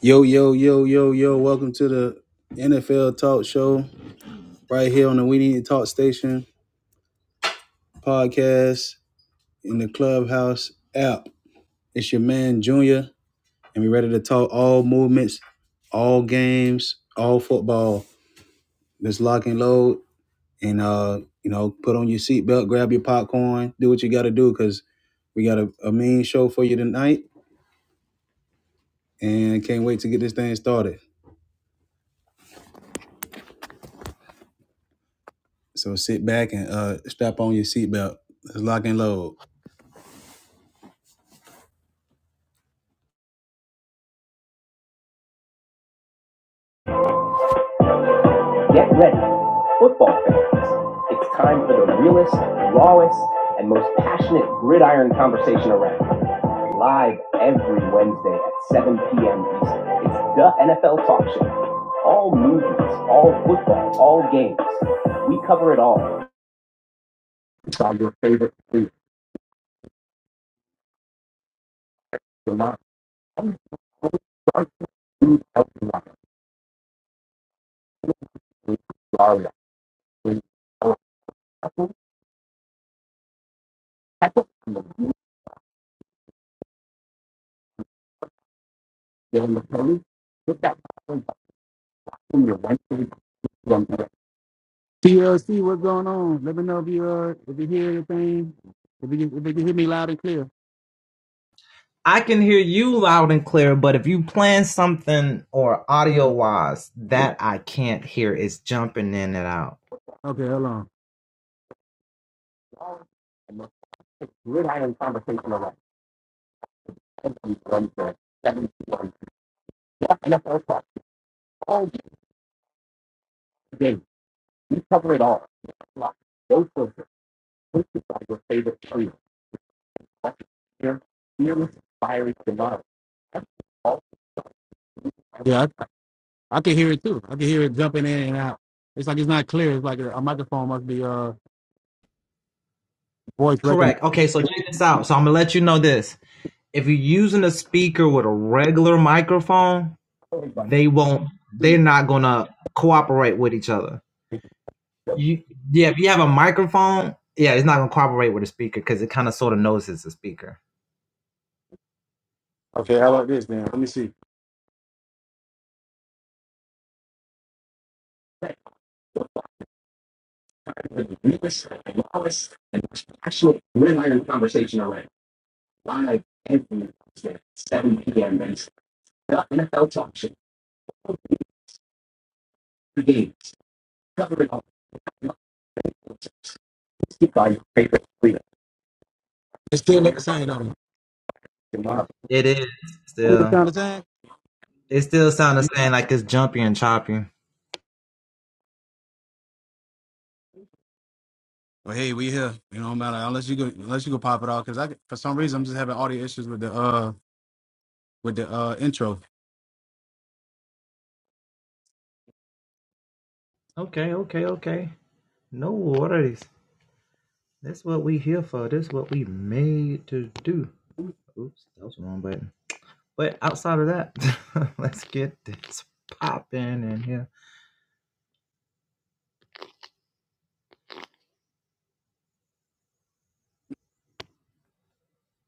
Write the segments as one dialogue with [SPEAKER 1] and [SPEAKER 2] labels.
[SPEAKER 1] Yo, yo, yo, yo, yo. Welcome to the NFL Talk Show right here on the We Need to Talk Station podcast in the Clubhouse app. It's your man, Junior, and we're ready to talk all movements, all games, all football. Let's lock and load and, uh, you know, put on your seatbelt, grab your popcorn, do what you got to do because we got a, a mean show for you tonight and can't wait to get this thing started. So sit back and uh, strap on your seatbelt. Let's lock and load. Get ready, football fans. It's time for the realest, rawest, and most passionate gridiron conversation around. Live every Wednesday at 7 p.m. Eastern. It's the NFL Talk Show. All movies, all football, all games. We cover it all. It's on your favorite food. You're not- sorry, food, i that TLC, what's going on? Let me know if you uh if you hear anything. If you if you can hear me loud and clear. Yeah. Okay, hold on. We're having conversation around. seventy-one, seventy-one. Yeah, and that's our talk. All day. We cover it all. Like, Those are the places are your favorite trio. Like, Fear, fearless, fiery, demonic. That's all- Yeah, I, I can hear it too. I can hear it jumping in and out. It's like it's not clear. It's like a, a microphone must be uh voice recognized. Okay, how about this then? Let me see. Actually, we're in a conversation already. Live every Wednesday, 7 p.m. and the NFL talk show. The game. Cover it all. By your favorite leader. It's still like the same, though. Tomorrow. It's not the same. No. Well, hey, we here. You know, not matter unless you go unless you go pop it off because I for some reason I'm just having audio issues with the uh with the uh intro.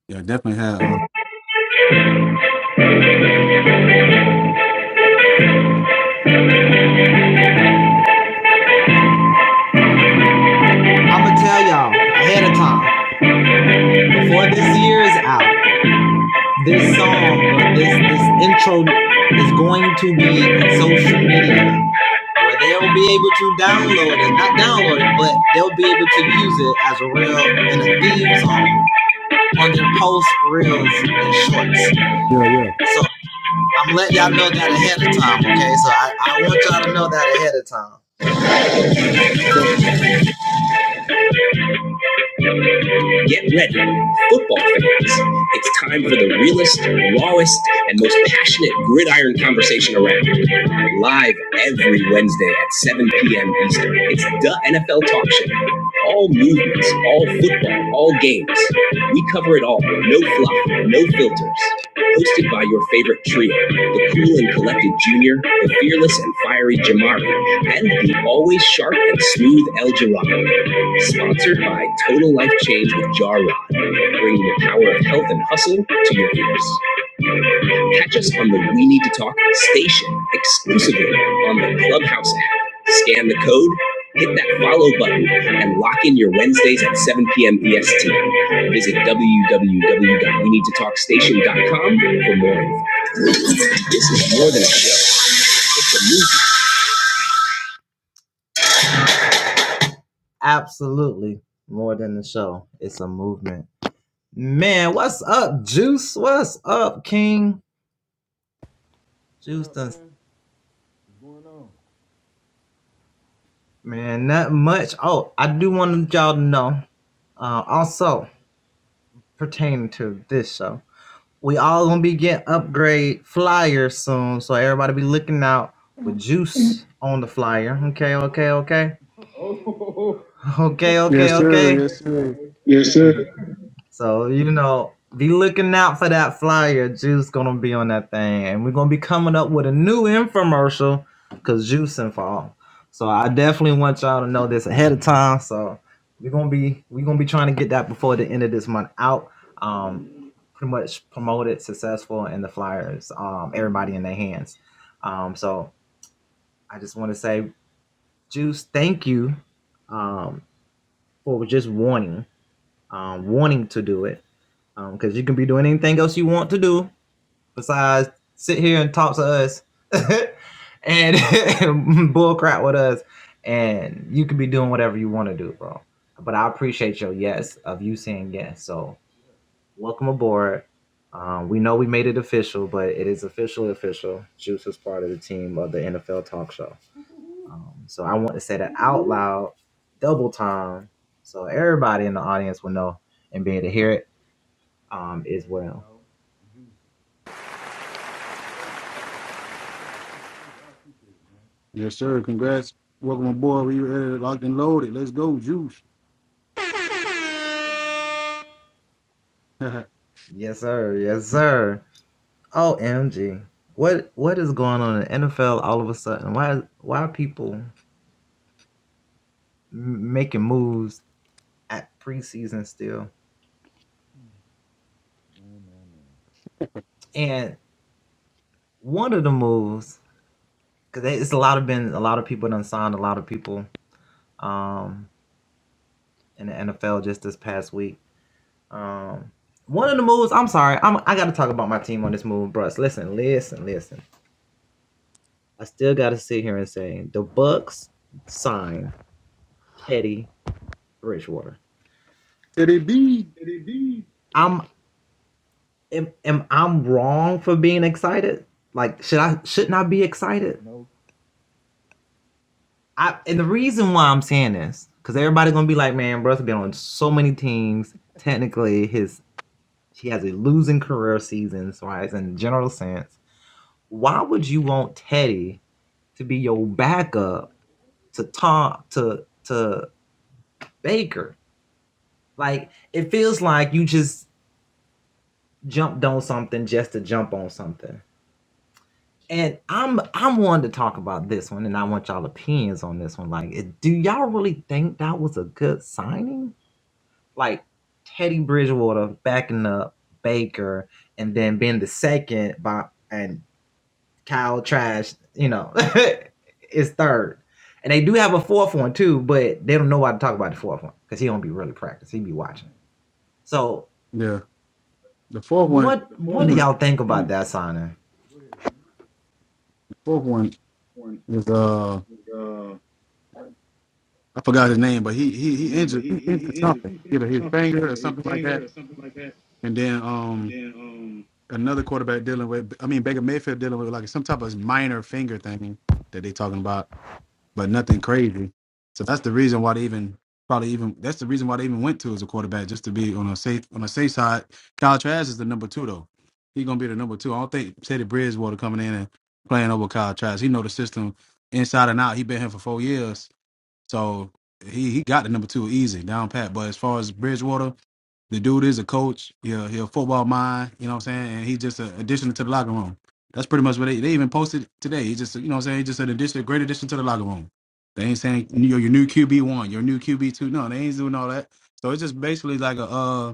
[SPEAKER 1] Yeah, definitely had uh yeah yeah.
[SPEAKER 2] Get ready, football fans. It's time for the realest, rawest, and most passionate gridiron conversation around. Live every Wednesday at 7 p.m. Eastern. It's the NFL Talk Show. All movements, all football, all games. We cover it all. No fluff, no filters. Hosted by your favorite trio, the cool and collected Junior, the fearless and fiery Jamari, and the always sharp and smooth El Jirado. Sponsored by Total Life Change with Jarrod, bringing the power of health and hustle to your ears. Catch us on the We Need to Talk station exclusively on the Clubhouse app. Scan the code, hit that follow button, and lock in your Wednesdays at 7 p.m. EST. Visit www.weneedtotalkstation.com for more info. This is more than a show, it's a
[SPEAKER 3] What up, man? What's going on? Oh, no, don't tell me that. Don't tell me that.
[SPEAKER 1] Yes,
[SPEAKER 3] Don't.
[SPEAKER 1] sir. Yes, sir.
[SPEAKER 3] Stop it. Yeah. Woo-hoo-hoo. yeah, that's me, y'all. The juice. Oh, the clap. Thank you, thank you, thank you. I appreciate it, man.
[SPEAKER 1] yes, sir. Congrats. Welcome aboard. We are locked and loaded. Let's go, juice.
[SPEAKER 3] Bam, bam, bam, bam.
[SPEAKER 1] Said
[SPEAKER 3] Man, man, man.
[SPEAKER 1] it be?
[SPEAKER 3] No. Dang.
[SPEAKER 1] Yeah. The fourth one, the
[SPEAKER 3] Go ahead, man.
[SPEAKER 1] fourth one was uh I forgot his name, but he he he injured he injured something. Either his finger or something like that. And then um another quarterback dealing with I mean Baker Mayfield dealing with like some type of minor finger thing that they talking about. but nothing crazy. So that's the reason why they even probably even that's the reason why they even went to as a quarterback just to be on a safe on a safe side. Kyle Trask is the number two though. He's gonna be the number two. I don't think Teddy Bridgewater coming in and playing over Kyle Trask. He know the system inside and out. He been here for four years, so he he got the number two easy down pat. But as far as Bridgewater. The dude is a coach. Yeah, he a football mind. You know what I'm saying? And he's just an addition to the locker room. That's pretty much what they, they even posted today. He's just, you know what I'm saying? He's just an addition, a great addition to the locker room. They ain't saying you're your new QB one, your new QB two. No, they ain't doing all that. So it's just basically like a, uh,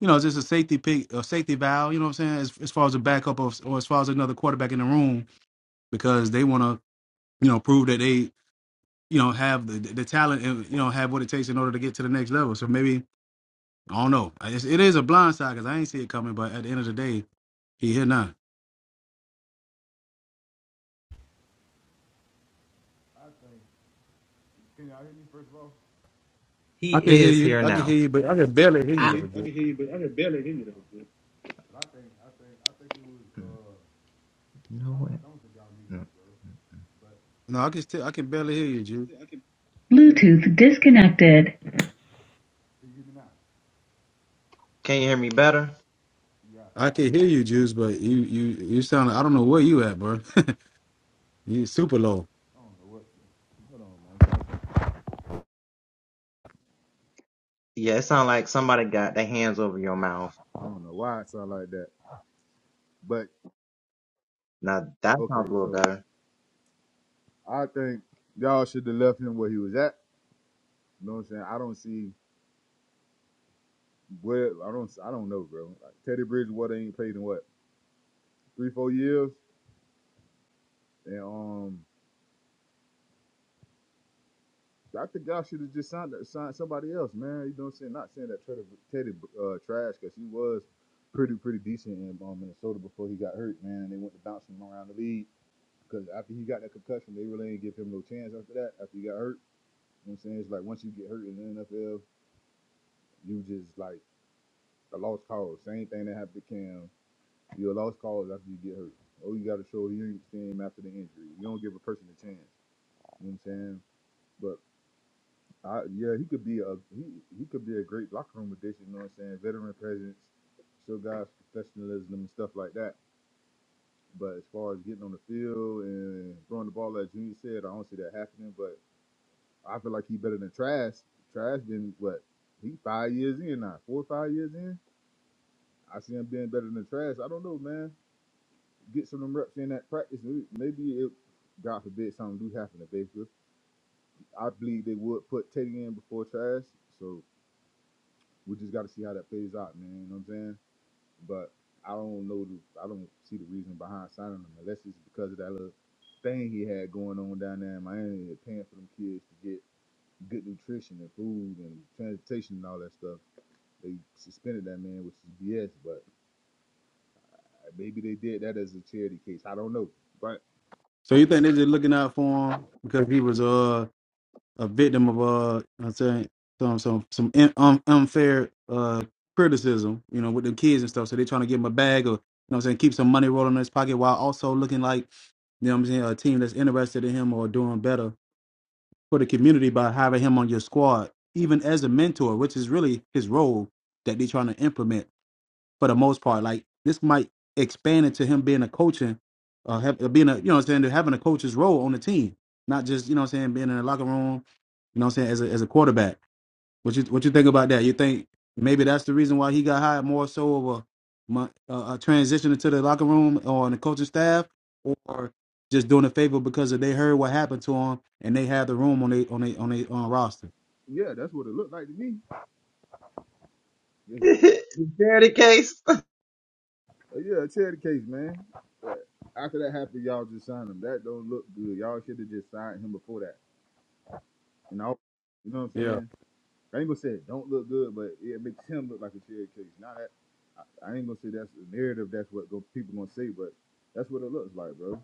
[SPEAKER 1] you know, it's just a safety pick, a safety valve. You know what I'm saying? As, as far as a backup of, or as far as another quarterback in the room, because they want to, you know, prove that they, you know, have the the talent and you know have what it takes in order to get to the next level. So maybe I don't know. It's, it is a blind side because I ain't see it coming. But at the end of the day, he here now.
[SPEAKER 3] I think. Can y'all hear me first of all?
[SPEAKER 1] I can hear you. I can hear you, but I can barely hear you though, Juice.
[SPEAKER 3] Oh. But I think, I think, I think it was. Uh, I don't, I don't think y'all needed it, bro. But
[SPEAKER 1] No, I can still. I can barely hear you, Juice.
[SPEAKER 2] movie. Bluetooth disconnected.
[SPEAKER 3] can you hear me now? Yeah.
[SPEAKER 1] I
[SPEAKER 3] I,
[SPEAKER 1] can
[SPEAKER 3] I
[SPEAKER 1] hear you, Juice, but you you you sound. I don't know where you at, bro. you super low.
[SPEAKER 3] don't know what. Hold on, man. I don't know why it sound like that. But okay, so I think y'all should have left him where he was at. You know what I'm saying? I don't see where I don't I don't know, bro. Like Teddy Bridgewater ain't played in what three four years, and um. I think y'all should have just signed, signed somebody else, man. You know what I'm saying? Not saying that Teddy, Teddy uh, trash, because he was pretty, pretty decent in um, Minnesota before he got hurt, man. They went to bounce him around the league because after he got that concussion, they really didn't give him no chance after that. After he got hurt, you know what I'm saying? It's like once you get hurt in the NFL, You just like a lost cause. Same thing that happened to Cam. You're a lost cause after you get hurt. Oh, you got to show you team after the injury. You don't give a person a chance. You know what I'm saying? But I, yeah, he could be a he, he could be a great locker room addition. You know what I'm saying? Veteran presence, show guys professionalism and stuff like that. But as far as getting on the field and throwing the ball, like Junior said, I don't see that happening. But I feel like he better than Trash. Trash been what? He five years in now, four or five years in. I see him being better than trash. I don't know, man. Get some of them reps in that practice. Maybe it, God forbid, something do happen to Baker. I believe they would put Teddy in before trash. So we just got to see how that plays out, man. You know what I'm saying? But I don't know. The, I don't see the reason behind signing him unless it's because of that little thing he had going on down there in Miami, paying for them kids to get good nutrition and food and transportation and all that stuff. They suspended that man, which is BS. But maybe they did that as a charity case. I don't know. but.
[SPEAKER 1] So you think they just looking out for him because he was uh a victim of uh I'm saying some some some in, um, unfair uh criticism, you know, with the kids and stuff. So they're trying to give him a bag or you know what I'm saying, keep some money rolling in his pocket while also looking like, you know what I'm saying, a team that's interested in him or doing better for the community by having him on your squad, even as a mentor, which is really his role that they're trying to implement for the most part. Like this might expand into him being a coaching, uh, have, uh, being a you know what I'm saying, to having a coach's role on the team, not just you know what I'm saying being in the locker room. You know what I'm saying as a as a quarterback. What you what you think about that? You think maybe that's the reason why he got hired more so of a mon- a, a transition into the locker room or on the coaching staff, or just doing a favor because they heard what happened to him and they had the room on they on they on their on roster.
[SPEAKER 3] Yeah, that's what it looked like to me. Yes. Uh, Yeah, tell the case, man. After that happened, y'all just signed him. That don't look good. Y'all should have just signed him before that. And all, you know what I'm
[SPEAKER 1] Yeah,
[SPEAKER 3] saying? I ain't gonna say it don't look good, but it makes him look like a cherry case. Now that I ain't gonna say that's the narrative. That's what go, people gonna say, but that's what it looks like, bro.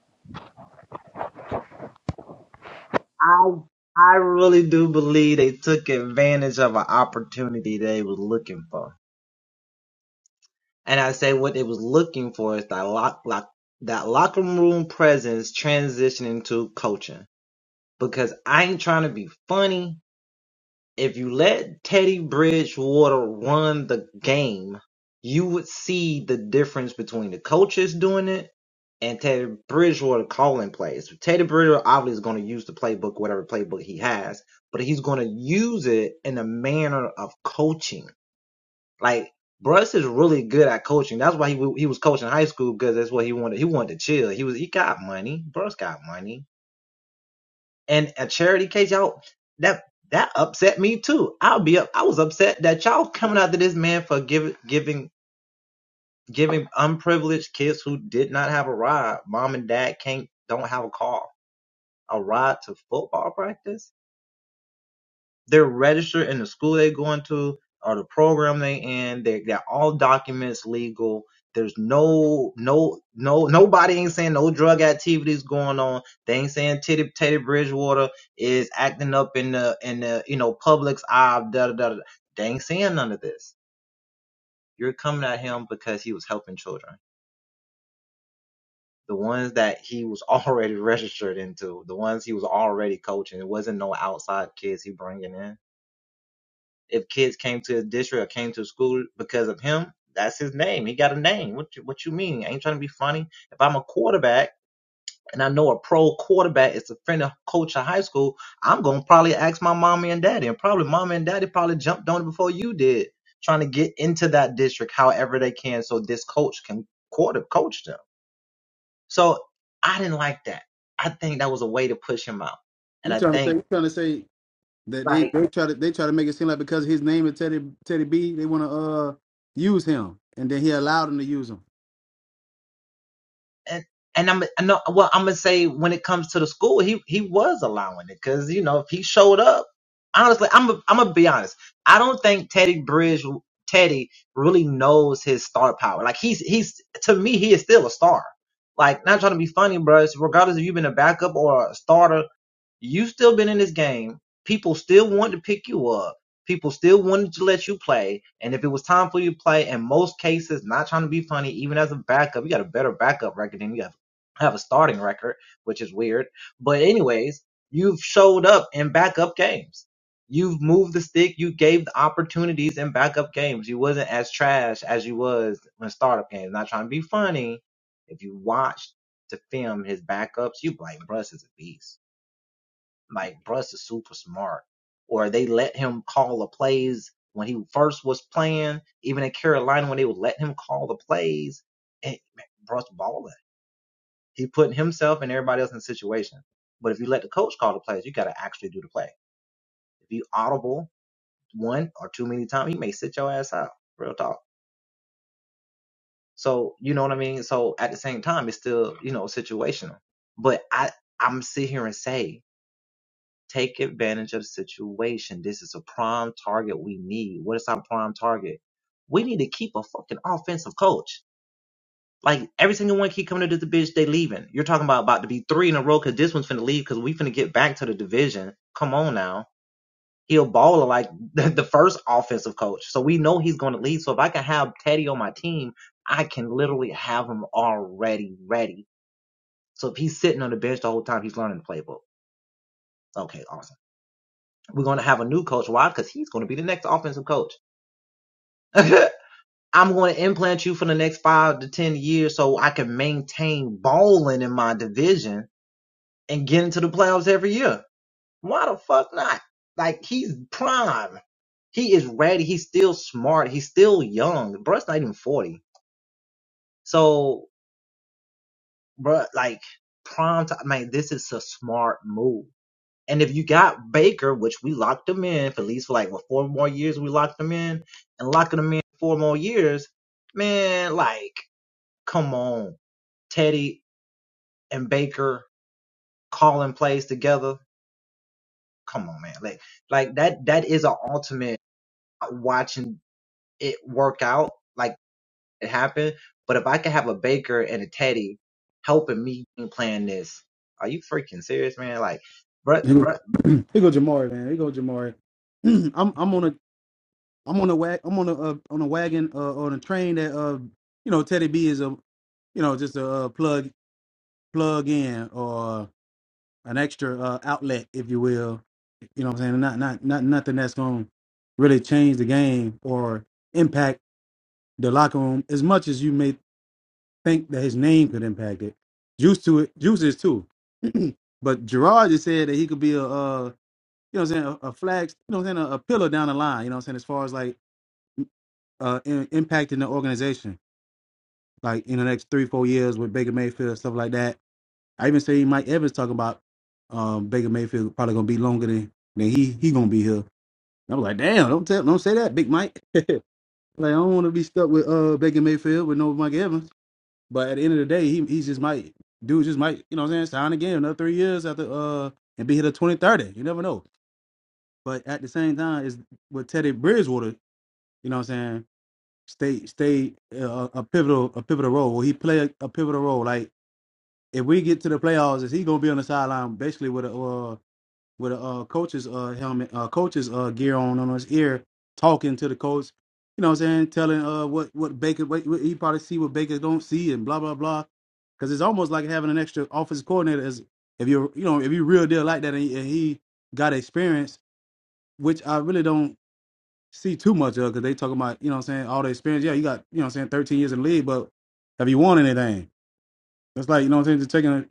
[SPEAKER 1] you trying to say you trying to say That they, they try to they try to make it seem like because his name is Teddy Teddy B, they want to uh use him, and then he allowed them to use him. Here go, here go Jamari, man. Here go Jamari. I'm I'm on a I'm on a wag I'm on a uh, on a wagon uh, on a train that uh you know Teddy B is a you know just a uh, plug plug in or an extra uh, outlet, if you will. You know what I'm saying? Not not not nothing that's going to really change the game or impact the locker room as much as you may think that his name could impact it. Juice to it, Juice is too. but Gerard just said that he could be a, uh, you know, what I'm saying a, a flag, you know, what I'm saying a, a pillar down the line. You know, what I'm saying as far as like uh, in, impacting the organization, like in the next three, four years with Baker Mayfield stuff like that. I even say Mike Evans talking about um, Baker Mayfield probably gonna be longer than than he he gonna be here. I was like, damn, don't tell, don't say that, Big Mike. Like I don't want to be stuck with uh, Baker Mayfield with no Mike Evans. But at the end of the day, he he just might dude just might, you know what I'm saying, sign again another three years after uh and be here till twenty thirty. You never know. But at the same time, is with Teddy Bridgewater, you know what I'm saying, stay stay uh, a pivotal a pivotal role. Will he play a, a pivotal role? Like if we get to the playoffs, is he gonna be on the sideline basically with a uh, with a uh, coach's uh, helmet, uh, coach's uh, gear on on his ear, talking to the coach. You know what I'm saying? Telling uh what what Baker what, what he probably see what Baker don't see and blah blah blah. Because it's almost like having an extra offensive coordinator. As if you're you know if you real deal like that and, he, and he got experience, which I really don't see too much of because they talking about you know what I'm saying all the experience. Yeah, you got you know what I'm saying 13 years in the league, but have you won anything? It's like you know what I'm saying. Just taking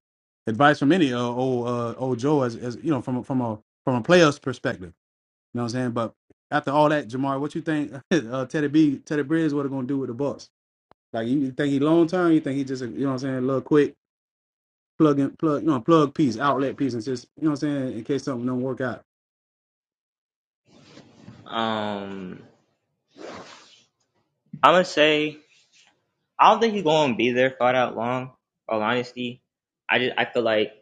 [SPEAKER 1] advice from any uh, old uh, old Joe as as you know from a- from a from a player's perspective. You know what I'm saying? But after all that, Jamar, what you think uh, Teddy B, Teddy Bridge, what are gonna do with the Bucks? Like you you think he long term? You think he just a, you know what I'm saying? A little quick plug in, plug you know plug piece, outlet piece, and just you know what I'm saying in case something don't work out.
[SPEAKER 4] Um, I'm gonna say I don't think he's gonna be there for that long. All honesty, I just I feel like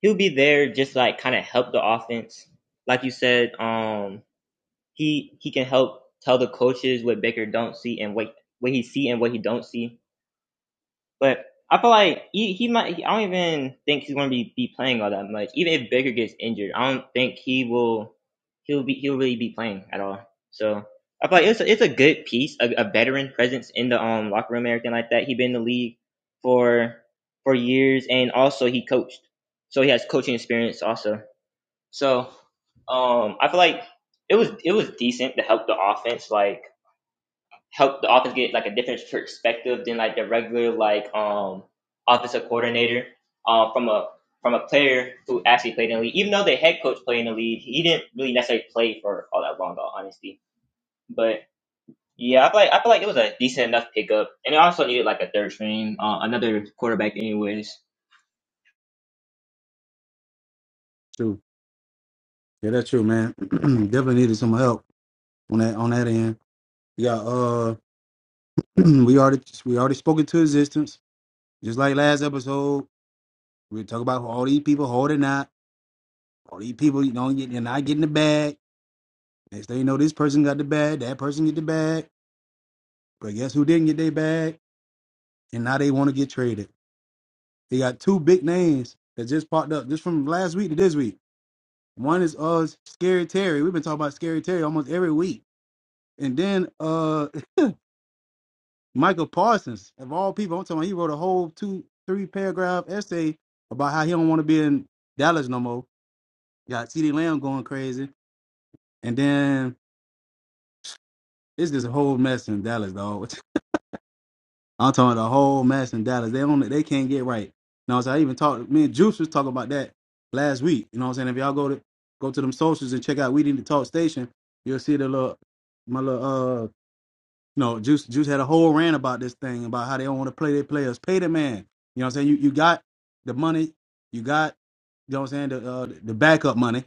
[SPEAKER 4] he'll be there just like kind of help the offense. Like you said, um, he he can help tell the coaches what Baker don't see and what what he see and what he don't see. But I feel like he, he might. I don't even think he's going to be, be playing all that much. Even if Baker gets injured, I don't think he will. He'll be. He'll really be playing at all. So I feel like it's a, it's a good piece, a, a veteran presence in the um locker room, and everything like that. He's been in the league for for years, and also he coached, so he has coaching experience also. So um, I feel like it was it was decent to help the offense. Like help the offense get like a different perspective than like the regular like um offensive coordinator um from a from a player who actually played in the league. Even though the head coach played in the league, he didn't really necessarily play for all that long though, honesty. But yeah, I feel like I feel like it was a decent enough pickup. And it also needed like a third string, uh, another quarterback anyways.
[SPEAKER 1] True. Yeah, that's true, man. Definitely needed some help on that on that end. Yeah. Uh, we already we already spoken to existence, just like last episode. We talk about all these people holding out. All these people, you know, they're not getting the bag. Next thing you know, this person got the bag, that person get the bag But guess who didn't get their bag? And now they want to get traded. They got two big names that just popped up just from last week to this week. One is uh Scary Terry. We've been talking about Scary Terry almost every week. And then uh Michael Parsons, of all people, I'm talking about he wrote a whole two, three paragraph essay about how he don't want to be in Dallas no more. got C D Lamb going crazy. And then it's just a whole mess in Dallas, dog. I'm talking about the whole mess in Dallas. They only they can't get right. You know what I'm saying? I even talked me and Juice was talking about that last week. You know what I'm saying? If y'all go to go to them socials and check out We Need to Talk Station, you'll see the little my little uh you know, Juice Juice had a whole rant about this thing about how they don't want to play their players. Pay the man. You know what I'm saying? You you got the money, you got you know what I'm saying, the uh, the backup money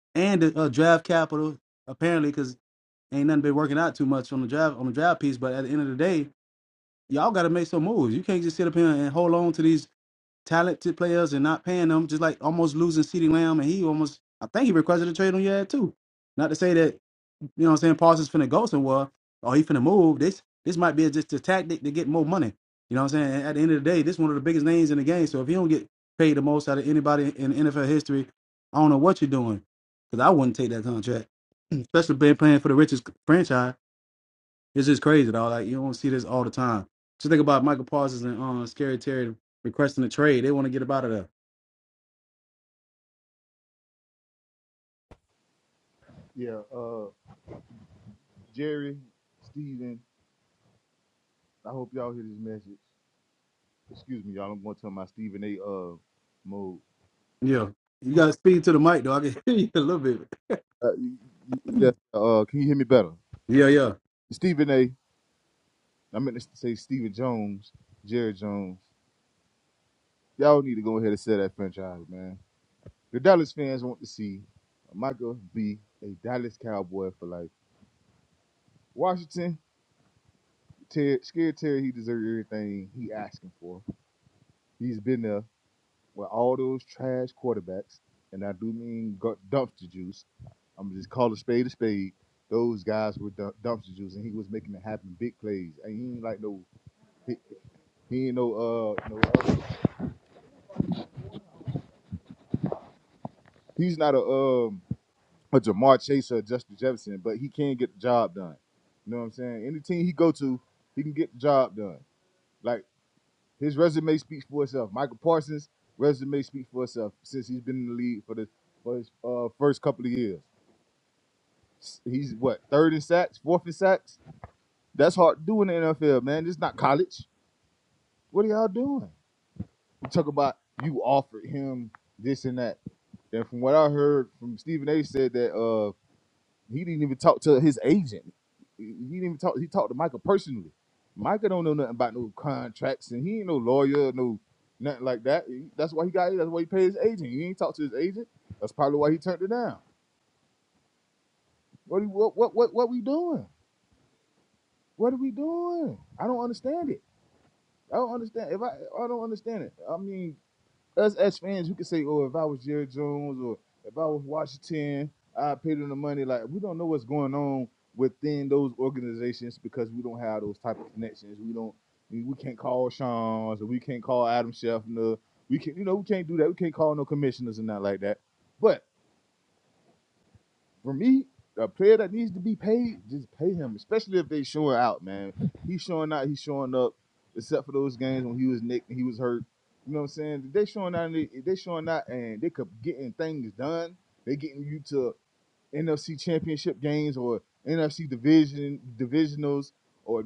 [SPEAKER 1] and the uh, draft capital apparently because ain't nothing been working out too much on the draft on the draft piece. But at the end of the day, y'all got to make some moves. You can't just sit up here and hold on to these talented players and not paying them. Just like almost losing CeeDee Lamb, and he almost, I think he requested a trade on your head too. Not to say that you know what I'm saying Parsons finna go somewhere or he finna move. This this might be just a tactic to get more money. You know what I'm saying? At the end of the day, this one of the biggest names in the game. So if you don't get paid the most out of anybody in NFL history, I don't know what you're doing. Because I wouldn't take that contract, especially being playing for the richest franchise. It's just crazy, though. Like you don't see this all the time. Just think about Michael Parsons and um, Scary Terry requesting a trade. They want to get up out of there.
[SPEAKER 3] Yeah, uh, Jerry, Steven, I hope y'all hear this message. Excuse me, y'all. I'm going to tell my Stephen A. Uh, mode.
[SPEAKER 1] Yeah, you got
[SPEAKER 3] Hope,
[SPEAKER 1] to speak to the mic, though. I can hear you a little bit.
[SPEAKER 3] uh, y- y- yeah. Uh, can you hear me better,
[SPEAKER 1] Yeah, yeah.
[SPEAKER 3] Stephen A? I meant to say Stephen Jones, Jerry Jones. Y'all need to go ahead and sell that franchise, man. The Dallas fans want to see Michael be a Dallas Cowboy for life. Washington, Ter- scared Terry, he deserves everything he asking for. He's been there with all those trash quarterbacks, and I do mean gu- dumpster juice. I'm just call a spade a spade. Those guys were dump- dumpster juice, and he was making it happen, big plays. And he ain't like no, he, he ain't no uh, no. He's not a um a Jamar Chase or a Justin Jefferson, but he can get the job done. You know what I'm saying? Any team he go to, he can get the job done. Like his resume speaks for itself. Michael Parsons' resume speaks for itself since he's been in the league for the for his uh, first couple of years. He's what third in sacks, fourth in sacks. That's hard to do in the NFL, man. It's not college. What are y'all doing? You talk about you offered him this and that. And from what I heard from Stephen A. said that uh. He didn't even talk to his agent. He didn't even talk. He talked to Michael personally. Michael don't know nothing about no contracts, and he ain't no lawyer, no nothing like that. He- That's why he got. That's why he paid his agent. He ain't talked to his agent. That's probably why he turned it down. What do you- what what what what we doing? What are we doing? I don't understand it. I don't understand. If I I don't understand it. I mean, us as fans, we can say, "Oh, if I was Jerry Jones or if I was Washington, I paid them the money." Like we don't know what's going on within those organizations because we don't have those type of connections. We don't. We we can't call Sean's or we can't call Adam Scheffner. We can, not you know, we can't do that. We can't call no commissioners and not like that. But for me, a player that needs to be paid, just pay him. Especially if they showing out, man. He's showing out. He's showing up. Except for those games when he was nicked and he was hurt. You know what I'm saying? They showing out. And they, they showing out, and they could getting things done. They getting you to NFC Championship games or NFC division divisionals or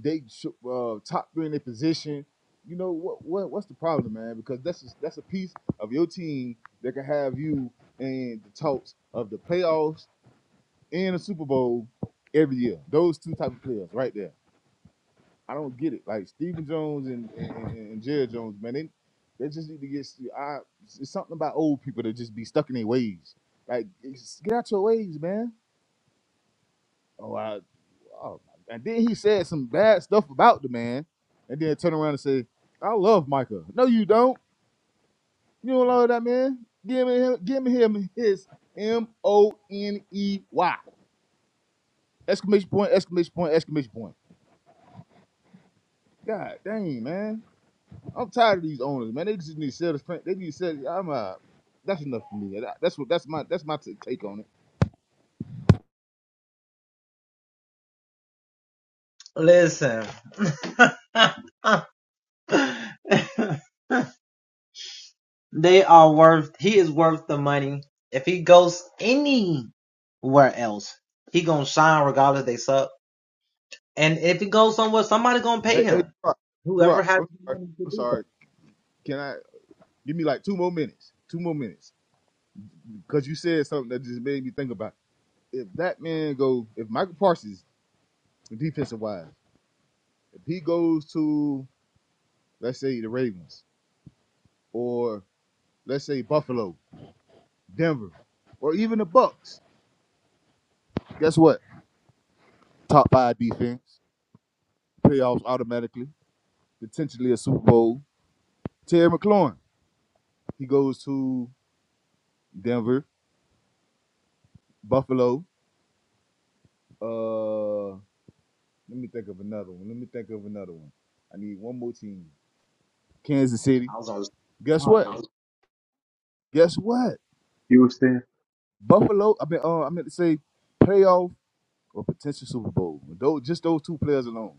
[SPEAKER 3] they uh, top three in their position. You know what? What what's the problem, man? Because that's just, that's a piece of your team that can have you in the talks of the playoffs and a Super Bowl every year. Those two type of players right there. I don't get it. Like Stephen Jones and and, and, and Jones, man, they they just need to get. I, it's something about old people that just be stuck in their ways. Like it's- get out your ways, man. Oh, I, oh my. And then he said some bad stuff about the man, and then turn around and say, "I love Micah." No, you don't. You don't love that man. Give me him. Give me him his M O N E Y exclamation point exclamation point exclamation point. God dang, man. I'm tired of these owners, man. They just need to sell this print. They need to sell. I'm uh, that's enough for me. That- That's what. That's my. That's my t- take on it. Hey, hey, Gerard, Gerard, I'm sorry. I'm sorry. Can I give me like two more minutes? Two more minutes, because you said something that just made me think about. it. If that man go, if Michael Parsons, defensive wise, if he goes to, let's say the Ravens, or let's say Buffalo, Denver, or even the Bucks, guess what? Top five defense, playoffs automatically. potentially a Super Bowl. Terry McLaurin, he goes to Denver, Buffalo. Uh, let me think of another one. Let me think of another one. I need one more team. Kansas City. Guess what? Guess what?
[SPEAKER 1] Houston.
[SPEAKER 3] Buffalo. I mean, uh, I meant to say playoff or potential Super Bowl. Those, just those two players alone.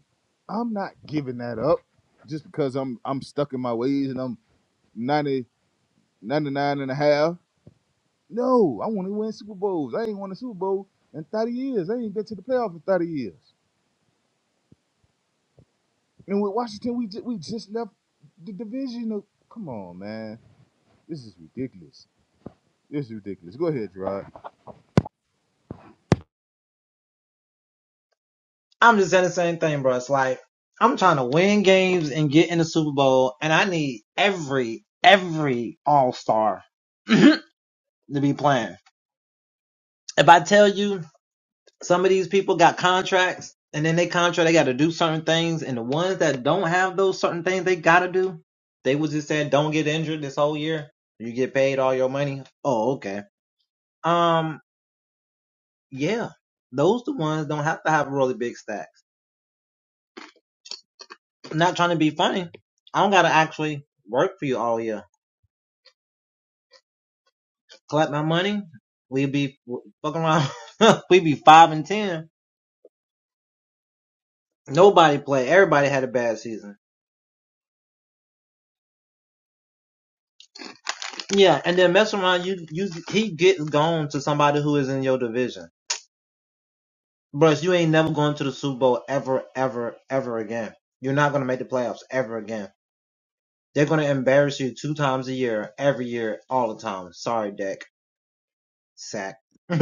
[SPEAKER 3] I'm not giving that up just because I'm I'm stuck in my ways and I'm ninety, ninety-nine and a half. No, I want to win Super Bowls. I ain't won a Super Bowl in 30 years. I ain't been to the playoff in 30 years. And with Washington, we just, we just left the division. Of, come on, man. This is ridiculous. This is ridiculous. Go ahead, Gerard.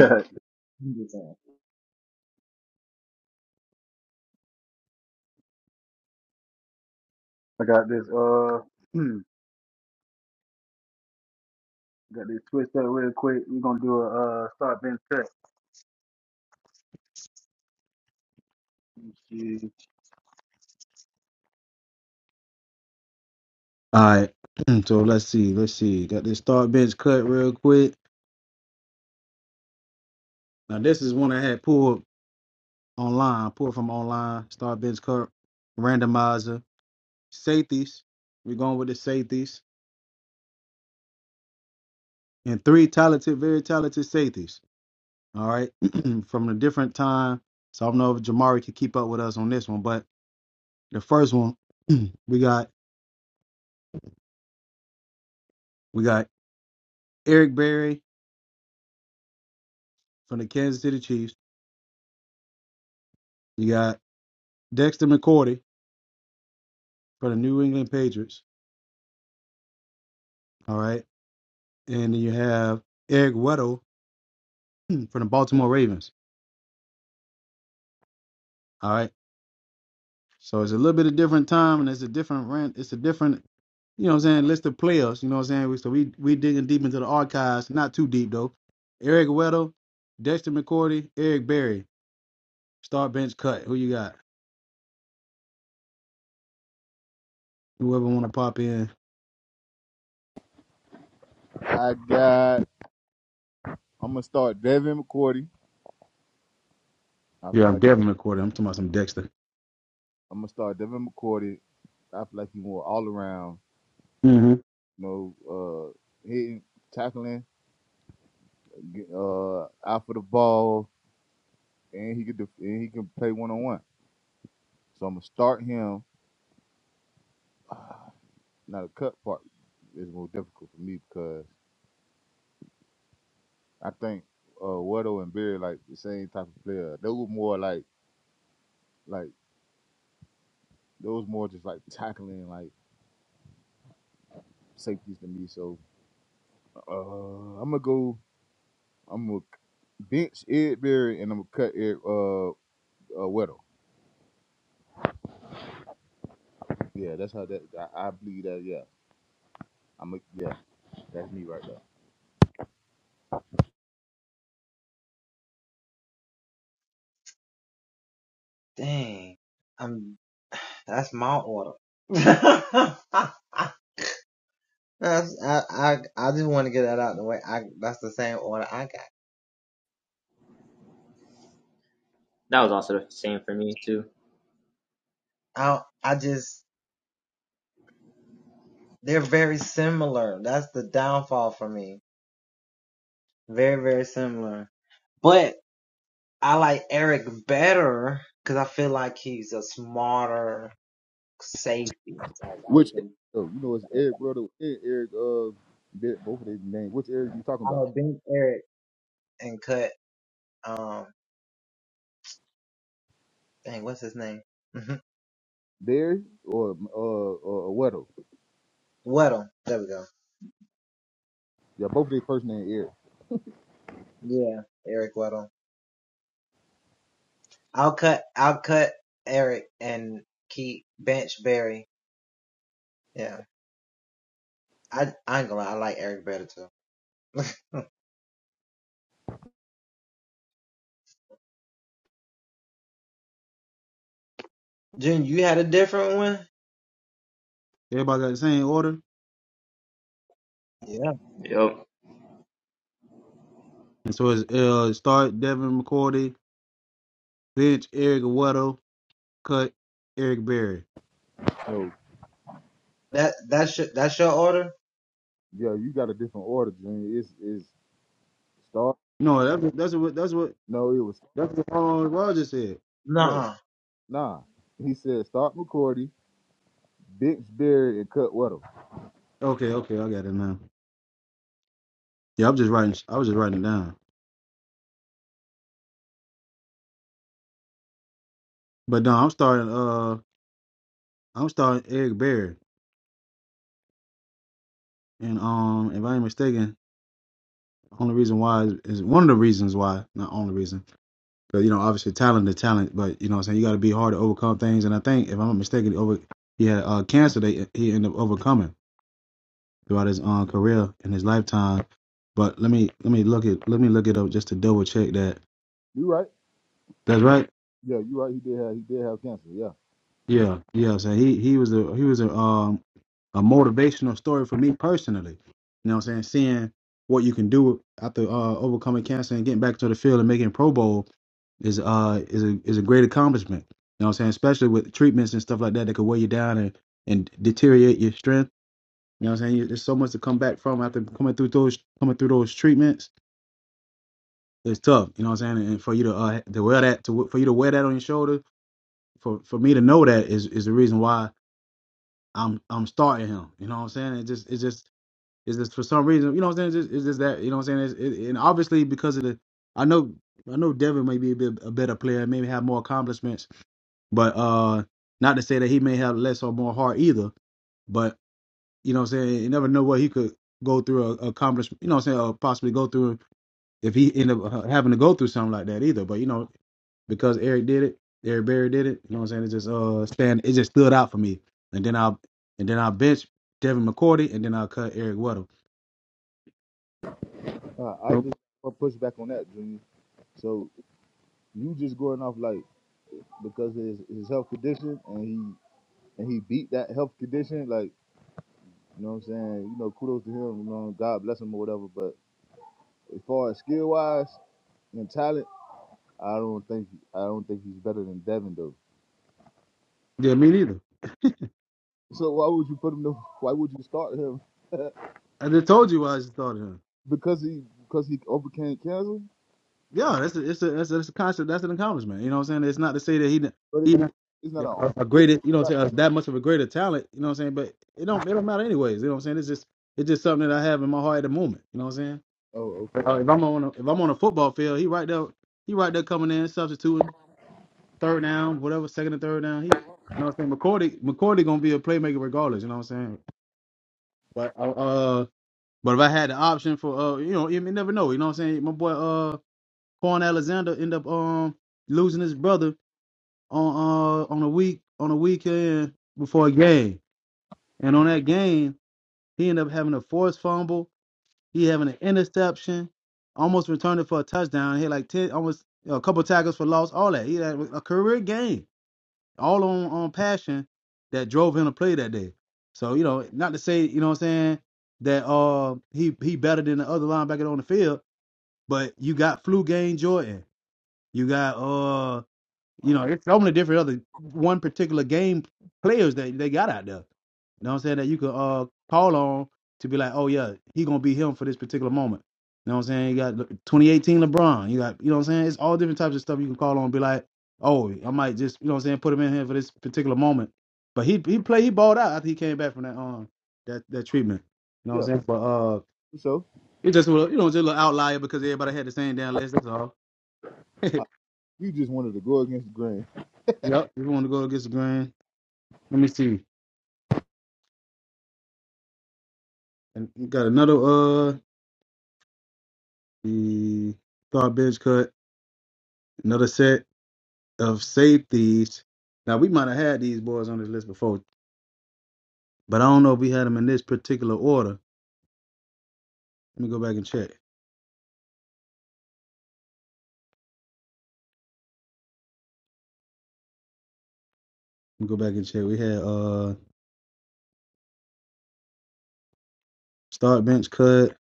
[SPEAKER 1] I got this uh hmm, got this twist up real quick. We're gonna do a uh start bench cut. Yeah. All right. So let's see. Let's see. Got this start bench cut real quick. Now this is one I had pulled online. Pulled from online. Start bench cut randomizer. safeties. We're going with the safeties and three talented, very talented safeties. All right, from a different time. So I don't know if Jamari can keep up with us on this one, but the first one we got we got Eric Berry from the Kansas City Chiefs. You got Dexter McCourty from the New England Patriots. All right, and then you have Eric Weddle from the Baltimore Ravens. All right. So it's a little bit of different time and it's a different rent. It's a different, you know what I'm saying, list of players. You know what I'm saying? We, so we we digging deep into the archives. Not too deep though. Eric Weddle, Dexter McCourty, Eric Berry. Start bench cut. Who you got? Whoever wanna pop in.
[SPEAKER 3] I got. I'm gonna start Devin McCourty. I
[SPEAKER 1] Yeah,
[SPEAKER 3] feel
[SPEAKER 1] I'm
[SPEAKER 3] like
[SPEAKER 1] Devin McCourty. I'm talking about some Dexter.
[SPEAKER 3] I'm gonna start Devin McCourty. I feel like he's more all around.
[SPEAKER 1] hmm
[SPEAKER 3] You know, uh, hitting, tackling, uh, out for the ball, and he could def- and he can play one on one. So I'm gonna start him. Now the cut part is more difficult for me because I think uh Weddle and Beard like the same type of player. They were more like like those more just like tackling like safeties to me. So uh I'm gonna go. I'm gonna bench Ed Berry and I'm gonna cut Ed uh, uh Weddle. Yeah, that's how that I, I believe that. Yeah, I'm a, yeah, that's me right there.
[SPEAKER 4] That was also the same for me too.
[SPEAKER 3] Which oh, you know it's Eric Weddle and Eric uh Ber- both of their names. Which Eric you talking about? Berry or uh or Weddle? Yeah, both their first name Eric.
[SPEAKER 1] Everybody got the same order.
[SPEAKER 4] Yep.
[SPEAKER 1] And so it's uh start Devin McCourty, bench Eric Weddle, cut Eric Berry.
[SPEAKER 3] No, yeah, you got a different order, Junior. It's it's start.
[SPEAKER 1] No, that's that's what that's what
[SPEAKER 3] No, it was
[SPEAKER 1] that's what Aaron Rodgers said.
[SPEAKER 3] no, nah. He said start McCordy, Bix Berry, and Cut Weddle.
[SPEAKER 1] Okay, okay, I got it now. Yeah, I'm just writing. I was just writing it down. But no, I'm starting. Uh, I'm starting Eric Berry, and um, if I ain't mistaken, only reason why is, is one of the reasons why, not only reason, because you know, obviously talent is talent, but you know, what I'm saying you got to be hard to overcome things. And I think, if I'm not mistaken, he over he had uh cancer that he ended up overcoming throughout his um career and his lifetime. But let me let me look it let me look it up just to double check that.
[SPEAKER 3] You right?
[SPEAKER 1] That's right.
[SPEAKER 3] Yeah, you right. He did have he did have cancer. Yeah,
[SPEAKER 1] Yeah, yeah. So he he was a he was a um a motivational story for me personally. You know what I'm saying? Seeing what you can do after uh overcoming cancer and getting back to the field and making Pro Bowl is uh is a is a great accomplishment. You know what I'm saying? Especially with treatments and stuff like that that could weigh you down and, and deteriorate your strength. You know what I'm saying? There's so much to come back from after coming through those coming through those treatments. It's tough, you know what I'm saying? And for you to uh to wear that to for you to wear that on your shoulder, for for me to know that is is the reason why I'm I'm starting him. You know what I'm saying? It just it's just it's just for some reason. You know what I'm saying? It's just, it's just that you know what I'm saying. It's, it, and obviously because of the, I know I know Devin may be a, bit, a better player, maybe have more accomplishments, but uh, not to say that he may have less or more heart either. But you know what I'm saying? You never know what he could go through or accomplish. You know what I'm saying? Or possibly go through if he end up uh, having to go through something like that either. But you know because Eric did it, Eric Berry did it. You know what I'm saying? It just uh stand it just stood out for me. And then I'll and then I'll bench Devin McCourty and then I'll cut Eric Weddle.
[SPEAKER 3] uh, I
[SPEAKER 1] So,
[SPEAKER 3] just want to push back on that, Junior. So you just going off like because of his his health condition and he and he beat that health condition. Like you know what I'm saying? You know, kudos to him. You know, God bless him or whatever. But as far as skill wise. and talent. I don't think I don't think he's better than Devin though.
[SPEAKER 1] yeah, me neither.
[SPEAKER 3] So why would you put him? To, why would you start him?
[SPEAKER 1] I just told you why I just thought of him.
[SPEAKER 3] because he because he overcame cancer.
[SPEAKER 1] Yeah, that's a, it's a that's a, that's a concept, that's an accomplishment. You know what I'm saying? It's not to say that he didn't-
[SPEAKER 3] But
[SPEAKER 1] he
[SPEAKER 3] it,
[SPEAKER 1] did
[SPEAKER 3] it's not a.
[SPEAKER 1] a a
[SPEAKER 3] yeah,
[SPEAKER 1] greater you know
[SPEAKER 3] It's
[SPEAKER 1] what
[SPEAKER 3] not,
[SPEAKER 1] I'm saying, that much of a greater talent, you know what I'm saying? But it
[SPEAKER 3] it's,
[SPEAKER 1] don't it don't matter anyways. You know what I'm saying? It's just it's just something that I have in my heart at the moment. You know what I'm saying?
[SPEAKER 3] oh, okay.
[SPEAKER 1] Uh,
[SPEAKER 3] I-
[SPEAKER 1] if I'm on a, if I'm on a football field, he right there he right there coming in substituting. third down, whatever, second and third down. He, you know what I'm saying? McCordy, McCordy gonna be a playmaker regardless. You know what I'm saying? But uh, uh, but if I had the option for uh, you know, you never know. You know what I'm saying? My boy uh, Quan Alexander end up um losing his brother on uh on a week on a weekend before a game, and on that game he ended up having a forced fumble. He having an interception, almost returned it for a touchdown. He had like ten, almost a couple tackles for loss, all that. He had a career game. all on on passion that drove him to play that day. So you know, not to say you know what I'm saying that uh he he better than the other linebacker on the field, but you got flu game Jordan, you got uh. You know, it's so many different other one particular game players that they got out there. You know what I'm saying? That you could uh call on to be like, oh yeah, he gonna be him for this particular moment. You know what I'm saying? You got 2018 LeBron. You got you know what I'm saying? It's all different types of stuff you can call on and be like, oh, I might just you know what I'm saying, put him in here for this particular moment. But he he played he balled out after he came back from that um that that treatment. You know what
[SPEAKER 3] yeah.
[SPEAKER 1] I'm saying? But uh
[SPEAKER 3] So
[SPEAKER 1] it just a little- you know just a little outlier because everybody had the same damn list. That's all.
[SPEAKER 3] I-
[SPEAKER 1] yep.
[SPEAKER 3] you just wanted to go against the grain.
[SPEAKER 1] If you want to go against the grain, let me see. And you got another uh the garbage cut, another set of safeties. Now we might have had these boys on this list before, but I don't know if we had them in this particular order. Let me go back and check. Let me go back and check. We had uh start bench cut.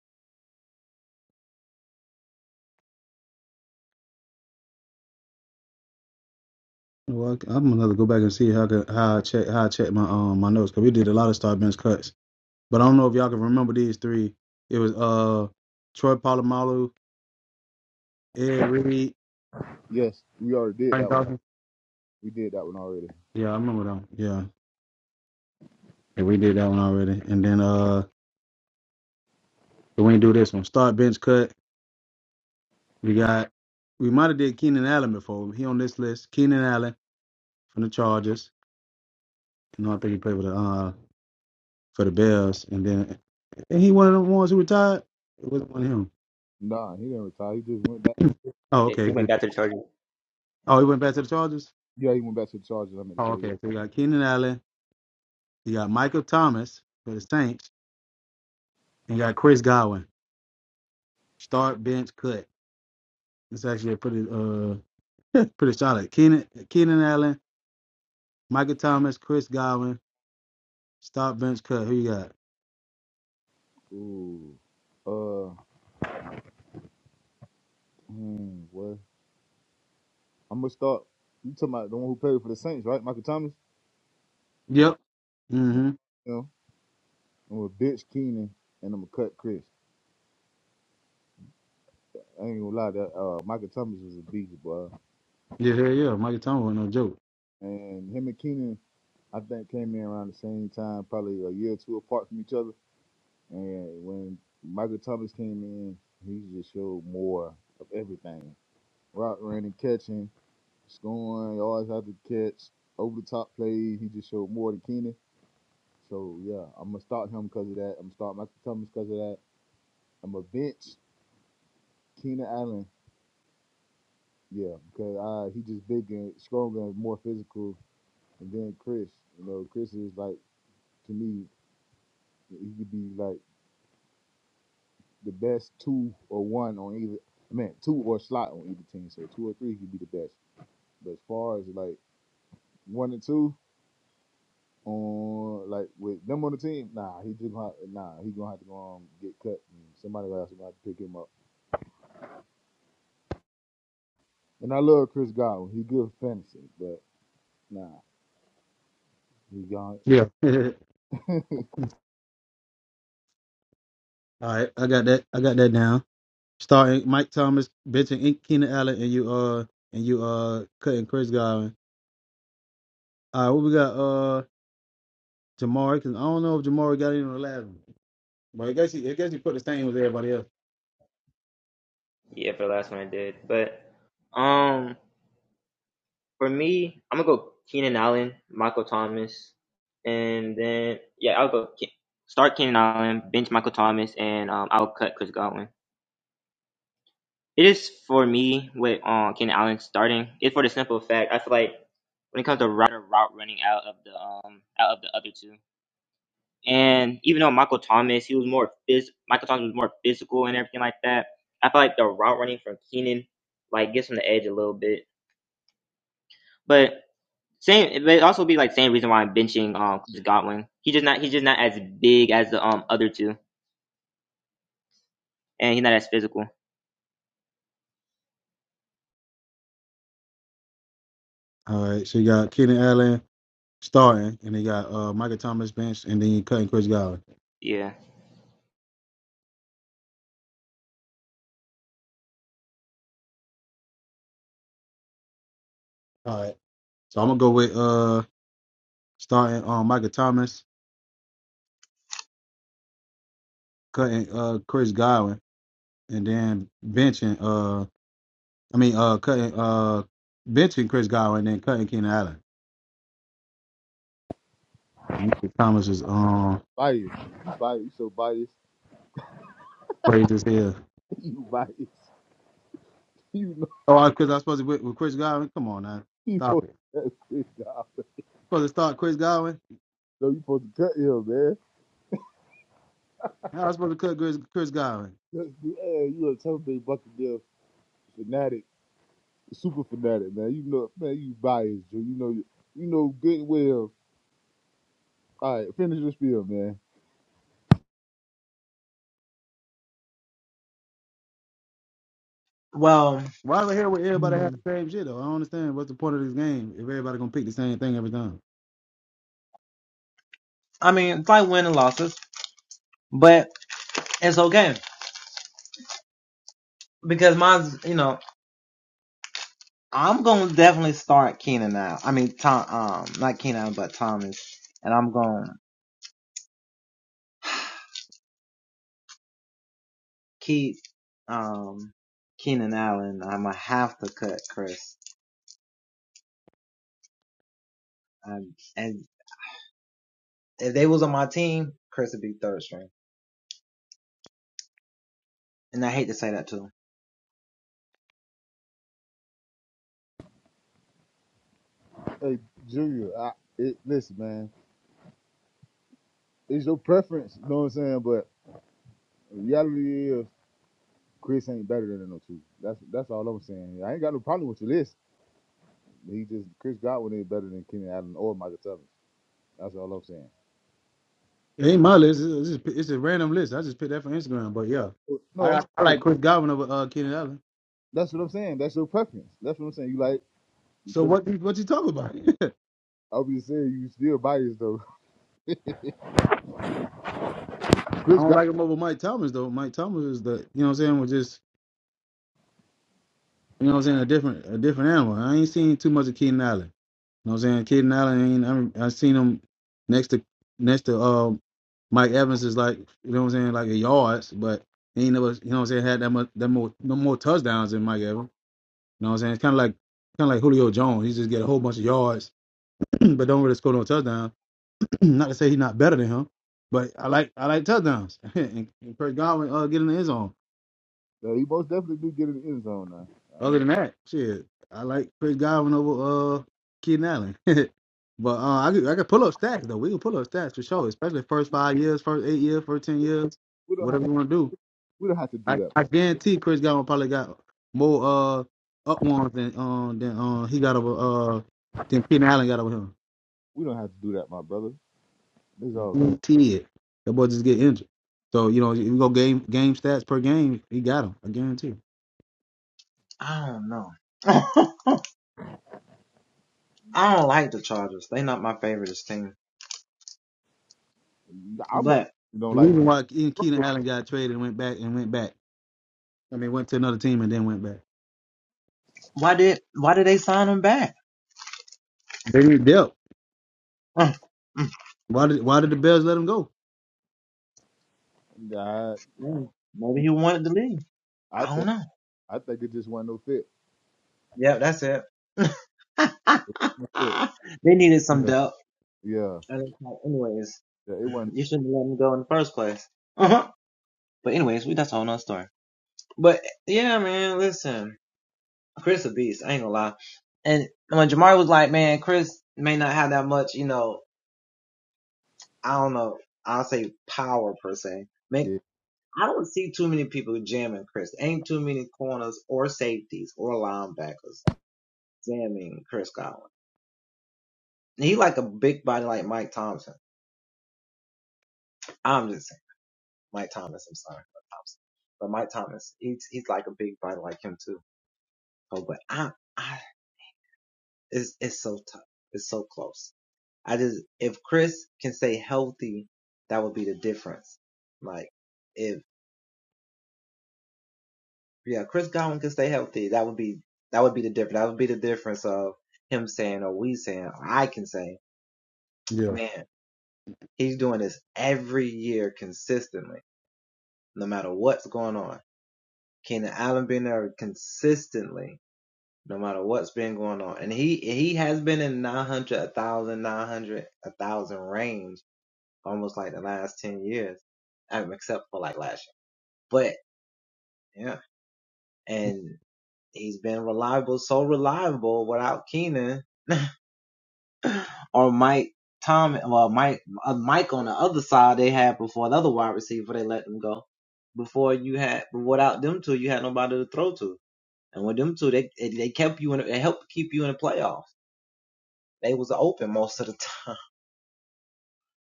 [SPEAKER 1] Well, I- I'm gonna go back and see how I could, how I check how I check my um my notes because we did a lot of start bench cuts. But I don't know if y'all can remember these three. It was uh Troy Polamalu, Ed Reed,
[SPEAKER 3] Yes, we already did
[SPEAKER 1] Frank
[SPEAKER 3] that one.
[SPEAKER 1] Dawson.
[SPEAKER 3] We did that one already.
[SPEAKER 1] Yeah, I remember them. Yeah. And we did that one already. And then uh we did do this one. Start bench cut. We got we might have did Keenan Allen before. He on this list. Keenan Allen from the Chargers. You know, I think he played for the uh for the Bears. And then and he one of the ones who retired. It wasn't one of him.
[SPEAKER 3] Nah, he didn't retire. He just went back.
[SPEAKER 1] Oh,
[SPEAKER 4] He
[SPEAKER 1] okay.
[SPEAKER 4] went back to the Chargers.
[SPEAKER 1] Oh, he went back to the Chargers?
[SPEAKER 3] Yeah, he went back to the Chargers. I meant to
[SPEAKER 1] Oh,
[SPEAKER 3] say.
[SPEAKER 1] okay.
[SPEAKER 3] Yeah.
[SPEAKER 1] So we got Keenan Allen, you got Michael Thomas for the Saints, and you got Chris Godwin. Start bench cut. It's actually a pretty uh pretty solid. Keenan Keenan Allen. Micah Thomas, Chris Godwin, stop bench cut. Who you got?
[SPEAKER 3] Ooh. Uh. Hmm, what? I'm gonna start. You talking about the one who played for the Saints, right? Michael Thomas.
[SPEAKER 1] Yep. Mm-hmm.
[SPEAKER 3] You know, I'm gonna ditch Keenan and I'm gonna cut Chris. I ain't gonna lie, that uh, Michael Thomas was a beast, boy.
[SPEAKER 1] Yeah, yeah, yeah. Micah Thomas was no joke.
[SPEAKER 3] And him and Keenan, I think, came in around the same time, probably a year or two apart from each other. And when Michael Thomas came in, he just showed more of everything: route running, catching, scoring, yards after catch, over the top plays. He just showed more than Keenan. So yeah, I'm gonna start him because of that. I'm gonna start Michael Thomas because of that. I'm gonna bench Keenan Allen Yeah, because uh, he just big and stronger and more physical than Chris. You know, Chris is like to me, he could be like the best two or one on either. I mean, two or slot on either team. So two or three, he'd be the best. But as far as like one and two on like with them on the team, nah, he just gonna, nah, he gonna have to go um, get cut. And somebody else gonna have to pick him up. And I love Chris Godwin. He good for fantasy, but nah, he gone
[SPEAKER 1] Yeah. All right, I got that. I got that down. Starting Mike Thomas, benching in- Keenan Allen, and you uh and you uh cutting Chris Godwin. All right, what we got? Uh, Jamari. Cause I don't know if Jamari got in on the last one, but I guess he I guess he put the same with everybody else.
[SPEAKER 4] Yeah, for the last one I did. But um For me, I'm gonna go Keenan Allen, Michael Thomas, and then yeah, I'll go Ke- start Keenan Allen, bench Michael Thomas, and um, I'll cut Chris Godwin. It is for me with um, Keenan Allen starting. It's for the simple fact I feel like when it comes to rider route running out of the um out of the other two, and even though Michael Thomas he was more phys- Michael Thomas was more physical and everything like that, I feel like the route running from Keenan like gives him the edge a little bit. but Same, but it also be like same reason why I'm benching um Godwin. He just not he's just not as big as the um other two, and he's not as physical.
[SPEAKER 1] All right, so you got Keenan Allen, starting, and they got uh Micah Thomas bench, and then you cutting Chris Godwin.
[SPEAKER 4] Yeah.
[SPEAKER 1] All right, so I'm gonna go with uh starting um Micah Thomas, cutting uh Chris Godwin, and then benching uh I mean uh cutting uh benching Chris Godwin, and then cutting Keenan Allen. Micah Thomas is um
[SPEAKER 3] biased. You biased. You so biased.
[SPEAKER 1] crazy as hell.
[SPEAKER 3] you biased. You know.
[SPEAKER 1] Oh, I, Chris, I supposed to with, with Chris Godwin? Come on now,
[SPEAKER 3] He
[SPEAKER 1] stop
[SPEAKER 3] supposed
[SPEAKER 1] it.
[SPEAKER 3] to cut Chris off.
[SPEAKER 1] Supposed to start Chris Godwin?
[SPEAKER 3] No, you supposed to cut him, man.
[SPEAKER 1] How I supposed to cut Chris, Chris Godwin?
[SPEAKER 3] Hey, you a Tampa Bay Buccaneers fanatic, super fanatic, man. You know, man, you biased, Drew. You know, you know good well. All right, finish your spiel, man.
[SPEAKER 1] Why am I here where everybody has the same shit though? I don't understand what's the point of this game if everybody gonna pick the same thing every time.
[SPEAKER 3] Hey, Junior, I, it, listen, man. It's your preference, you know what I'm saying? But reality is, Chris ain't better than no two. That's that's all I'm saying. I ain't got no problem with your list. He just Chris Godwin ain't better than Kenny Allen or Michael Thomas. That's all I'm saying.
[SPEAKER 1] It ain't my list. It's, it's, just- it's a random list. I just picked that from Instagram. But yeah, I
[SPEAKER 3] No, I'm
[SPEAKER 1] got, I
[SPEAKER 3] sure.
[SPEAKER 1] like Chris Godwin over uh, Keenan Allen.
[SPEAKER 3] That's what I'm saying. That's your preference. That's what I'm saying. You like
[SPEAKER 1] So
[SPEAKER 3] Chris.
[SPEAKER 1] what you- what you talking about?
[SPEAKER 3] Obviously, you still biased though.
[SPEAKER 1] I
[SPEAKER 3] Chris
[SPEAKER 1] don't
[SPEAKER 3] got
[SPEAKER 1] like him over Mike Thomas though. Mike Thomas is the you know what I'm saying was just you know what I'm saying a different a different animal. I ain't seen too much of Keenan Allen. You know what I'm saying Keenan Allen ain't I mean, I seen him next to next to um Mike Evans is like you know what I'm saying like a yards, but he ain't never you know what I'm saying had that much that more no more touchdowns than Mike Evans. You know what I'm saying it's kind of like kind of like Julio Jones. He just get a whole bunch of yards but don't really score no touchdown. not to say he's not better than him, but I like I like touchdowns. and, and Chris Godwin uh, get in the end zone.
[SPEAKER 3] though. He most definitely do get in the end zone now. I ain't
[SPEAKER 1] Other
[SPEAKER 3] gonna-
[SPEAKER 1] than that, shit, I like Chris Godwin over uh Keaton Allen. but uh, I could, I could pull up stats though. We can pull up stats for sure, especially first five years, first eight years, first ten years,
[SPEAKER 3] we don't have
[SPEAKER 1] whatever
[SPEAKER 3] to.
[SPEAKER 1] you want to do.
[SPEAKER 3] We don't have to do
[SPEAKER 1] I,
[SPEAKER 3] that.
[SPEAKER 1] I guarantee Chris Godwin probably got more uh up ones than um than uh, he got over uh than Keaton Allen got over him.
[SPEAKER 3] We don't have to do that, my brother. This all.
[SPEAKER 1] Guaranteed. That boy just get injured. So, you know, if you go game game stats per game, he got him. I guarantee. you.
[SPEAKER 3] I'm. a- You know,
[SPEAKER 1] The
[SPEAKER 3] like
[SPEAKER 1] reason why Ke- Keenan Allen got traded and went back and went back. I mean, went to another team and then went back. They need depth. Why did why did the Bears let him go?
[SPEAKER 3] I, I think. I think it just wasn't no fit. Yeah, yeah. yeah, It wasn't. Yeah.
[SPEAKER 1] Yeah.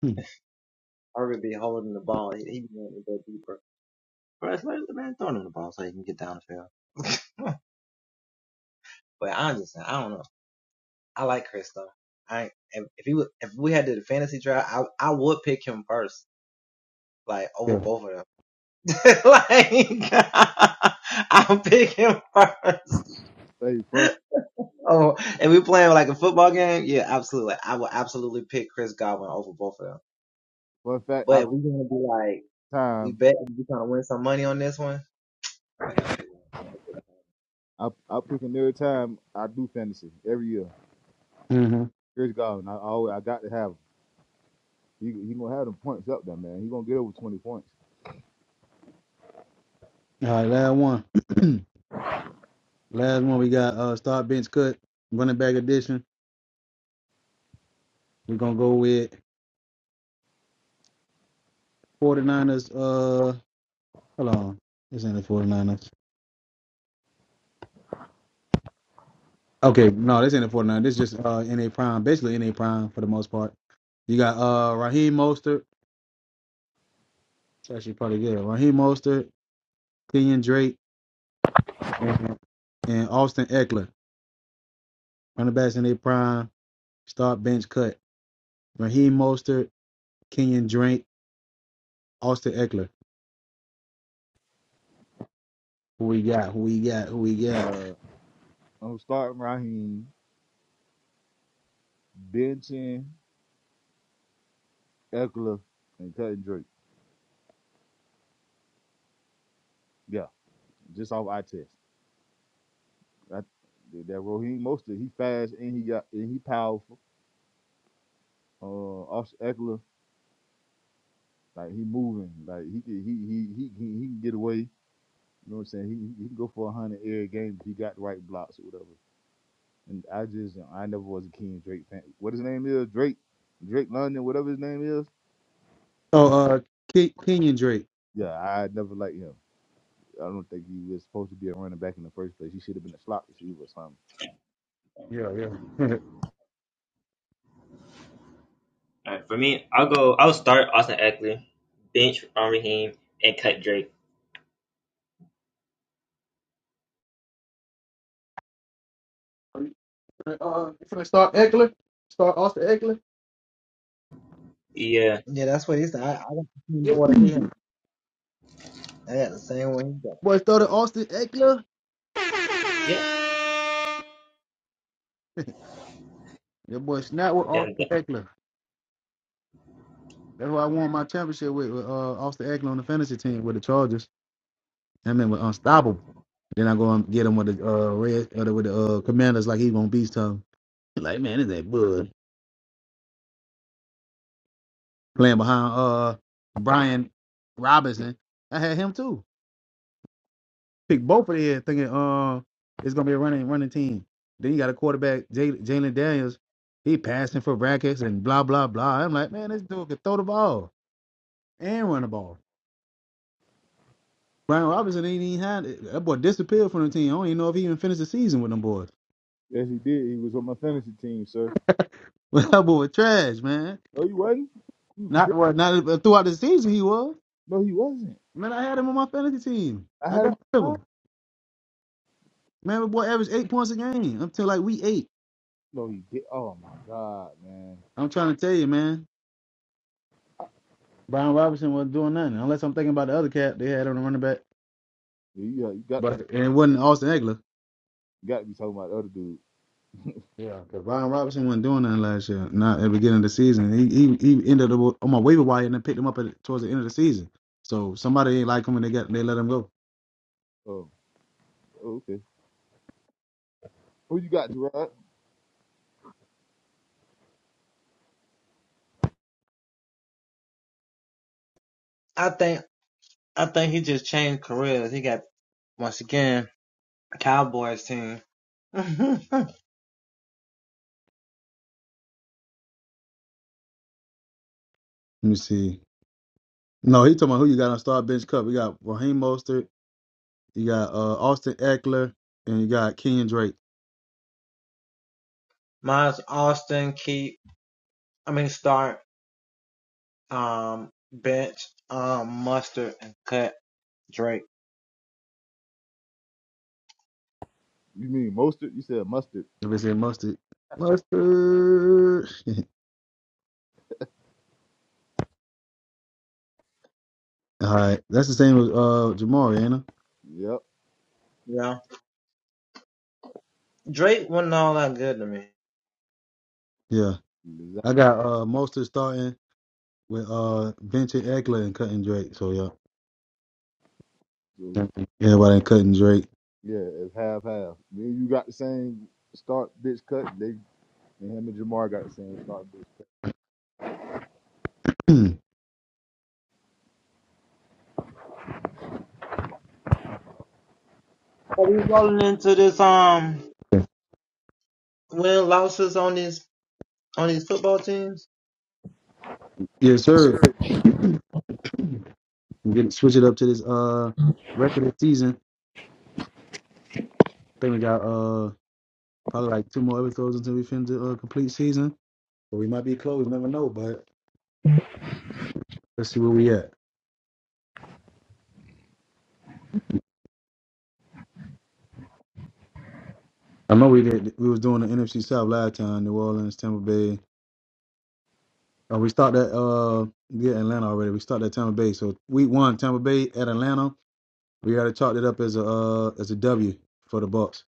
[SPEAKER 1] Mhm. Yeah.
[SPEAKER 3] Hey, fun, fun fact. I time. I I pick him every time. I do fantasy every year.
[SPEAKER 1] hmm
[SPEAKER 3] Chris Godwin. I always. I got to have. Him. He he gonna have them points up there, man. He gonna get over twenty points.
[SPEAKER 1] All right, last one. last one we got uh start bench cut, running back edition. We're gonna go with 49ers. Uh, hold on. This ain't the 49ers. Okay, no, this ain't the 49ers. This is just uh, NA Prime. Basically, NA Prime for the most part. You got uh, Raheem Mostert. It's actually probably good. Raheem Mostert, Kenyon Drake, Mhm. and Austin Eckler. Running backs in their prime. Start bench cut. Raheem Mostert, Kenyon Drake, Austin Eckler. Who we got? Who we got? Who we got?
[SPEAKER 3] Uh, I'm starting Raheem, benching Eckler, and cutting Drake. Yeah, just off eye test. That that that Raheem Mostert, he fast and he got and he powerful. Uh, Eckler, like he moving, like he can he he he he can get away. You know what I'm saying? He he can go for a hundred every game if he got the right blocks or whatever. And I just you know, I never was a King Drake fan. What his name is Drake, Drake London, whatever his name is.
[SPEAKER 1] Oh, uh, Ke- Kenyon Drake.
[SPEAKER 3] Yeah, I never liked him. I don't think he was supposed to be a running back in the first place. He should have been a slot receiver or something.
[SPEAKER 1] Yeah, yeah.
[SPEAKER 4] All right, for me, I'll go. I'll start Austin Eckler, bench on Raheem, and cut Drake.
[SPEAKER 1] Are you gonna, uh, you finna start Eckler? Start Austin Eckler?
[SPEAKER 4] Yeah,
[SPEAKER 1] Yeah. Boy started Austin Eckler.
[SPEAKER 4] yeah,
[SPEAKER 1] That boy snap with
[SPEAKER 4] yeah.
[SPEAKER 1] Austin
[SPEAKER 4] yeah.
[SPEAKER 1] Eckler. That's who I won my championship with, with uh, Austin Eckler on the fantasy team with the Chargers. That man was unstoppable. Then I go and get him with the uh, red uh, with the uh, Commanders like he gonna beast him. Like man, this ain't good. Playing behind uh Brian Robinson, I had him too. Pick both of them thinking uh it's gonna be a running running team. Then you got a quarterback Jay- Jalen Daniels. He passing for brackets and blah blah blah. I'm like man, this dude can throw the ball and run the ball. Brian Robinson ain't even had it. That boy disappeared from the team. I don't even know if he even finished the season with them boys.
[SPEAKER 3] Yes, he did. He was on my fantasy team, sir.
[SPEAKER 1] But that boy trash, man.
[SPEAKER 3] No, he wasn't. You
[SPEAKER 1] Not
[SPEAKER 3] tripped.
[SPEAKER 1] well, not throughout the season he was.
[SPEAKER 3] No, he wasn't.
[SPEAKER 1] Man, I had him on my fantasy team.
[SPEAKER 3] I
[SPEAKER 1] I
[SPEAKER 3] had him.
[SPEAKER 1] got rid of him. Man, my boy averaged eight points a game until like week eight.
[SPEAKER 3] No, he did. Oh my God, man.
[SPEAKER 1] I'm trying to tell you, man. Brian Robinson wasn't doing nothing unless I'm thinking about the other cat they had on the running back,
[SPEAKER 3] Yeah, you got you got,
[SPEAKER 1] but and it wasn't Austin Eckler.
[SPEAKER 3] you got to be talking about the other dude.
[SPEAKER 1] Yeah, because Ryan Robinson wasn't doing nothing last year. Not at the beginning of the season. He he, he ended up on my waiver wire and then picked him up at, towards the end of the season. So somebody ain't like him and they got they let him go.
[SPEAKER 3] Oh, oh, okay. Who you got, Gerard?
[SPEAKER 1] Let me see. No, he talking about who you got on star bench cup. We got Raheem Mostert, you got uh, Austin Eckler, and you got Kenyon Drake.
[SPEAKER 3] You mean mustard? You said mustard.
[SPEAKER 1] If it's in Mustard, Mustard. All right, that's the same with uh Jamari, ain't it?
[SPEAKER 3] Yep.
[SPEAKER 1] Yeah,
[SPEAKER 3] Exactly.
[SPEAKER 1] I got uh Mostert starting with uh Vincent Eckler and cutting Drake. So yeah, everybody ain't cutting Drake.
[SPEAKER 3] Yeah, it's half half. Then you got the same start bitch cut. They and him and Jamar got the same start bitch
[SPEAKER 1] yes,
[SPEAKER 3] cut.
[SPEAKER 1] sir.
[SPEAKER 3] Sure.
[SPEAKER 1] We get switch it up to this uh record season. I think we got uh probably like two more episodes until we finish the uh, complete season. But we might be close, never know. But let's see where we at. I know we did. We was doing the NFC South last time, New Orleans, Tampa Bay. Uh, we start that uh yeah Atlanta already. We start at Tampa Bay. So week one, Tampa Bay at Atlanta. We already chalked it up as a uh, as a W for the Bucks.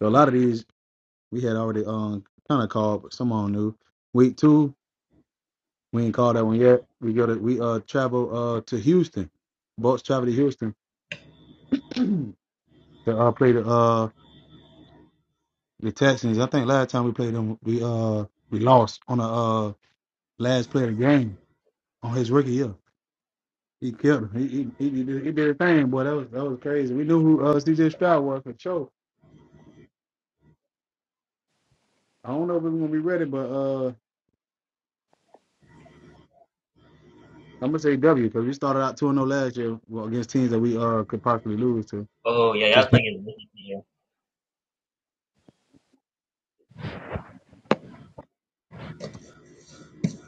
[SPEAKER 1] So a lot of these we had already um kind of called, but some on new. Week two, we ain't called that one yet. We go to we uh travel uh to Houston. Bucks travel to Houston to uh play the uh the Texans. I think last time we played them, we uh we lost on a uh last play of the game on his rookie year. He killed him. He he, he, did, he did a thing, boy. That was that was crazy. We knew who uh, CJ Stroud was for sure. I don't know if we are gonna be ready, but uh. I'm gonna say W because we started out 2 and 0 last year well, against teams that we uh could possibly lose to.
[SPEAKER 4] Oh yeah, that
[SPEAKER 1] Just
[SPEAKER 4] was playing against Michigan.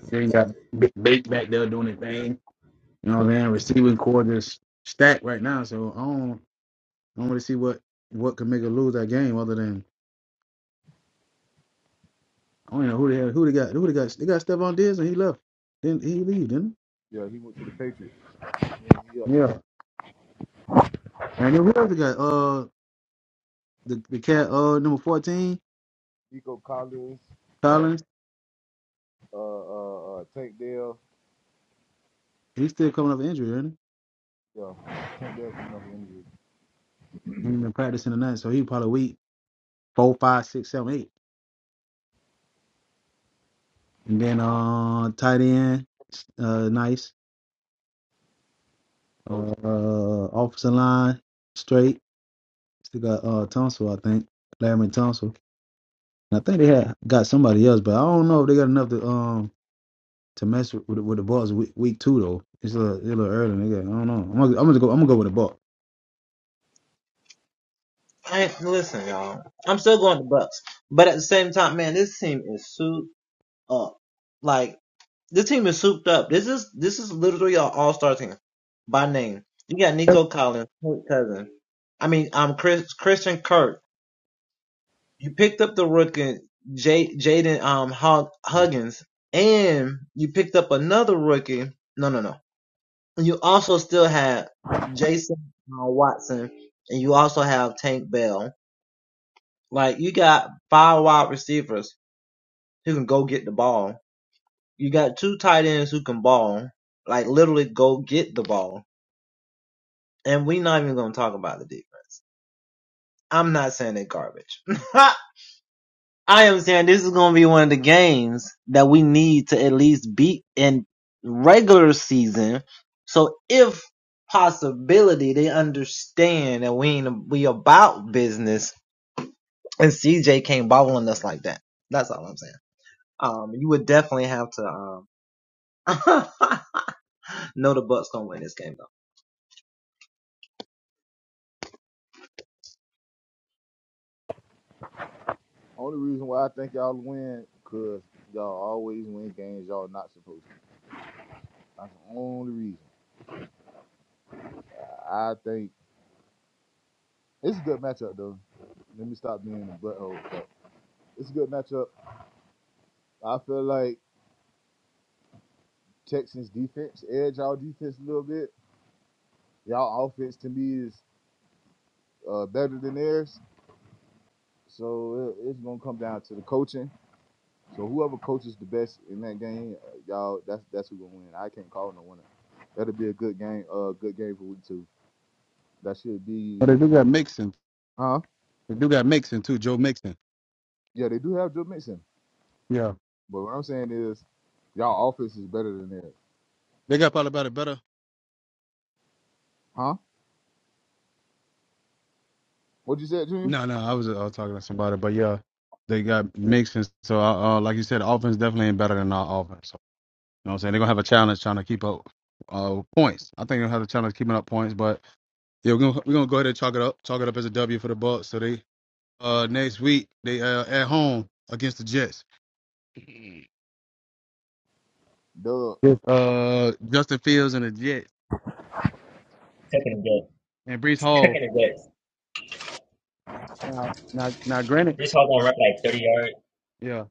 [SPEAKER 1] they ain't got big back there doing their thing. You know what I'm saying? Receiving core just stacked right now. So I don't I don't really see what what could make us lose that game other than I don't even know who they had, who they got who they got they got Stephon Diggs and he left. Then he leave, didn't
[SPEAKER 3] Yeah, he went to the Patriots. And he up
[SPEAKER 1] he?
[SPEAKER 3] there.
[SPEAKER 1] Yeah. And then who else they got? Uh the, the cat uh number fourteen,
[SPEAKER 3] Nico Collins, uh,
[SPEAKER 1] Collins,
[SPEAKER 3] uh, uh, uh, Tank Dell.
[SPEAKER 1] he's still coming up with injury, isn't
[SPEAKER 3] Yeah, Tank Dell coming up injured.
[SPEAKER 1] he? He's been practicing tonight, so he probably week four, five, six, seven, eight. And then uh tight end, uh nice.
[SPEAKER 3] Oh,
[SPEAKER 1] Uh, uh offensive line, straight. Still got uh Tunsil, I think. Larry Tunsil. And I think they had got somebody else, but I don't know if they got enough to um to mess with with, the Bucks week, week two though. It's a little, it's a little early. They got, I don't know. I'm gonna, I'm gonna go. I'm gonna go with the Bucks.
[SPEAKER 3] only reason why I think y'all win, cause y'all always win games y'all not supposed to. That's the only reason. I, I think it's a good matchup though. Let me stop being a butthole. But it's a good matchup. I feel like Texans defense edge y'all defense a little bit. Y'all offense to me is uh, better than theirs. So it, it's gonna come down to the coaching So whoever coaches the best in that game, uh, y'all, that's that's who gonna win. I can't call no winner. That'll be a good game. Uh, good game for week two. That should
[SPEAKER 1] But they
[SPEAKER 3] be,
[SPEAKER 1] do got Mixon.
[SPEAKER 3] huh?
[SPEAKER 1] They do got Mixon too, Joe Mixon.
[SPEAKER 3] Yeah, they do have Joe Mixon,
[SPEAKER 1] Yeah.
[SPEAKER 3] but what I'm saying is, y'all offense is better than theirs,
[SPEAKER 1] They got probably about it better.
[SPEAKER 3] huh? What you said, Junior?
[SPEAKER 1] No, no, I was, uh, I was talking to somebody, but yeah, they got Mixon. So, uh, uh, like you said, the offense definitely ain't better than our offense. so You know what I'm saying? They're gonna have a challenge trying to keep up uh, points. I think they'll have a challenge keeping up points, but yeah, we're gonna we're gonna go ahead and chalk it up, chalk it up as a W for the Bucks. So they uh next week they uh at home against the Jets.
[SPEAKER 3] Doug,
[SPEAKER 1] Yes. Uh Justin Fields and the Jets and Brees Hall. Now now now
[SPEAKER 4] Yeah.
[SPEAKER 1] granted,
[SPEAKER 4] Brees Hall gonna run like thirty yards.
[SPEAKER 1] yeah.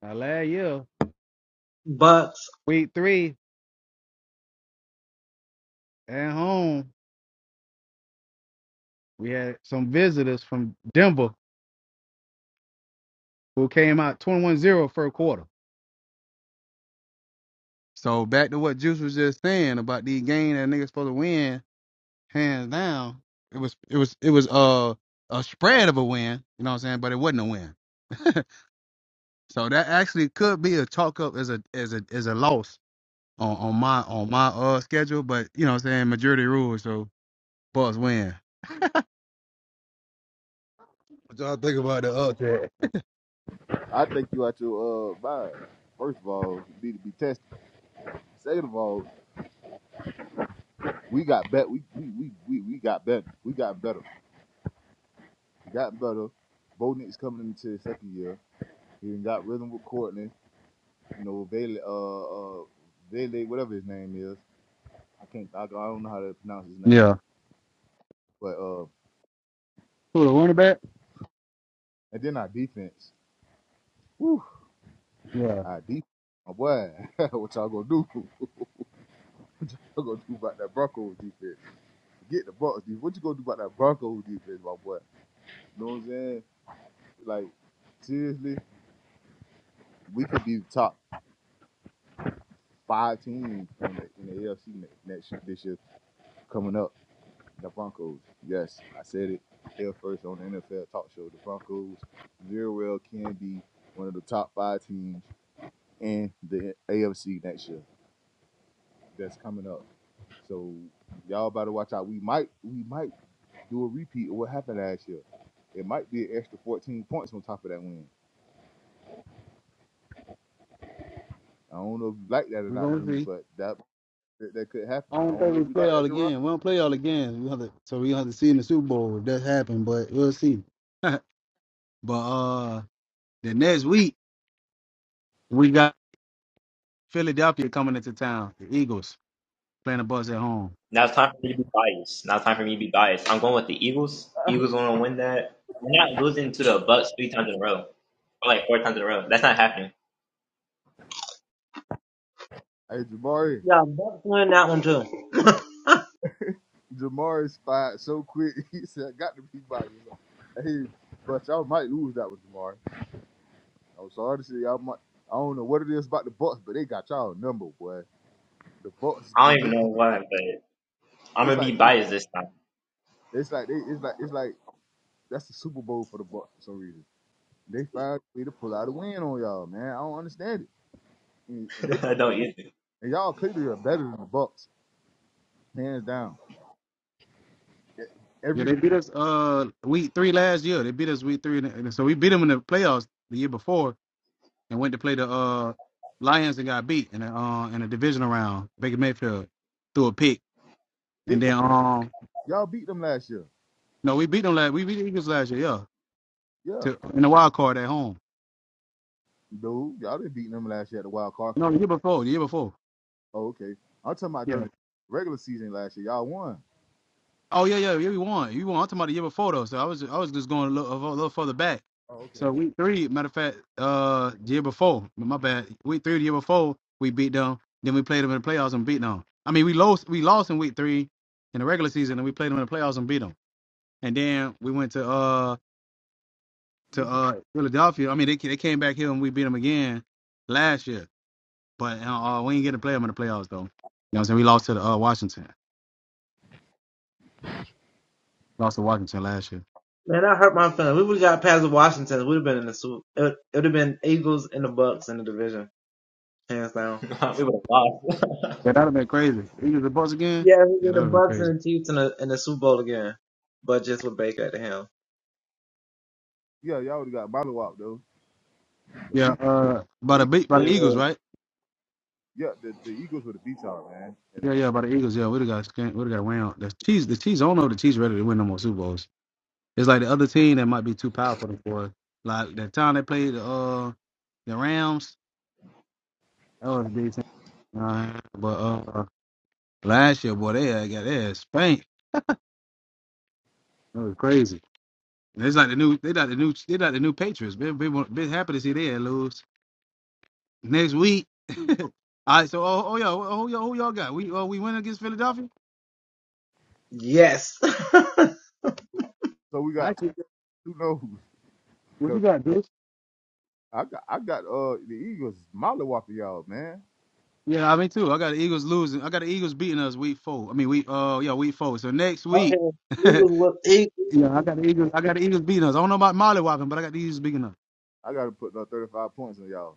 [SPEAKER 1] Now last year, week three at home, we had some visitors from Denver who came out 21-0 first quarter. So back to what Juice was just saying about the game that niggas supposed to win hands down. It was it was it was uh a spread of a win, you know what I'm saying? But it wasn't a win. so that actually could be a talk up as a as a as a loss on, on my on my uh schedule, but you know what I'm saying, majority rules, so Bucks win. What y'all think about the upset?
[SPEAKER 3] I think you out your uh vibe. First of all, you need to be tested. Second of all, we got better. We we we we, we got better. We got better. We got better. Bo Nick's coming into his second year. He done got rhythm with Courtney. you know, Vele, uh, uh, Vele, whatever his name is. I can't, I, I don't know how to pronounce his name.
[SPEAKER 1] Yeah.
[SPEAKER 3] But, uh,
[SPEAKER 1] Who the running back?
[SPEAKER 3] and then our defense. Woo,
[SPEAKER 1] Yeah.
[SPEAKER 3] our defense. My boy, what y'all gonna do? What y'all gonna do about that Broncos defense? Get the Broncos defense. What you gonna do about that Broncos defense, my boy? You know what I'm saying? Like, seriously, we could be top five teams in the, in the AFC ne- next next year- this year coming up. The Broncos. Yes, I said it here first on the NFL talk show. The Broncos very well can be one of the top five teams in the AFC next year. That's coming up. So y'all better watch out. We might we might do a repeat of what happened last year. It might be an extra 14 points on top of that win. I don't know if you like that or
[SPEAKER 1] We're
[SPEAKER 3] not,
[SPEAKER 1] Yeah. gonna
[SPEAKER 3] Jimmy,
[SPEAKER 1] see.
[SPEAKER 3] but that that could happen.
[SPEAKER 1] I
[SPEAKER 3] I
[SPEAKER 1] don't
[SPEAKER 3] don't
[SPEAKER 1] think
[SPEAKER 3] know
[SPEAKER 1] we
[SPEAKER 3] if you
[SPEAKER 1] play
[SPEAKER 3] like that,
[SPEAKER 1] all
[SPEAKER 3] Gerard.
[SPEAKER 1] again. We don't play all again. We have to, so we have to see in the Super Bowl if that happened, but we'll see. but uh the next week we got Philadelphia coming into town. The Eagles playing the Bucks at home.
[SPEAKER 4] Now it's time for me to be biased. Now it's time for me to be biased. I'm going with the Eagles. Eagles gonna win that. We're not losing to the Bucks three times in a row, or like four times in a row. That's not happening.
[SPEAKER 3] Hey, Jabari. Jamari spied so quick. He said, I got to be by you. Like, Hey, but y'all might lose that with Jamari. I'm sorry to say y'all might. I don't know what it is about the Bucks, but they got y'all number, boy. The Bucks,
[SPEAKER 4] I
[SPEAKER 3] they,
[SPEAKER 4] don't even
[SPEAKER 3] they
[SPEAKER 4] know
[SPEAKER 3] come.
[SPEAKER 4] why, but. I'm
[SPEAKER 3] It's
[SPEAKER 4] gonna
[SPEAKER 3] like
[SPEAKER 4] be
[SPEAKER 3] it's,
[SPEAKER 4] biased this time.
[SPEAKER 3] it's like they, it's like it's like that's the Super Bowl for the Bucks for some reason. They found a way to pull out a win on y'all, man. I don't understand it. And, and they
[SPEAKER 4] I don't you think?
[SPEAKER 3] and y'all clearly are better than the Bucks, hands down.
[SPEAKER 1] Yeah,
[SPEAKER 3] Every
[SPEAKER 1] they beat us uh week three last year. They beat us week three, and and so we beat them in the playoffs the year before, and went to play the uh Lions and got beat in a uh, in a divisional round. Baker Mayfield threw a pick,
[SPEAKER 3] they,
[SPEAKER 1] and then um
[SPEAKER 3] y'all beat them last year.
[SPEAKER 1] no, we beat them last. We beat the Eagles last year, yeah,
[SPEAKER 3] Yeah,
[SPEAKER 1] to in the wild card at home.
[SPEAKER 3] dude, y'all didn't beat them last year at the Wild Card 'cause
[SPEAKER 1] No, the year before, the year before.
[SPEAKER 3] Oh, okay. I'm talking about
[SPEAKER 1] Yeah.
[SPEAKER 3] during the regular season last year. Y'all won.
[SPEAKER 1] Oh yeah, yeah, yeah. We won. You won. I'm talking about the year before though. So I was, I was just going a little, a little further back.
[SPEAKER 3] Oh, okay.
[SPEAKER 1] So week three, matter of fact, uh, the year before. My bad. Week three, the year before, we beat them. Then we played them in the playoffs and beat them. I mean, we lost. We lost in week three in the regular season, and we played them in the playoffs and beat them. And then we went to uh to uh Philadelphia. I mean, they they came back here and we beat them again last year. But uh, we ain't get to play them in the playoffs though. You know what I'm saying? We lost to the, uh, Washington. Lost to Washington last year. Yeah, that'd have been crazy. Eagles and Bucks again? Yeah, that'd have been crazy.
[SPEAKER 3] Yeah, y'all would have got bottle up though. The
[SPEAKER 1] Yeah,
[SPEAKER 3] Eagles,
[SPEAKER 1] uh
[SPEAKER 3] the,
[SPEAKER 1] by the
[SPEAKER 3] Eag-
[SPEAKER 1] beat by
[SPEAKER 4] really
[SPEAKER 1] the Eagles,
[SPEAKER 4] will.
[SPEAKER 1] right?
[SPEAKER 3] yeah, the, the Eagles would have beat y'all, man. And
[SPEAKER 1] Yeah,
[SPEAKER 3] uh,
[SPEAKER 1] yeah, by the Eagles, yeah. We'd have got scan- we'd have got round. The Chiefs the Chiefs I don't know if the Chiefs ready to win no more Super Bowls. It's like the other team that might be too powerful for us. Like that time they played the uh the Rams, that was a decent. Uh, but uh last year, boy, they had got their ass spanked. That was crazy. And it's like the new they got the new they got the new Patriots. Been been, been happy to see they lose. Next week. All right. So, oh, oh yeah, oh, yeah, who y'all got? We oh, we win against Philadelphia.
[SPEAKER 3] so we got
[SPEAKER 1] Actually,
[SPEAKER 3] two, two no's
[SPEAKER 1] what you
[SPEAKER 3] because
[SPEAKER 1] got, bitch?
[SPEAKER 3] I got I got uh the Eagles molly whopping y'all, man.
[SPEAKER 1] Yeah, I mean too. I got the Eagles losing. I got the Eagles beating us week four. I mean, we uh, yeah, week four. So next week. yeah, I got the Eagles. I got the Eagles beating us. I don't know about Molly Whopping, but I got the Eagles beating us.
[SPEAKER 3] I got to put uh, 35 points on y'all.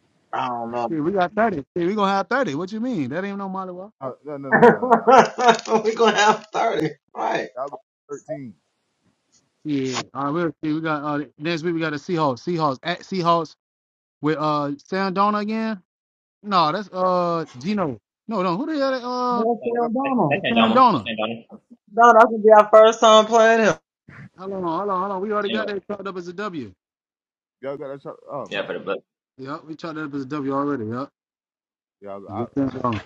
[SPEAKER 1] Yeah, we got thirty. Yeah, we gonna have thirty. What you mean? That ain't no Molly Whopping.
[SPEAKER 3] Uh, no, no, no, no, no, no. no. Y'all got 13.
[SPEAKER 1] Yeah. All right. We'll see. We got uh, next week. We got the Seahawks. Seahawks at Seahawks with uh Sam Donald again. No, that's uh Gino. No, no. Who the hell? that, Uh,
[SPEAKER 3] Y'all
[SPEAKER 4] That's
[SPEAKER 1] Sam
[SPEAKER 4] Andama.
[SPEAKER 1] Donald.
[SPEAKER 4] That's Andama.
[SPEAKER 1] Hold on, hold on, hold on. We already got
[SPEAKER 4] Anyway,
[SPEAKER 1] that chalked up as a W.
[SPEAKER 3] y'all got that shot. Oh
[SPEAKER 4] yeah,
[SPEAKER 3] my.
[SPEAKER 4] for the Bucks.
[SPEAKER 1] Yep, we chalked that up as a W already. Yep.
[SPEAKER 3] Y'all,
[SPEAKER 1] Get
[SPEAKER 3] I
[SPEAKER 1] that wrong.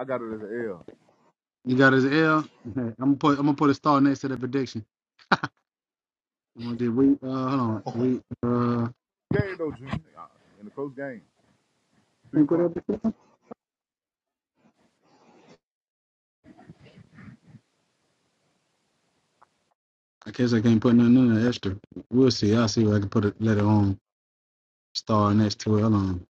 [SPEAKER 3] I got it as an L.
[SPEAKER 1] You got his L. Okay, I'm gonna put I'm gonna put a star next to the prediction. I'm gonna do we uh hold on. We uh can
[SPEAKER 3] Game though, Junior. Uh, In a close game, three
[SPEAKER 1] we put
[SPEAKER 3] point
[SPEAKER 1] that before? I guess I can't put nothing in there extra. We'll see. I'll see if I can put it let it on star next to it. Hold on.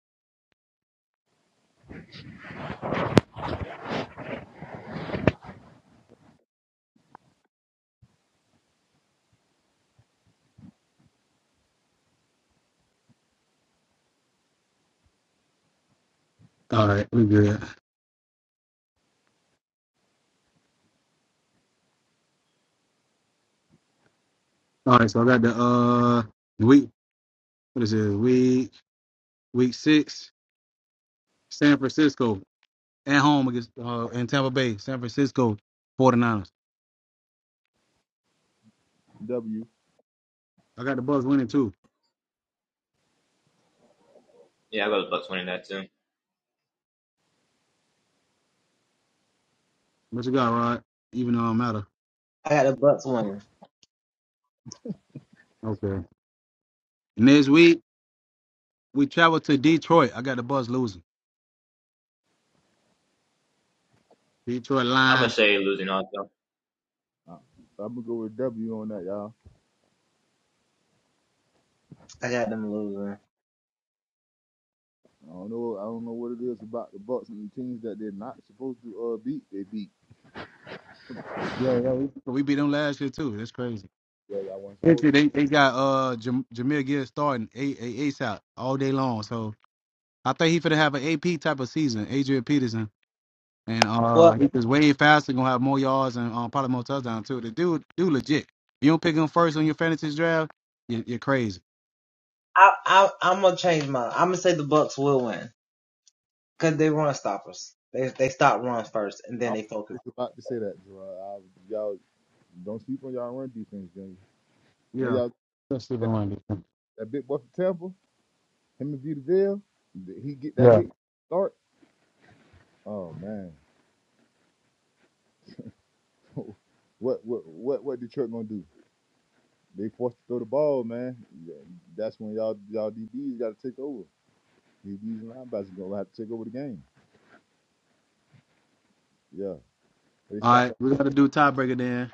[SPEAKER 1] All right, we good. All right, so I got the uh week what is it? Week week six, San Francisco at home against uh in Tampa Bay, San Francisco 49ers.
[SPEAKER 3] W.
[SPEAKER 1] I got the Bucks winning too.
[SPEAKER 4] Yeah,
[SPEAKER 1] What you got, Rod? Even though I don't matter. Okay. Next week we travel to Detroit. I got the Buzz losing. Detroit
[SPEAKER 4] I'm gonna
[SPEAKER 1] line.
[SPEAKER 4] say losing also.
[SPEAKER 3] Uh, I'm gonna go with W on that, y'all. I don't know. I don't know what it is about the Bucks and the teams that they're not supposed to uh, beat. They beat.
[SPEAKER 1] Yeah, yeah. We, we beat them last year too. That's crazy.
[SPEAKER 3] Yeah, y'all weren't
[SPEAKER 1] This
[SPEAKER 3] supposed
[SPEAKER 1] year
[SPEAKER 3] to.
[SPEAKER 1] They, they got uh Jam- Jameer Gibbs starting a- a- ASAP all day long. So I think he's gonna have an AP type of season. Adrian Peterson and uh he is way faster. Gonna have more yards and uh probably more touchdowns too. The dude, dude, legit. If you don't pick him first on your fantasy draft, you, you're crazy.
[SPEAKER 3] I was just about to say that, Gerard. I, y'all don't sleep on y'all run defense, Junior. And
[SPEAKER 1] Yeah.
[SPEAKER 3] y'all
[SPEAKER 1] Let's see if I
[SPEAKER 3] that,
[SPEAKER 1] want to do. something.
[SPEAKER 3] that big boy from Tampa, him and Vita Vale, he get that
[SPEAKER 1] Yeah.
[SPEAKER 3] weight start. Oh man, what what what what Detroit gonna do? They forced to throw the ball, man. Yeah, That's when y'all y'all DBs got to take over. DBs and linebackers gonna have to take over the game. Yeah, they
[SPEAKER 1] All
[SPEAKER 3] stopped
[SPEAKER 1] right,
[SPEAKER 3] that
[SPEAKER 1] we gotta do tiebreaker then.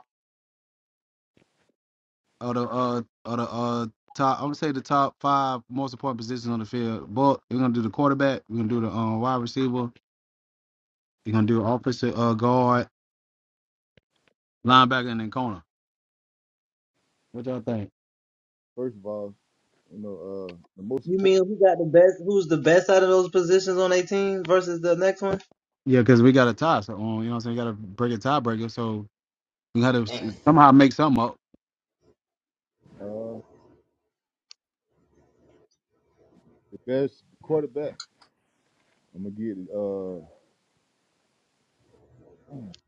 [SPEAKER 1] of the uh of the uh top. I'm gonna say the top five most important positions on the field. But we're gonna do the quarterback. We're gonna do the um wide receiver. We're gonna do offensive uh guard, linebacker, and then corner. What y'all think?
[SPEAKER 3] first of all. You know, uh, the most important,
[SPEAKER 1] Yeah, because we got a tie. So um, you know what I'm saying. We got to break a tiebreaker. So we got to somehow make something up.
[SPEAKER 3] uh, the best quarterback. I'm gonna get uh, I'm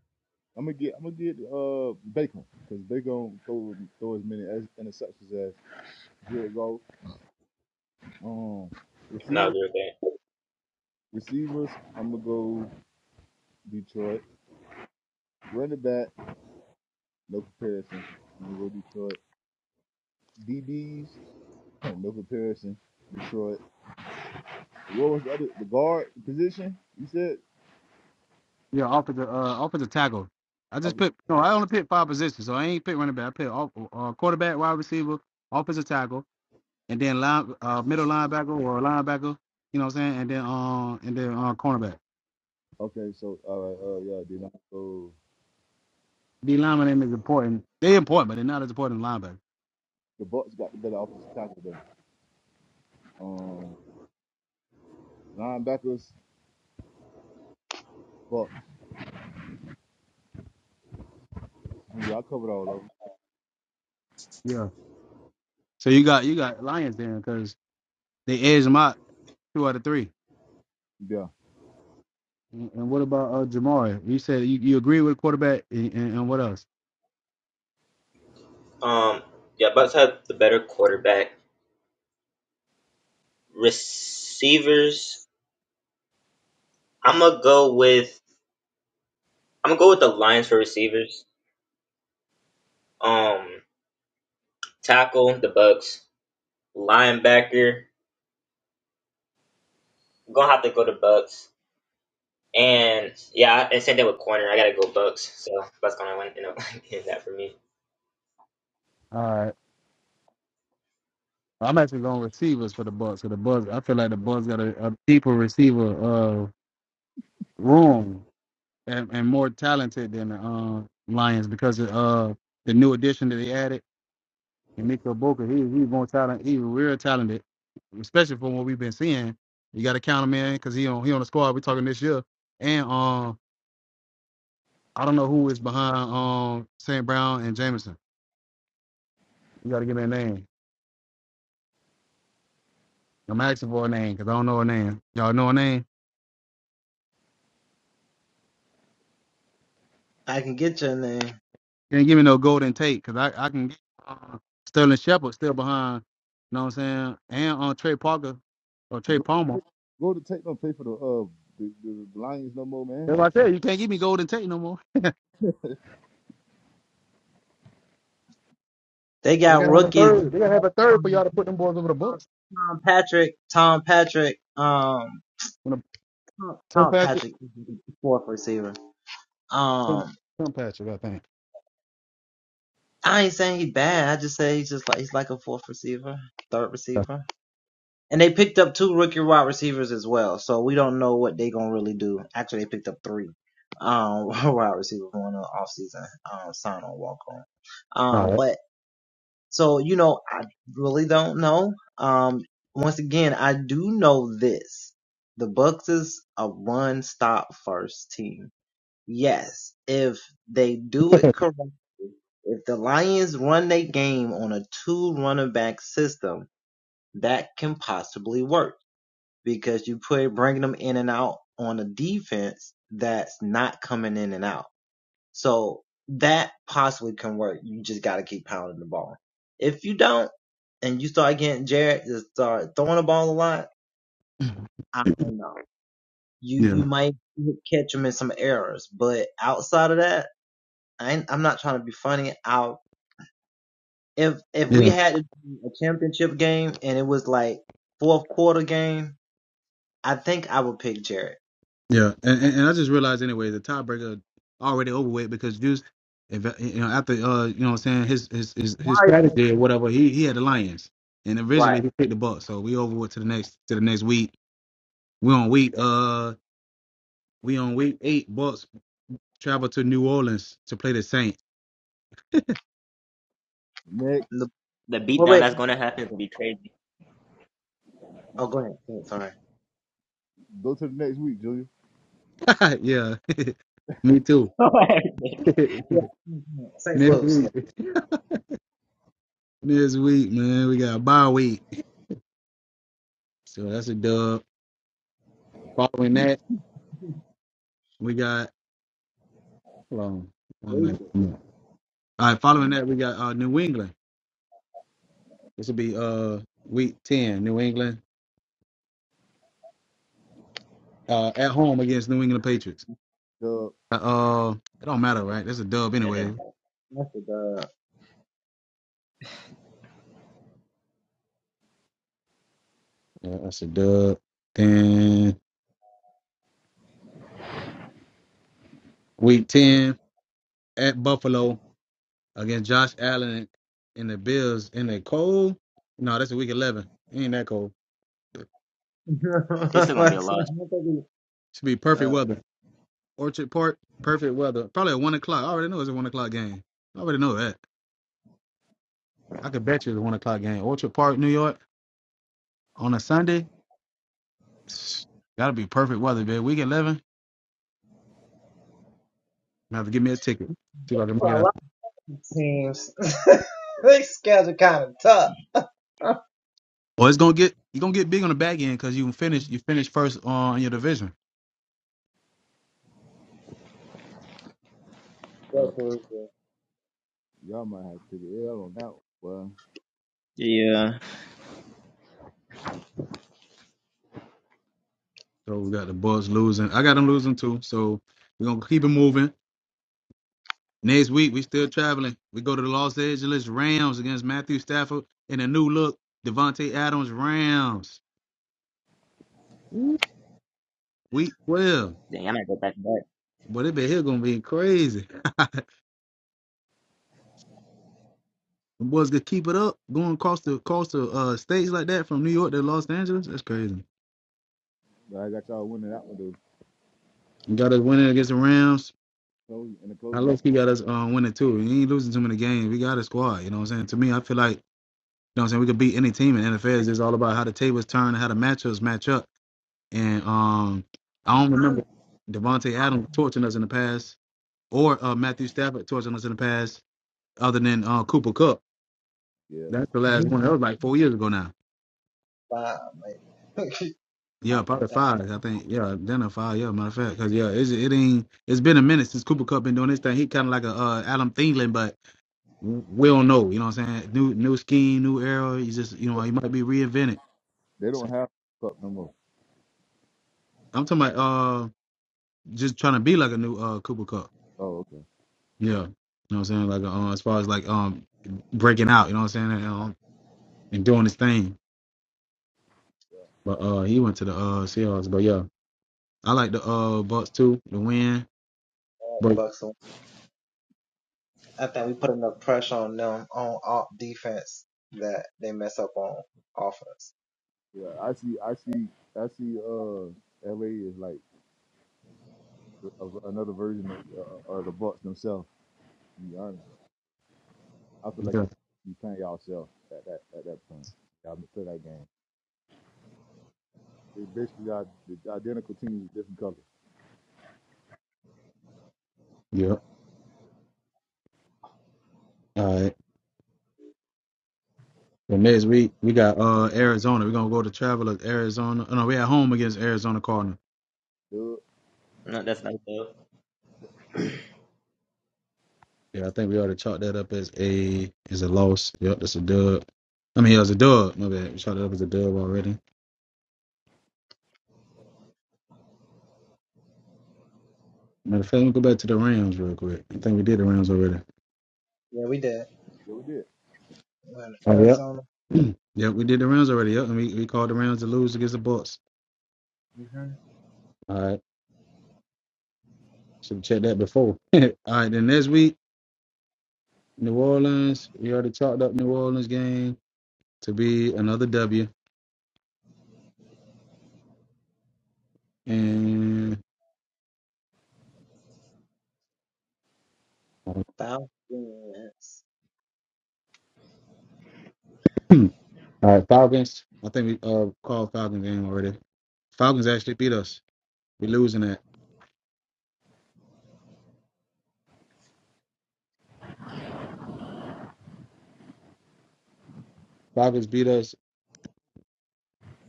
[SPEAKER 3] gonna get I'm gonna get uh Bacon because Bacon throw throw as many as, interceptions as Jared Goff. Um,
[SPEAKER 4] No, they're
[SPEAKER 3] receivers,
[SPEAKER 4] okay.
[SPEAKER 3] receivers. I'm gonna go Detroit. Running back, no comparison. I'm gonna go Detroit. DBs, no comparison. Detroit. What was the other the guard position? You said
[SPEAKER 1] Yeah, offensive uh offensive tackle. I just
[SPEAKER 3] okay.
[SPEAKER 1] picked. No, I only picked five positions. So I ain't pick running back. I picked off, uh, quarterback, wide receiver, offensive tackle. and then line, uh, middle linebacker or linebacker, you know what I'm saying? And then uh, and then uh, cornerback.
[SPEAKER 3] okay so all right. Uh, yeah. Then I go.
[SPEAKER 1] D lineman is important. They important, but they're not as important as linebacker.
[SPEAKER 3] The Bucks got the better offensive tackle. though. um, linebackers, but yeah, I covered all of them.
[SPEAKER 1] Yeah. So you got you got Lions there because they edge them out two out of three.
[SPEAKER 3] Yeah,
[SPEAKER 1] And, and what about uh, Jamari? You said you, you agree with quarterback and, and, and what else?
[SPEAKER 4] Um, yeah, Bucks have the better quarterback. Receivers, I'm gonna go with. I'm gonna go with the Lions for receivers. Um, tackle the Bucks. Linebacker, I'm gonna have to go to Bucks. And yeah, and same thing with corner. I gotta go Bucks. So Bucks gonna win. You know, that for me.
[SPEAKER 1] All right. I'm actually going receivers for the Bucks. For the Bucks, I feel like the Bucks got a, a deeper receiver uh, room and, and more talented than the uh, Lions because of uh, the new addition that they added. Emeka Boca, he he's more talented, he real talented, especially from what we've been seeing. You got to count him in because he on he on the squad. We're talking this year, and um, I don't know who is behind um St. Brown and Jameson. You got to give me a name. I'm asking for a name because I don't know a name. Y'all know a name? You ain't give me no Golden Tate because I I can get uh, Sterling Shepard still behind. You know what I'm saying? And on uh, Trey Parker or Trey Palmer.
[SPEAKER 3] go, go to take them pay for the uh the, the Lions no more, man.
[SPEAKER 1] That's what I said. You can't give me Golden Tate no more. They gotta have a third. They gotta have a third for y'all to put them boys over the bus. When the Tim Patrick Some, some patches, I think. That's All right. Yeah, yeah, yeah. And, and and I just realized anyway, the tiebreaker already over with because Juice, if you know, after uh, you know, what I'm saying his his his, his strategy or whatever, he he had the Lions, and originally he picked the Bucks. So we over with to the next to the next week. We on week uh, we on week eight. Bucks travel to New Orleans to play the Saints.
[SPEAKER 3] Next,
[SPEAKER 4] The beatdown that's gonna happen is gonna be crazy.
[SPEAKER 3] go to the next week, Junior.
[SPEAKER 1] yeah, me too. next week, next week, man, we got a bye week, so that's a dub. Following that. We got hold on one minute. All right, following that we got uh New England. This will be uh week ten, New England. Uh at home against New England Patriots.
[SPEAKER 3] The
[SPEAKER 1] Uh, uh it don't matter, right? That's a dub
[SPEAKER 4] Yeah,
[SPEAKER 1] anyway.
[SPEAKER 4] that,
[SPEAKER 1] Yeah, that's a dub. Then week ten at Buffalo against Josh Allen and the Bills in the cold. No, that's a week eleven. It ain't that cold.
[SPEAKER 4] it's still gonna be a loss.
[SPEAKER 1] Should be perfect weather. Orchard Park, perfect weather. Probably at one o'clock. I already know it's a one o'clock game. I already know that. I could bet you the one o'clock game. Orchard Park, New York, on a Sunday. Gotta be perfect weather, baby. Week eleven. I have to give me a ticket. See if I can make it up. Well, it's gonna get you gonna get big on the back end because you can finish you finish first on your division.
[SPEAKER 3] uh, y'all might have to take an L on that one. Well,
[SPEAKER 4] Yeah.
[SPEAKER 1] So we got the Bulls losing. I got them losing too. So we're gonna keep it moving. Next week we still traveling. We go to the Los Angeles Rams against Matthew Stafford and a new look Devontae Adams Rams. Ooh, Week twelve.
[SPEAKER 4] Dang, I might go back to that.
[SPEAKER 1] But it be here gonna be crazy. The boys could keep it up going across the across the uh, states like that from New York to Los Angeles. That's crazy.
[SPEAKER 3] I got y'all winning that one though.
[SPEAKER 1] We got us winning against the Rams.
[SPEAKER 3] So, in the
[SPEAKER 1] I
[SPEAKER 3] close game,
[SPEAKER 1] love he got us uh, winning too. He ain't losing too many games. We got a squad. You know what I'm saying? To me, I feel like you know what I'm saying. We could beat any team in NFL. It's just all about how the tables turn and how the matchups match up. And um, I don't remember Devonte Adams torching us in the past or uh, Matthew Stafford torching us in the past, other than uh, Cooper Cup.
[SPEAKER 3] yeah.
[SPEAKER 1] That's the last one. That was like four years ago now.
[SPEAKER 3] I,
[SPEAKER 1] Yeah, probably five. I think. Yeah, dinner five. Yeah, matter of fact, because yeah, it's, it ain't. It's been a minute since Cooper Cup been doing this thing. He kind of like a uh, Adam Thielen, but w- we don't know. You know what I'm saying? New new scheme, new era. He's just you know
[SPEAKER 3] but
[SPEAKER 1] he might be reinvented.
[SPEAKER 3] they don't
[SPEAKER 1] So
[SPEAKER 3] have cup no more.
[SPEAKER 1] I'm talking about uh just trying to be like a new uh Cooper Cup.
[SPEAKER 3] Oh, okay.
[SPEAKER 1] Yeah, you know what I'm saying? Like uh, as far as like um breaking out. You know what I'm saying? And, um, and doing his thing. But uh he went to the uh Seahawks. But yeah, I like the uh Bucks too. The win. But
[SPEAKER 3] Yeah, I see. I see. I see. Uh, LA is like a, another version of, uh, of the Bucks themselves. I feel like
[SPEAKER 1] yeah,
[SPEAKER 3] you playing yourself at that at that point. Y'all been play that game. They basically got the identical teams, with different colors.
[SPEAKER 1] yeah. And next week we got uh Arizona. We're gonna go to Travelers, Arizona. Oh, no, we're at home against Arizona Cardinal.
[SPEAKER 3] Dude,
[SPEAKER 4] No, that's not good.
[SPEAKER 1] Yeah, I think we ought to chalk that up as a as a loss. Yep, that's a dub. I mean, it was a dub. My bad. We chalked it up as a dub already. Matter of fact, let me go back to the Rams real quick. I think we did the Rams already.
[SPEAKER 3] yeah, we did.
[SPEAKER 1] Oh, yep. yep, we did the Rams already. Yep, and we, we called the Rams to lose against the Bucks. All right, should have checked that before. All right, then next week, New Orleans. We already chalked up New Orleans game to be another W. And All right, Falcons. I think we uh called Falcons game already. Falcons actually beat us. We're losing that. Falcons beat us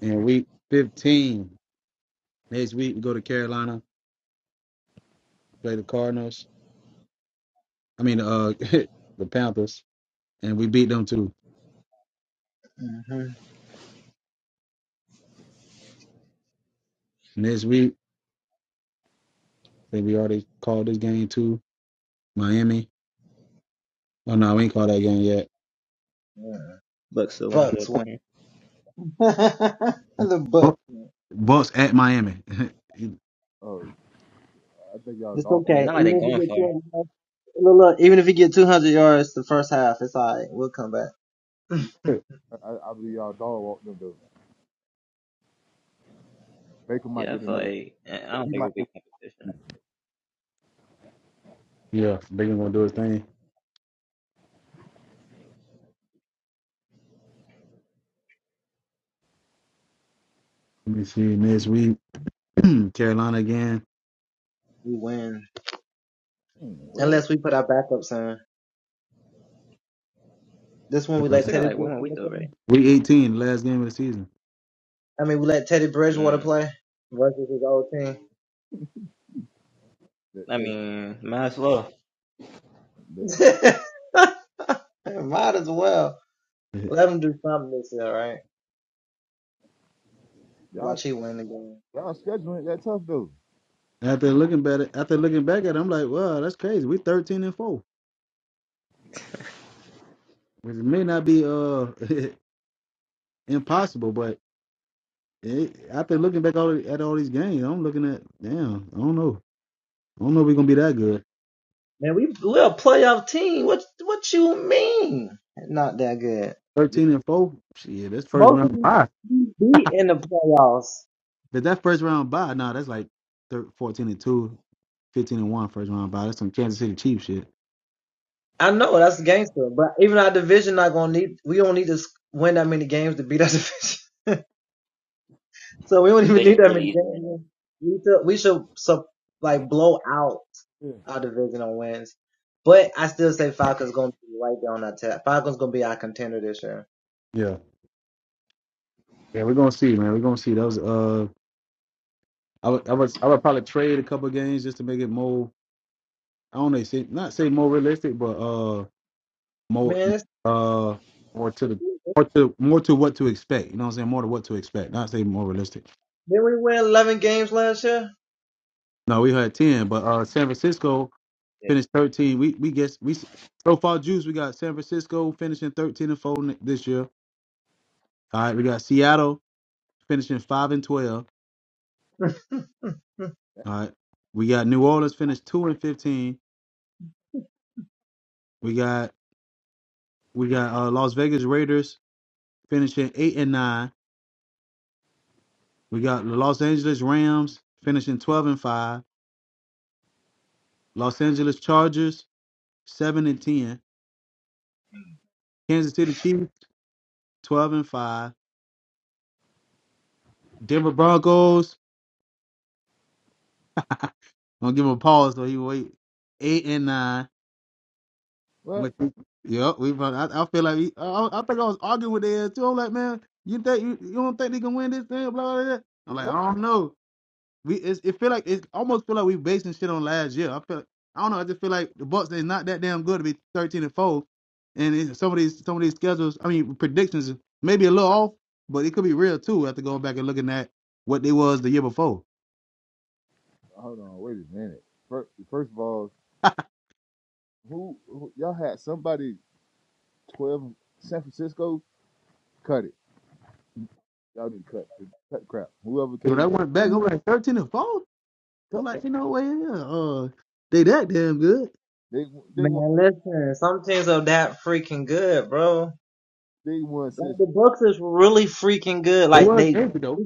[SPEAKER 1] in week 15. Next week we go to Carolina, play the Cardinals. I mean uh the Panthers, and we beat them too. Next week, I think we already called this game too. Miami. Oh no, we ain't called that game yet.
[SPEAKER 4] Bucks still winning that. game.
[SPEAKER 1] Bu- Bucks at Miami.
[SPEAKER 3] Oh, I think y'all dog.
[SPEAKER 4] I mean, not like they're going far.
[SPEAKER 3] I, I believe y'all dog walked them to Baker might
[SPEAKER 4] Yeah, I
[SPEAKER 3] get
[SPEAKER 4] feel
[SPEAKER 3] another.
[SPEAKER 4] like eh, I don't
[SPEAKER 3] He
[SPEAKER 4] think it'll
[SPEAKER 3] might
[SPEAKER 4] be
[SPEAKER 3] get.
[SPEAKER 4] competition.
[SPEAKER 1] yeah, Baker gonna do his thing. Let me see next week. Carolina again.
[SPEAKER 3] Hmm, what?
[SPEAKER 4] We still got like one more week though, right?
[SPEAKER 1] Week 18, last game of the season.
[SPEAKER 4] Mm.
[SPEAKER 3] That,
[SPEAKER 4] I
[SPEAKER 3] that,
[SPEAKER 4] mean, might as well.
[SPEAKER 3] that, that, y'all y'all scheduling that tough though.
[SPEAKER 1] After looking back at after looking back at it, I'm like, wow, that's crazy. We 13 and four, which may not be uh impossible, but it, after looking back all, at all these games, I'm looking at damn. I don't know. I don't know if we're gonna be that good. 13 and four. Shit, that's first round bye. But that first round bye, nah, that's like thir 14 and two, fifteen and one first round bye. That's some Kansas City Chiefs shit.
[SPEAKER 4] Vision's really easy right now.
[SPEAKER 3] yeah.
[SPEAKER 1] Yeah, yeah, we're gonna see, man. We're gonna see. those. uh, I would I would I would probably trade a couple games just to make it more. I don't know, say, not say more realistic, but uh. more uh more to the more to more to what to expect. You know what I'm saying? More to what to expect. Not say more realistic. No, we had ten, but uh San Francisco
[SPEAKER 4] Yeah.
[SPEAKER 1] finished thirteen. We we guess we so far juice. We got San Francisco finishing thirteen and four ne- this year. All right, we got Seattle finishing five and twelve. All right, we got New Orleans finished two and fifteen. We got we got uh, Las Vegas Raiders finishing eight and nine. We got the Los Angeles Rams finishing twelve and five. Los Angeles Chargers seven and ten. Kansas City Chiefs, twelve and five. Denver Broncos. I'm gonna give him a pause so he will wait. Eight and nine.
[SPEAKER 3] What?
[SPEAKER 1] With yep, we. I, I feel like we, I, I think I was arguing with the too. I'm like, man, you think you, you don't think they can win this thing? Blah blah. blah. I'm like, I
[SPEAKER 3] What?
[SPEAKER 1] don't know. we it's, it feel like it almost feel like we basing shit on last year. I feel like, I don't know. I just feel like the Bucks they not that damn good to be thirteen and four, and it's, some of these some of these schedules. I mean predictions maybe a little off, but it could be real too. After going back and looking at what they was the year before.
[SPEAKER 3] Hold on, wait a minute. First, first of all, who, who y'all had somebody twelve San Francisco cut it. Y'all need to cut cut crap. Whoever
[SPEAKER 1] And when I
[SPEAKER 3] came.
[SPEAKER 1] went back, I'm like thirteen and four. I'm like, you know what? Yeah, uh, they that damn good.
[SPEAKER 3] They they won they won six.
[SPEAKER 1] They was angry though.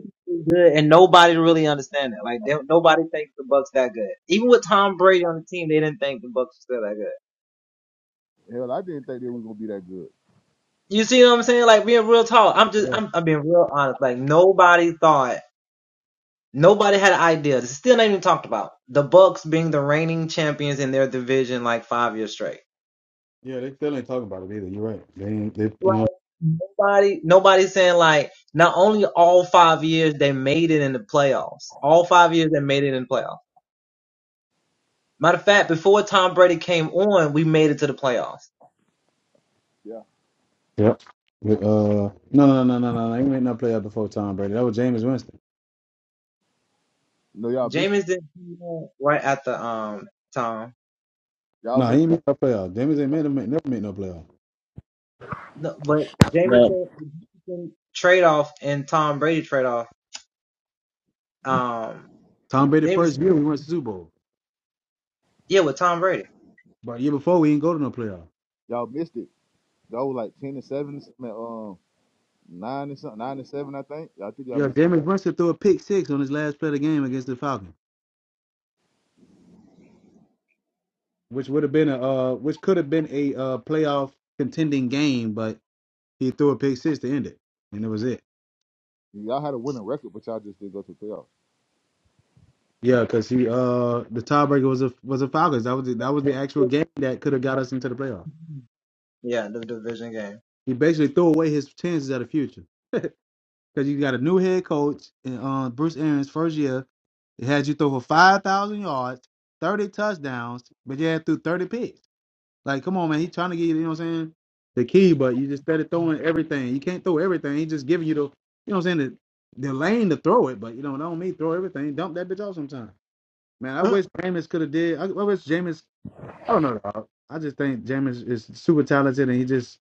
[SPEAKER 3] Hell, I didn't think they were gonna be that good.
[SPEAKER 1] Yeah, Yeah, they still ain't talking about it either. You're right. They ain't. They you know.
[SPEAKER 3] Yeah.
[SPEAKER 1] Yep. But, uh, no, no, no, no, no. no. They ain't made no play out before Tom Brady. That was Jameis Winston.
[SPEAKER 3] no y'all missed it. y'all
[SPEAKER 1] Nah,
[SPEAKER 3] missed
[SPEAKER 1] he ain't made no playoff. James ain't made, made- him make, never made no playoff.
[SPEAKER 4] No,
[SPEAKER 1] Tom Brady first year we went to the Super Bowl, but the year before we ain't go to no playoff.
[SPEAKER 3] y'all missed it. Y'all were like ten and seven, I mean, um, nine and something, nine and seven, I think. I think y'all
[SPEAKER 1] Yeah,
[SPEAKER 3] missed. It.
[SPEAKER 1] James Winston threw a pick six on his last play of the game against the Falcons, which would have been a uh, which could have been a uh, playoff contending game, but he threw a pick six to end it, and it was it.
[SPEAKER 3] Y'all had a winning record, but y'all just didn't go to the playoffs.
[SPEAKER 1] Yeah, because he uh the tiebreaker was a was a Falcons. That was the, that was the actual game that could have got us into the playoff. He basically threw away his chances at the future. because you got a new head coach in uh, Bruce Arians' first year. It had you throw for five thousand yards, thirty touchdowns, but you had through thirty picks. Like, come on, man, he's trying to get you. You know what I'm saying? The key, but you just started throwing everything. You can't throw everything. He just giving you the, you know what I'm saying, the, the lane to throw it. But you know, that don't mean throw everything. Dump that bitch off sometime. Man, I wish Jameis could have did. I, I wish Jameis. I don't know. dog. I just think Jameis is super talented, and he just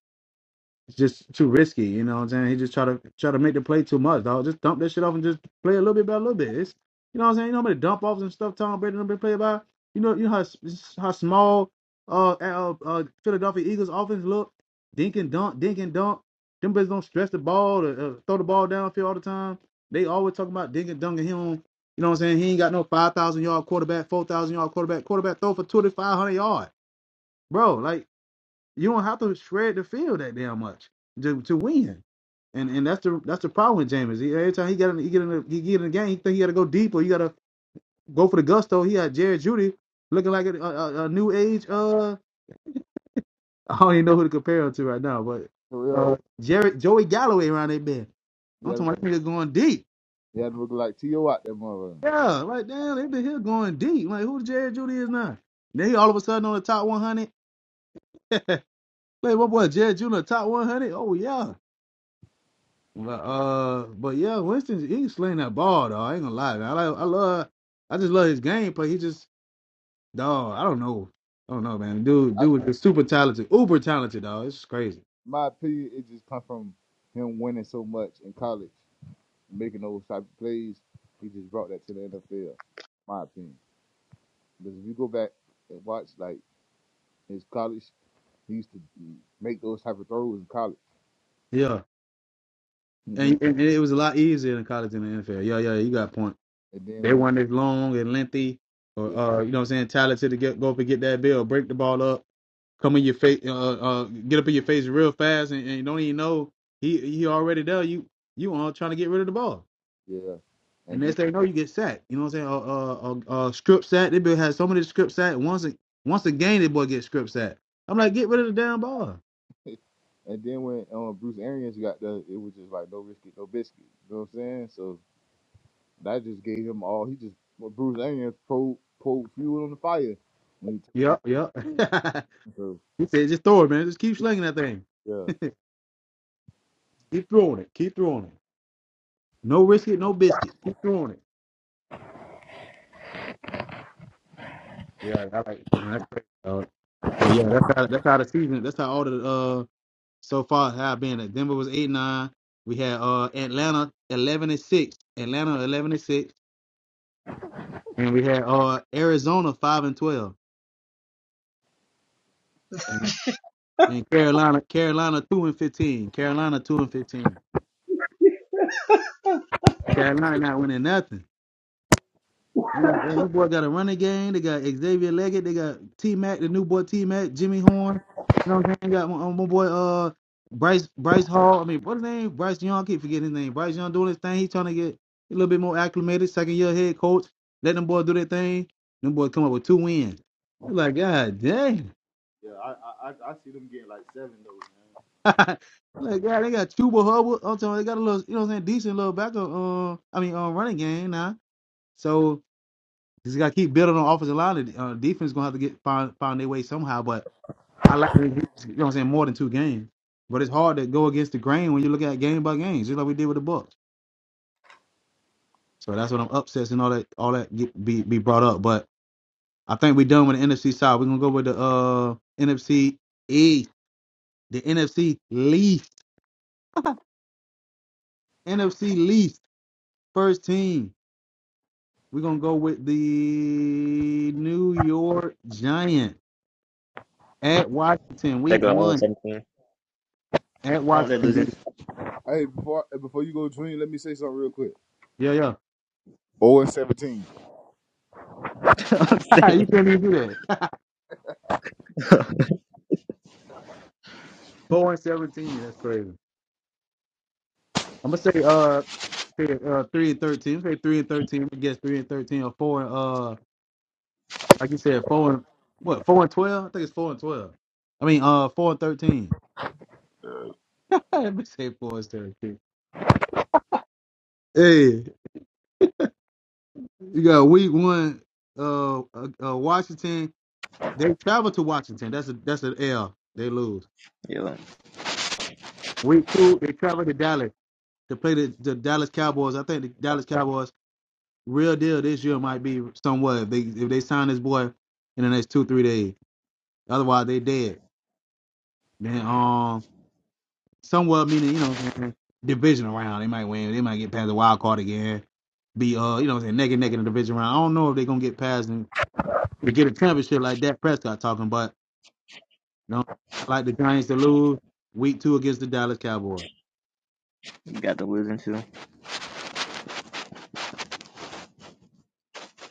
[SPEAKER 1] it's just too risky, you know what I'm saying? He just try to try to make the play too much, dog. Just dump that shit off and just play a little bit by a little bit. It's, you know what I'm saying? You know how many dump offs and stuff Tom Brady done been played by? You know, you know how s- how small uh, uh uh Philadelphia Eagles offense look? Dink and dunk, dink and dunk. Them boys don't stress the ball to uh, throw the ball downfield all the time. They always talking about dink and dunk and him. You know what I'm saying? He ain't got no five thousand yard quarterback, four thousand yard quarterback. Quarterback throw for twenty five hundred to yard, bro. Like you don't have to shred the field that damn much to, to win. And and that's the that's the problem with James. He, every time he got in he get in the, he get in the game, he think he got to go deep or you got to go for the gusto. He had Jared Judy looking like a, a, a new age. Uh, I don't even know who to compare him to right now, but uh,
[SPEAKER 3] Terrell,
[SPEAKER 1] Jared Joey Galloway around that bend.
[SPEAKER 3] he
[SPEAKER 1] I'm
[SPEAKER 3] had
[SPEAKER 1] talking about niggas going deep.
[SPEAKER 3] he had to look like T.O. out there, mother.
[SPEAKER 1] Yeah, like damn, they been here going deep. Like who Jared Judy is now? Then he all of a sudden on the top 100. Like what boy Jared Judy on the top 100? Oh yeah. But uh, but yeah, Winston he can sling that ball though. I ain't gonna lie, man. I like, I love I just love his gameplay. He just dog. I don't know. I don't know, man. Dude,
[SPEAKER 3] I,
[SPEAKER 1] dude is super talented, uber talented, dog. It's crazy.
[SPEAKER 3] my opinion, it just come from him winning so much in college, making those type of plays. He just brought that to the NFL. My opinion, because if you go back and watch like his college He used to make those type of throws in college.
[SPEAKER 1] Yeah,
[SPEAKER 3] And then
[SPEAKER 1] and, and it was a lot easier in college than the NFL. Yeah, yeah, you got a point.
[SPEAKER 3] and then
[SPEAKER 1] They
[SPEAKER 3] when
[SPEAKER 1] weren't as long and lengthy, or
[SPEAKER 3] yeah
[SPEAKER 1] uh, you know, what I'm saying talented to get go up and get that bill, break the ball up, come in your face, uh, uh, get up in your face real fast, and, and you don't even know he he already there. You you on trying to get rid of the ball.
[SPEAKER 3] yeah,
[SPEAKER 1] And
[SPEAKER 3] and then
[SPEAKER 1] next thing you know, you get sacked. You know what I'm saying? Uh, uh, uh, uh script sack. They been had so many script sack. Once a once a game, they boy get script sack. I'm like, get rid of the damn ball.
[SPEAKER 3] and then when um Bruce Arians got the it was just like no risky no biscuit. You know what I'm saying? So that just gave him all. He just well, Bruce Arians pro pulled fuel on the fire when he took
[SPEAKER 1] Yep, yep.
[SPEAKER 3] him through.
[SPEAKER 1] he said, just throw it, man. Just keep slinging that thing.
[SPEAKER 3] Yeah.
[SPEAKER 1] Keep throwing it. Keep throwing it. No risk it, no biscuit. Keep throwing it. Yeah, I like. you know, That's crazy. dog. but yeah, that's how that's how the season. That's how all the uh so far have been. That Denver was eight nine. We had uh Atlanta eleven and six. Atlanta eleven and six. And we had uh Arizona five and twelve. And Carolina, Carolina two and fifteen. Carolina two and fifteen. Carolina not winning nothing. I'm like, oh, this boy got a running game. They got Xavier Leggett. They got T Mac, the new boy T Mac, Jimmy Horn. You know what I'm saying? Got my, my boy uh Bryce Bryce Hall. I mean, what's his name? Bryce Young. I keep forgetting his name. Bryce Young doing his thing. He's trying to get a little bit more acclimated. Second year head coach. Let them boys do their thing. Them boys come up with two wins. It's like, God dang.
[SPEAKER 3] Yeah, I I, I I see them getting like seven though, man.
[SPEAKER 1] Like, yeah, they got Chuba Hubbard. I'm talking. about They got a little, you know, what I'm saying, decent little backup. Uh, I mean, uh, running game now. So just got to keep building on offensive line. and, Uh, defense gonna have to get find find their way somehow. But I like, you know, what I'm saying, more than two games. But it's hard to go against the grain when you look at game by game, just like we did with the Bucks. So that's what I'm upsets and all that, all that get, be be brought up. But I think we're done with the NFC side. We're gonna go with the uh NFC East, the NFC least, NFC least first team. We're gonna go with the New York Giant at Washington,
[SPEAKER 4] they
[SPEAKER 1] week
[SPEAKER 4] go all
[SPEAKER 1] one
[SPEAKER 4] 17.
[SPEAKER 1] at
[SPEAKER 4] Oh, they're
[SPEAKER 1] Washington.
[SPEAKER 4] losing.
[SPEAKER 3] Hey, before hey, before you go, Junior, let me say something real quick.
[SPEAKER 1] Yeah, yeah.
[SPEAKER 3] Oh and seventeen.
[SPEAKER 4] I'm saying.
[SPEAKER 1] you can't even do that. Four and seventeen. That's crazy. I'm gonna say uh, three, uh three and thirteen. I'm gonna say three and thirteen. I guess three and thirteen or four and uh like you said, four and what, four and twelve? I think it's four and twelve. I mean uh four and thirteen. Let me say four and thirteen. Hey, you got week one uh, uh uh, Washington They travel to Washington. That's a that's an L. They lose.
[SPEAKER 4] Yo,
[SPEAKER 1] Week two, they travel to Dallas to play the, the Dallas Cowboys. I think the Dallas Cowboys real deal this year might be somewhat if they if they sign this boy in the next two three days. Otherwise, they dead. Then um, somewhat meaning you know what I'm saying, division round they might win. They might get past the wild card again. Be uh you know what I'm saying neck and neck in the division round. I don't know if they're gonna get past and get a championship like Dak Prescott talking, but you know I like the Giants to lose week two against the Dallas Cowboys.
[SPEAKER 4] you got the losing too.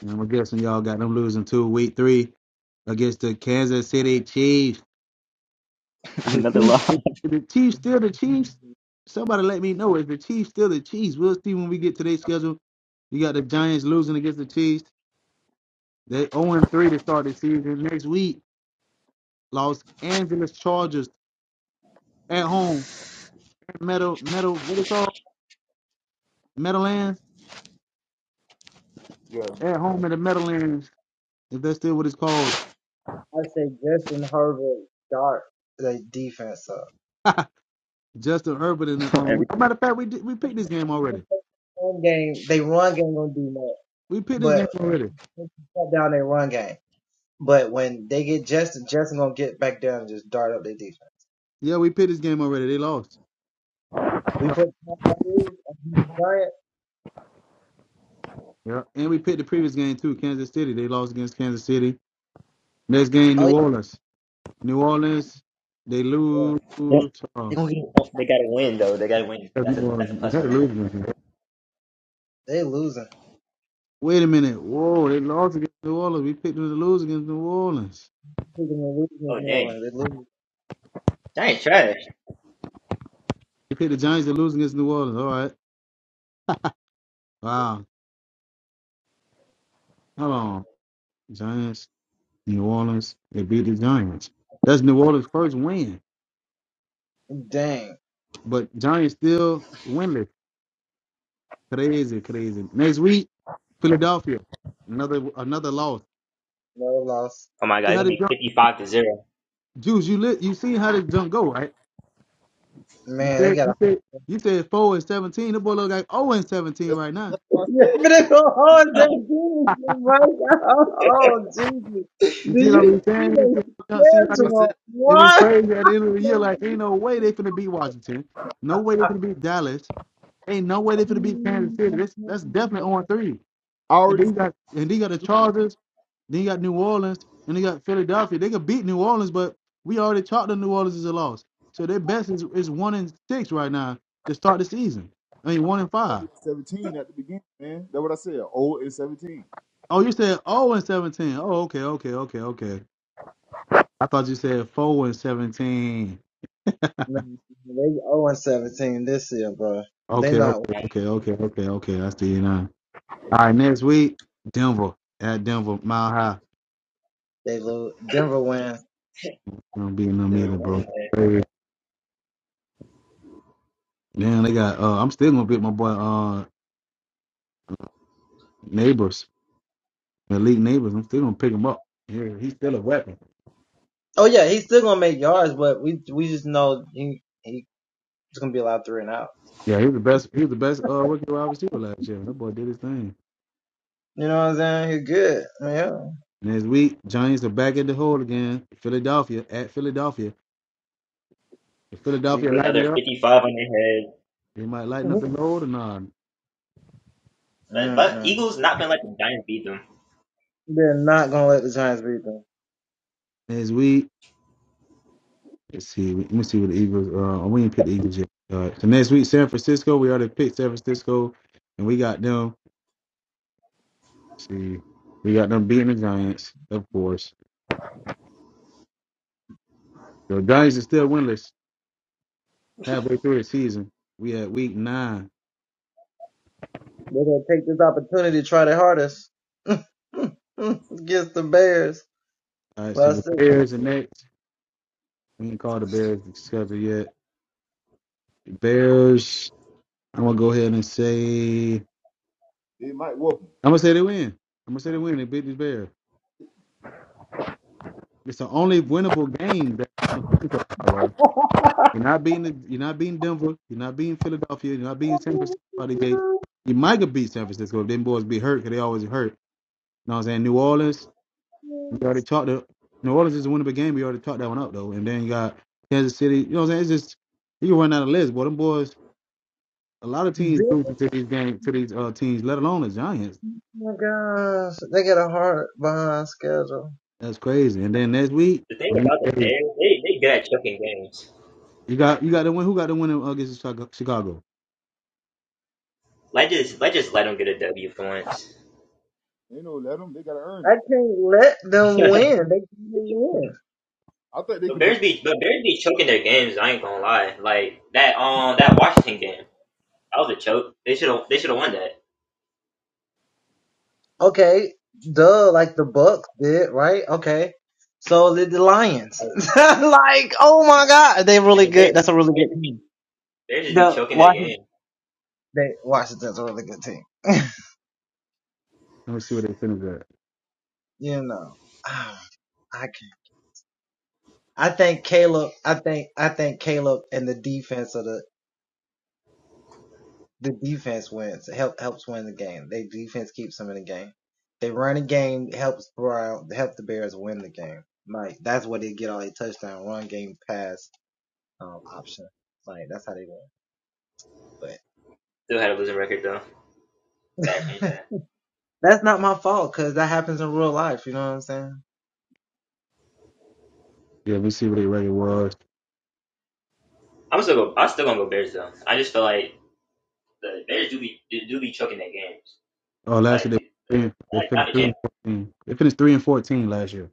[SPEAKER 1] And I'm guessing y'all got them losing two week three against the Kansas City Chiefs. If the
[SPEAKER 4] Another
[SPEAKER 1] Chiefs,
[SPEAKER 4] loss
[SPEAKER 1] if if the Chiefs still the Chiefs, somebody let me know. If the Chiefs still the Chiefs, we'll see when we get to their schedule. You got the Giants losing against the Chiefs. They 0 3 to start the season. Next week, Los Angeles Chargers at home. Metal, metal, what it called? Meadowlands?
[SPEAKER 3] Yeah.
[SPEAKER 1] At home in the Meadowlands, if that's still what it's called. Justin Herbert in the
[SPEAKER 4] on
[SPEAKER 1] um.
[SPEAKER 4] everything.
[SPEAKER 1] Matter of fact, we did, we picked this game already. We picked this game already. Yeah, we picked this game already. They lost. Yeah. And we picked the previous game too, Kansas City. They lost against Kansas City. Next game, New Orleans. New Orleans, they lose.
[SPEAKER 4] They
[SPEAKER 1] Oh,
[SPEAKER 4] gonna get- They gotta win though. They gotta win.
[SPEAKER 1] That's New
[SPEAKER 4] That's a
[SPEAKER 1] Orleans.
[SPEAKER 4] that's a
[SPEAKER 1] You
[SPEAKER 4] plus
[SPEAKER 1] had
[SPEAKER 4] for
[SPEAKER 1] to
[SPEAKER 4] them.
[SPEAKER 1] lose against them. wait a minute. Whoa, they lost against New Orleans. We picked them to lose against New Orleans.
[SPEAKER 4] Oh dang. That ain't trash.
[SPEAKER 1] We picked the Giants to lose against New Orleans. All right. Wow. Hold on. Giants, New Orleans. They beat the Giants. That's New Orleans' first win. But Giants still winless. Crazy, crazy. Next week, Philadelphia, another another loss.
[SPEAKER 4] Oh my god,
[SPEAKER 1] See
[SPEAKER 4] it's
[SPEAKER 1] how
[SPEAKER 4] gonna
[SPEAKER 1] the
[SPEAKER 4] be
[SPEAKER 1] jump,
[SPEAKER 4] fifty-five to zero.
[SPEAKER 1] Juice. You lit. You seen how the jump go, right? You said you said you said four and seventeen. The boy look like zero and seventeen
[SPEAKER 3] That's,
[SPEAKER 1] right now.
[SPEAKER 3] that's what I said.
[SPEAKER 4] Yeah,
[SPEAKER 1] You see what I'm saying? You see how the jump- see, like
[SPEAKER 3] I
[SPEAKER 1] it's,
[SPEAKER 3] said.
[SPEAKER 1] it be crazy at the end of the year. Like ain't no way they finna beat Washington. No way they finna beat Dallas. Ain't no way they finna beat Kansas City. That's that's definitely on three.
[SPEAKER 3] I
[SPEAKER 1] And
[SPEAKER 3] already
[SPEAKER 1] then you got and then you got the Chargers. Then you got New Orleans, and they got Philadelphia. They could beat New Orleans, but we already talked to New Orleans as a loss. So their best is, is one and six right now to start the season. I mean one and five.
[SPEAKER 3] 17 at the beginning, man. That's what I said. Old and 17.
[SPEAKER 1] Oh, you said oh and seventeen. Oh, okay, okay, okay, okay. I thought you said four and seventeen. Okay, okay, okay, okay, okay, okay. I the you know. All right, next week, Denver at Denver, Mile High. Don't beat them
[SPEAKER 4] they were
[SPEAKER 1] either, bro.
[SPEAKER 4] winning it.
[SPEAKER 1] Damn, they got. Uh, I'm still gonna beat my boy uh neighbors. Malik Neighbors, I'm still gonna pick him up. Yeah, he's still a weapon. Yeah, he was the best. He was the best uh, rookie wide receiver last year. That boy did his thing. Next week, Giants are back at the hole again. Philadelphia at Philadelphia. If Philadelphia lighten
[SPEAKER 4] Another
[SPEAKER 1] it up,
[SPEAKER 4] fifty-five on their head.
[SPEAKER 1] they might lighten up the load or not.
[SPEAKER 4] But but Eagles not been letting the Giants beat them.
[SPEAKER 1] Next week, let's see. Let me see what the Eagles. Uh, oh, we didn't pick the Eagles yet. Uh, so next week, San Francisco. We already picked San Francisco, and we got them. Let's see, we got them beating the Giants, of course. The Giants are still winless halfway through the season. We at week nine. All right, so the Bears are next. We ain't called the Bears the schedule yet. Bears, I'm gonna go ahead and say
[SPEAKER 3] They might whoop them.
[SPEAKER 1] I'm gonna say they win. I'm gonna say they win. They beat the Bears. It's the only winnable game that I'm saying so far, bro. You're not beating the, you're not beating Denver. You're not beating Philadelphia. You're not beating San Francisco by the gate. You might get beat San Francisco if them boys be hurt because they always hurt. You know what I'm saying? New Orleans, we already talked to New Orleans is a winnable game. We already talked that one up though. And then you got Kansas City. You know what I'm saying? It's just you can run out of list, boy. Them boys a lot of teams losing to these games to these uh, teams, let alone the Giants. That's crazy. And then next week,
[SPEAKER 4] The thing about the Bears, they they good at choking games.
[SPEAKER 1] you got you got the win. Who got the win uh, against Chicago?
[SPEAKER 4] Let just let just let them get a W for once.
[SPEAKER 3] They know, let them. They got to earn it. I think they
[SPEAKER 4] but
[SPEAKER 3] could be.
[SPEAKER 4] Bears be but Bears be choking their games. I ain't gonna lie. Like that um that Washington game, that was a choke. They should have they should have won that. Like the Bears, the Bears just be Bears just be choking their game.
[SPEAKER 1] Let me see what they finished at.
[SPEAKER 4] Still had a losing record though. Gotta change that.
[SPEAKER 1] Yeah, let me see what their record was.
[SPEAKER 4] I'm still go. I'm still gonna go Bears though. I just feel like The Bears do be do, do be choking their games.
[SPEAKER 1] Oh, last
[SPEAKER 4] Like
[SPEAKER 1] year
[SPEAKER 4] the,
[SPEAKER 1] they
[SPEAKER 4] the
[SPEAKER 1] finished they
[SPEAKER 4] like, not
[SPEAKER 1] finished
[SPEAKER 4] the
[SPEAKER 1] three
[SPEAKER 4] Kansas.
[SPEAKER 1] and fourteen. They finished three and fourteen last year.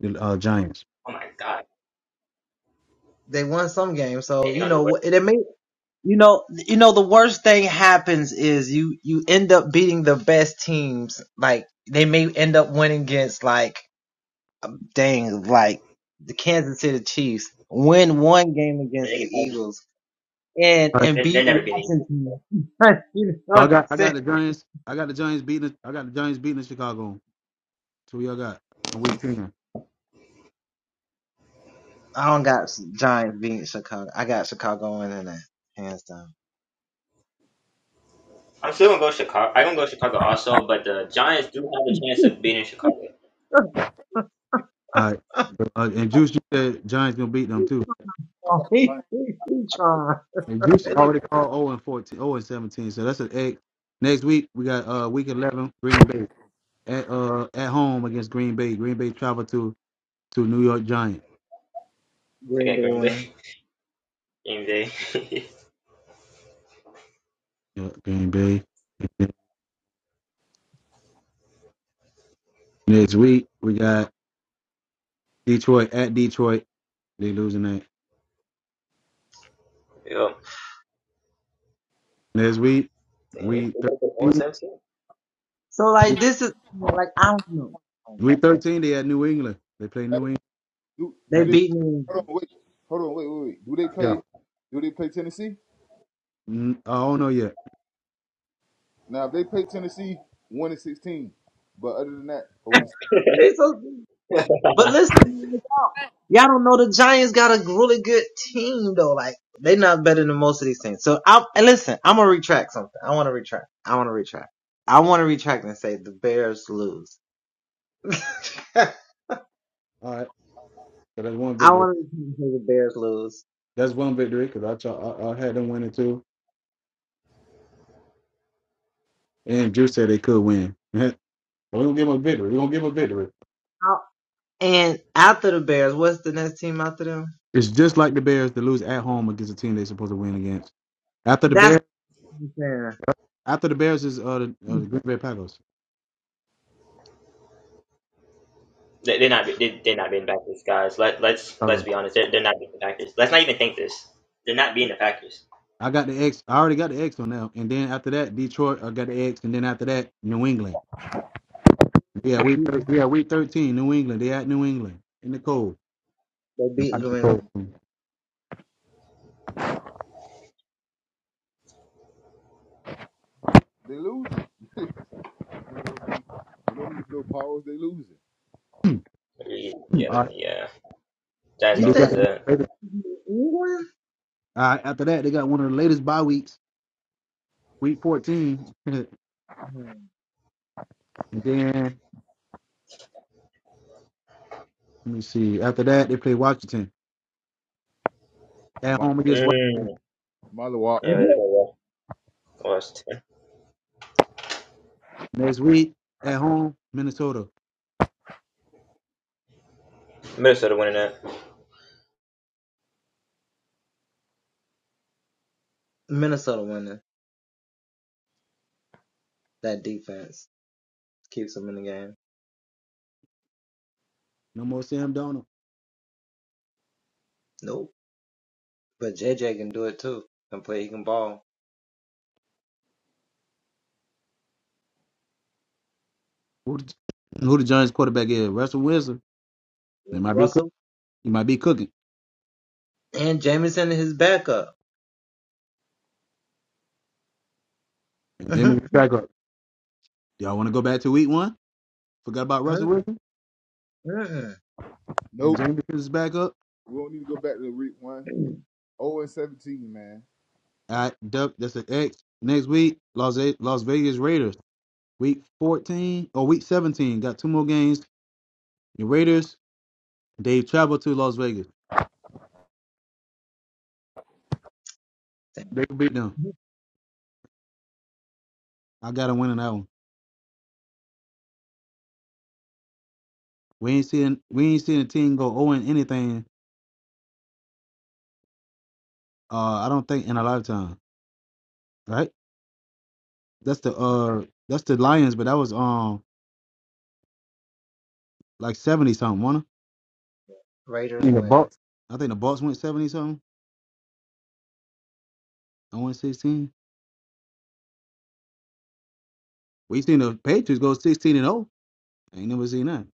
[SPEAKER 1] The uh, Giants.
[SPEAKER 4] Oh my god, damn, they gonna do it. Yeah, they can probably
[SPEAKER 1] All right.
[SPEAKER 4] they they're never beating. equal.
[SPEAKER 1] so I got I got the Giants. I got the Giants beating. I got the Giants beating the Chicago. So we all got in week ten.
[SPEAKER 4] I'm still gonna go Chicago. I'm gonna go Chicago also, but the Giants do have a chance of beating Chicago.
[SPEAKER 3] Yeah,
[SPEAKER 1] All right. Uh, and Juice, you said Giants gonna beat them too.
[SPEAKER 3] I got the find.
[SPEAKER 1] And Juice already called 0 and 14, 0 and 17. So that's an eight. Next week we got uh week 11 Green Bay at uh at home against Green Bay. Green Bay travel to to New York Giants.
[SPEAKER 4] They got Green Bay. Green Bay.
[SPEAKER 1] Yeah, Green Bay. And then Next week we got Detroit at Detroit. They losing that.
[SPEAKER 4] Yo,
[SPEAKER 1] Next week
[SPEAKER 4] damn, they
[SPEAKER 1] week
[SPEAKER 4] one
[SPEAKER 1] 13
[SPEAKER 4] seventeen.
[SPEAKER 1] week 13 they at New England. They play
[SPEAKER 3] Hey,
[SPEAKER 1] New England
[SPEAKER 3] do, do
[SPEAKER 1] at
[SPEAKER 3] they.
[SPEAKER 1] New
[SPEAKER 3] Hold on, wait. Hold on, wait, wait, wait. Do they
[SPEAKER 1] Yeah.
[SPEAKER 3] play? Do they play Tennessee?
[SPEAKER 1] Mm, I don't know yet.
[SPEAKER 3] Now, if they play Tennessee, 1 and 16. But other than that, oh,
[SPEAKER 1] All right. So that's one victory. That's one victory because I, tra- I I had them winning too. And Juice said they could win. We're gonna give them a victory. We're gonna give them a victory. It's just like the Bears to lose at home against a team they're supposed to win against. After the Bears, after the Bears is uh the, uh, the Green Bay Packers.
[SPEAKER 4] They, they're not. They, they're not beating the Packers, guys. Let let's let's
[SPEAKER 1] Packers.
[SPEAKER 4] be honest. They're, they're not beating the Packers. Let's not even think this. They're not beating the Packers.
[SPEAKER 1] I got the X. I already got the X on now, and then after that, Detroit. I got the X, and then after that, New England. Yeah, we yeah week thirteen, New England. They at New England in the cold. They got the cold. Hmm,
[SPEAKER 3] they lose. they don't need no powers. They losing.
[SPEAKER 4] Yeah,
[SPEAKER 1] All right,
[SPEAKER 4] yeah. Giants
[SPEAKER 1] and they
[SPEAKER 4] gonna
[SPEAKER 1] got
[SPEAKER 4] lose that.
[SPEAKER 1] all right, after that, they got one of the latest bye weeks, week fourteen, and then let me see. After that, they play Washington at
[SPEAKER 3] My,
[SPEAKER 1] home against Washington.
[SPEAKER 4] Mm.
[SPEAKER 3] my walk.
[SPEAKER 4] Yeah, they're gonna lost.
[SPEAKER 1] Next week at home, Minnesota.
[SPEAKER 4] Minnesota winning that.
[SPEAKER 1] No more Sam Donald. Who the, who the Giants quarterback is? Russell Wilson. They might be cooking. He might be cooking. And Jamie is back up. Y'all want to go back to week one? Forgot about Russell Wilson and
[SPEAKER 3] Nope.
[SPEAKER 1] Jameis is back up.
[SPEAKER 3] We don't need to go back to the week one. 0 and 17, man.
[SPEAKER 1] All right, Duck. That's an X. Next week, Las A- Las Vegas Raiders. Week fourteen or week seventeen. Got two more games. The Raiders. They travel to Las Vegas. They can beat them. I got to win in that one. We ain't seen we ain't seen a team go 0 and anything. Uh, I don't think in a lifetime. Right? That's the uh that's the Lions, but that was um like seventy something, wasn't I mean, the Bucks. I think the Bucks went seventy something. I went sixteen. We seen the Patriots go sixteen and zero. I ain't never seen that.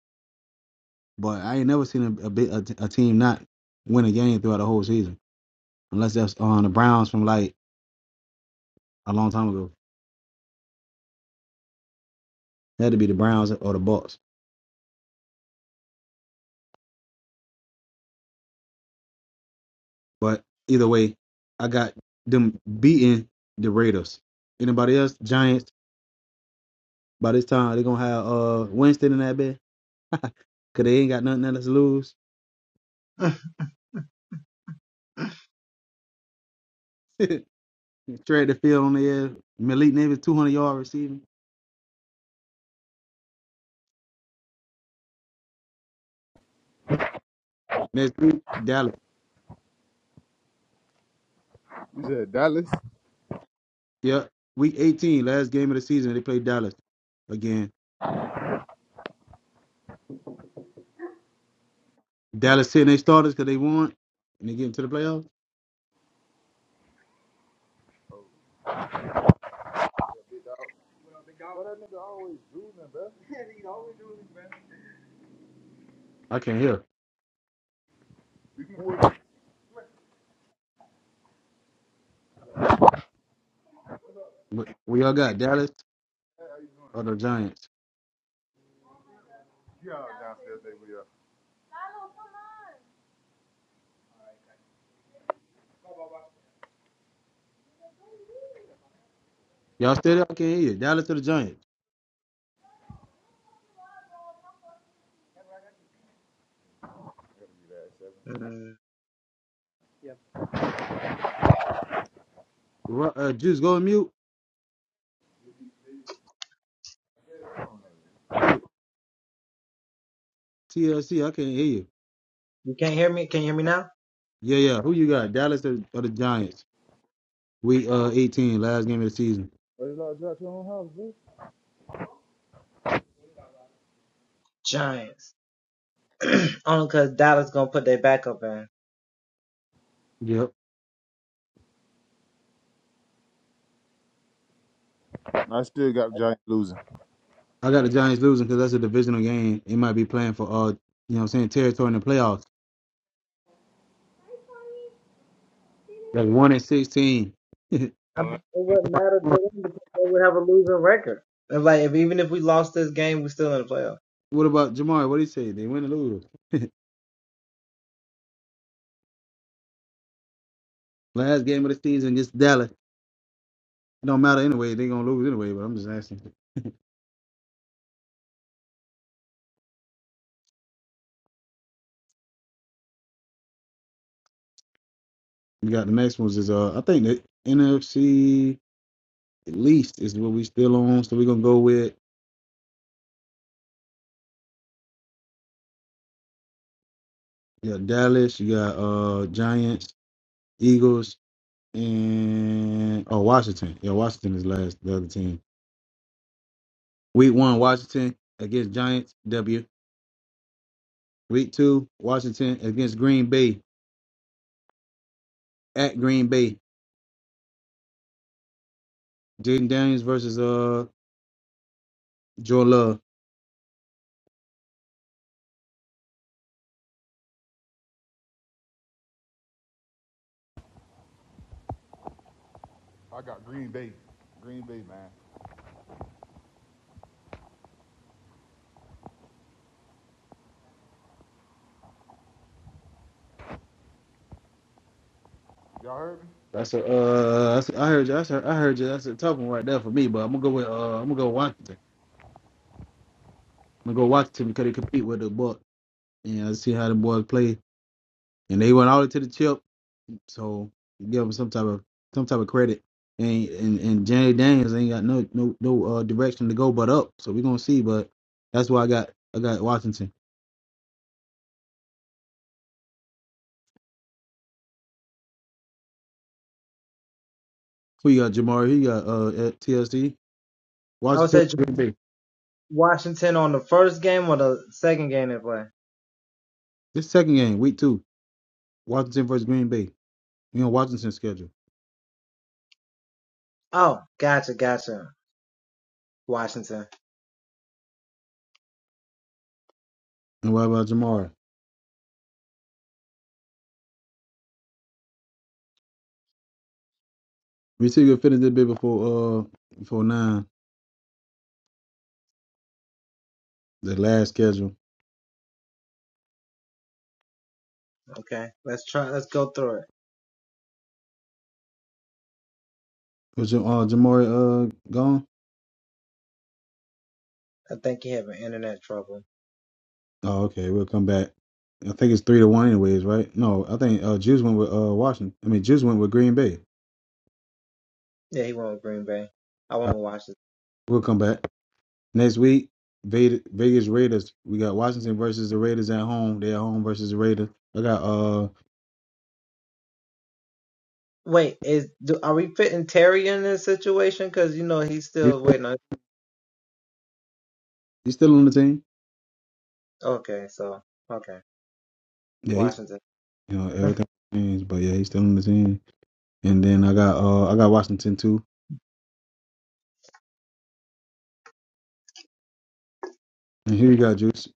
[SPEAKER 1] But I ain't never seen a a, big, a, t- a team not win a game throughout the whole season, unless that's on the Browns from like a long time ago. It had to be the Browns or the Bucks. But either way, I got them beating the Raiders. Anybody else? Giants. By this time, they're gonna have uh Winston in that bed. Cause they ain't got nothing else to lose. Trade the field on the air. Malik Neighbors, 200 yard receiving. Next week, Dallas.
[SPEAKER 3] You said Dallas.
[SPEAKER 1] Yep. Week 18, last game of the season, they play Dallas again. Dallas sitting their starters because they won and they get into the playoffs.
[SPEAKER 3] Well, the guy Why that nigga always drooling, bro? Yeah, he always doing this, man.
[SPEAKER 1] I can't hear.
[SPEAKER 3] can pull the
[SPEAKER 1] What what y'all got? Dallas or the Giants?
[SPEAKER 3] downstairs, they will.
[SPEAKER 1] Y'all still there? I can't hear you. Dallas or the Giants? Ru- Uh, Juice, go on mute. TLC, I can't hear you. Yeah, yeah. Who you got? Dallas or, or the Giants? Week uh, 18, last game of the season.
[SPEAKER 3] Why you like your own house, bro?
[SPEAKER 1] Yep.
[SPEAKER 3] I still got Giant losing.
[SPEAKER 1] I got the Giants losing because that's a divisional game. It might be playing for uh, you know, what I'm saying territory in the playoffs. That's one and sixteen. what about Jamar? What do you say? They win or lose? Last game of the season against Dallas. It don't matter anyway. They gonna lose anyway. But I'm just asking. You got the next ones is uh, I think the NFC at least is what we still on. So we are gonna go with you got Dallas. You got uh Giants, Eagles, and oh Washington. Yeah, Washington is last. The other team. Week one, Washington against Giants. W. Week two, Washington against Green Bay at Green Bay. Jaden Daniels versus uh Joe Love.
[SPEAKER 3] I got Green Bay. Green Bay, man. Y'all heard me?
[SPEAKER 1] That's a uh that's a, I heard you. That's a, I heard you. That's a tough one right there for me. But I'm gonna go with uh I'm gonna go Washington. I'm gonna go Washington because they compete with the Buck and I see how the boys play. And they went all the way to the chip, so you give them some type of some type of credit. And and and Jaden Daniels ain't got no no no uh direction to go but up. So we're gonna see. But that's why I got I got Washington. Who you got, Jamari? Who you got, uh, at TSD? Washington, versus Green Bay. This second game, week two, Washington versus Green Bay. You know, Washington's schedule. And what about Jamari? We see you finish this bit before, uh, before nine, the last schedule. Was Ja- uh, Jamari, uh, gone? Oh, okay. We'll come back. I think it's three to one, anyways, right? No, I think, uh, Juice went with, uh, Washington. I mean, Juice went with Green Bay. All right, we'll come back. Next week, Ve- Vegas Raiders. We got Washington versus the Raiders at home. they at home versus the Raiders. I got, uh, He's still, he's still on the team. Yeah, he's you know everything changed, but yeah, he's still on the team. And then I got uh I got Washington too. And here you got Juice.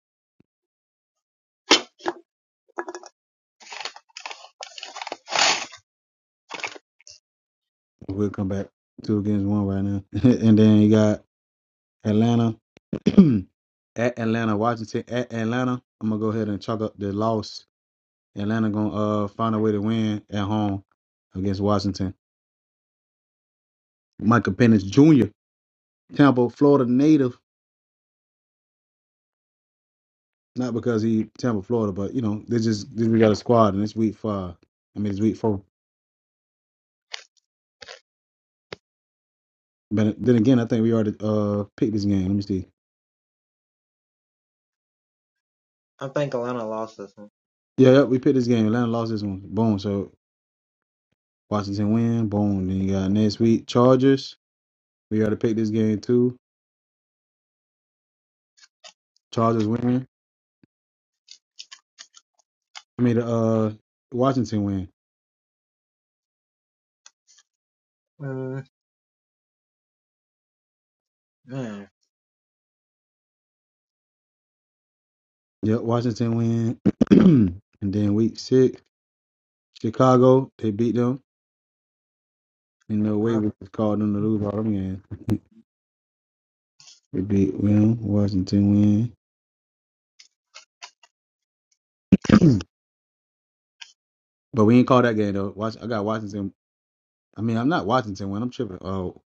[SPEAKER 1] We'll come back two against one right now. and then you got Atlanta at Atlanta, Washington at Atlanta. I'm gonna go ahead and chalk up the loss. Atlanta gonna uh find a way to win at home against Washington. Michael Penix Jr. Tampa, Florida native. Not because he Tampa, Florida, but you know they just they just got a squad and it's week five. I mean it's week four. But then again, I think we already uh picked this game. Let me see. Yeah, yeah, we picked this game. Atlanta lost this one. Boom. So Washington win. Boom. Then you got next week Chargers. We already picked this game too. Chargers win. I mean, uh, Washington win. Yep, Washington win. and then week six, Chicago. They beat them. In no way we could call them to lose all them games. We beat them. Washington win. but we ain't call that game though. Watch, I got Washington. I mean, I'm not Washington win. I'm tripping. Oh,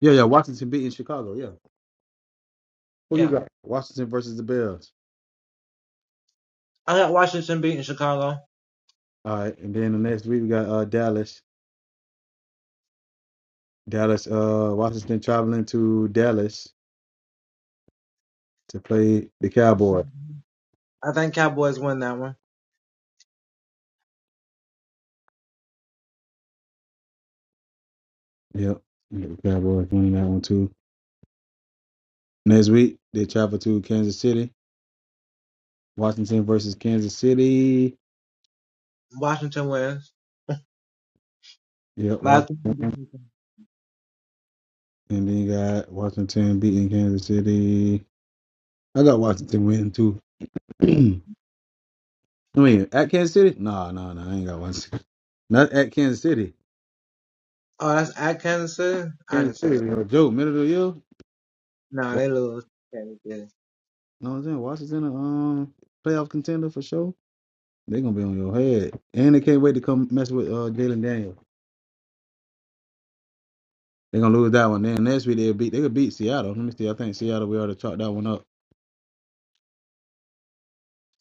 [SPEAKER 1] yeah, yeah. Washington beating Chicago. Yeah. Who you got? Washington versus the Bills. All right, and then the next week we got uh Dallas. Dallas, uh Washington traveling to Dallas to play the Cowboys. Yep. The Cowboys winning that one too. Next week they travel to Kansas City. Washington versus Kansas City. Yep, Wa- and then you got Washington beating Kansas City. I got Washington winning too. I mean, at Kansas City? No, no, no, I ain't got Washington. Not at Kansas City. Kansas City, yo, Joe, middle of the year? know what I'm saying? Washington, a um, playoff contender for sure. They're gonna be on your head, and they can't wait to come mess with uh Jalen Daniels. They're gonna lose that one. Then next week they'll beat they could beat Seattle. Let me see. I think Seattle we already chalked that one up.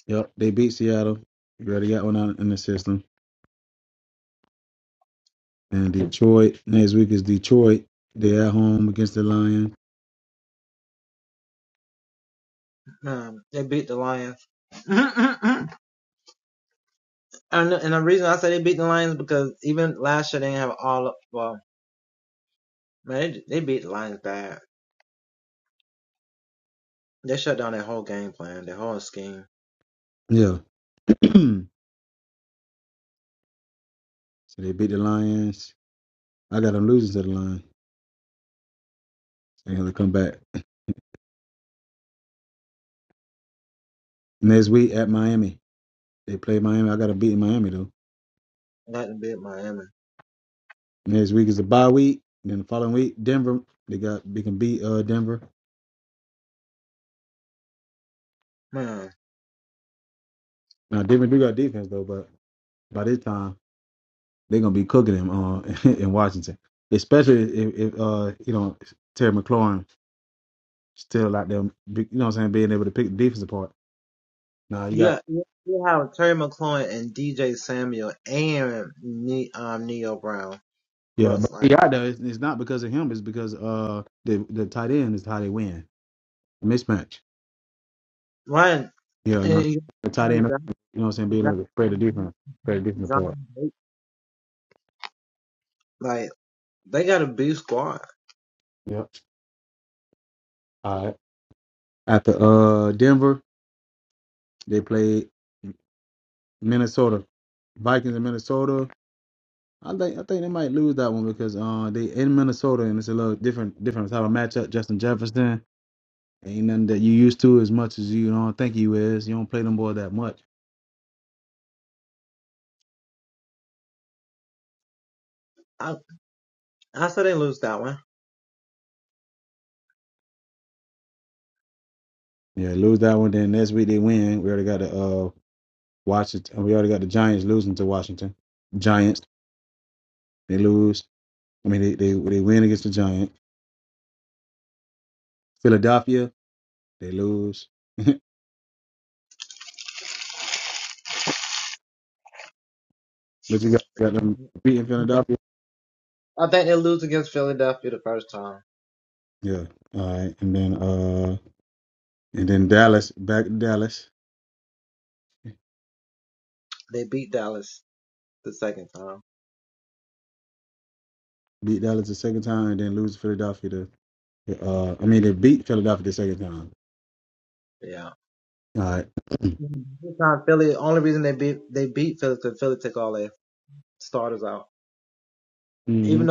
[SPEAKER 1] Yep, they beat Seattle. You already got one out in the system. And Detroit next week is Detroit. They're at home against the Lions. Yeah. so they beat the Lions. I got them losing to the Lions. They're gonna come back next week at Miami. They play Miami. I got them beating Miami though. Next week is a bye week. Then the following week, Denver, they got they can beat uh Denver. Now Denver do got defense though, but by this time they're gonna be cooking them uh, in Washington, especially if, if uh you know Terry McLaurin still out there, be- you know what I'm saying, being able to pick the defense apart. Now you got yeah, but he out there. It's, it's not because of him. It's because uh the the tight end is how they win mismatch. Yeah, you know the tight end. You know what I'm saying, being able to spread the defense, spread the defense apart. Yep. All right. After uh Denver. They played Minnesota Vikings in Minnesota. I think I think they might lose that one because uh they in Minnesota and it's a little different different type of matchup. Justin Jefferson ain't nothing that you used to as much as you don't think you is. You don't play them boy that much. Yeah, lose that one. Then next week they win. We already got the uh Washington. We already got the Giants losing to Washington. Giants they lose. I mean they they, they win against the Giants. Philadelphia they lose. but you got, got them beating Philadelphia. Yeah. All right. And then uh and then Dallas back to Dallas. Beat Dallas the second time and then lose to Philadelphia the the, uh I mean they beat Philadelphia the second time. All right. Mm-hmm.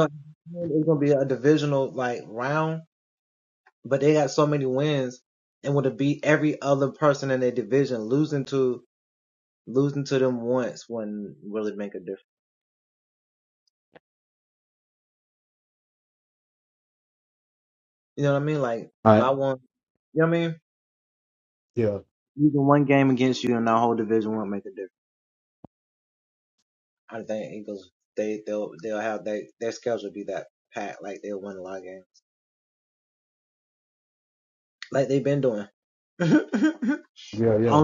[SPEAKER 1] All right. Yeah. Yeah, yeah.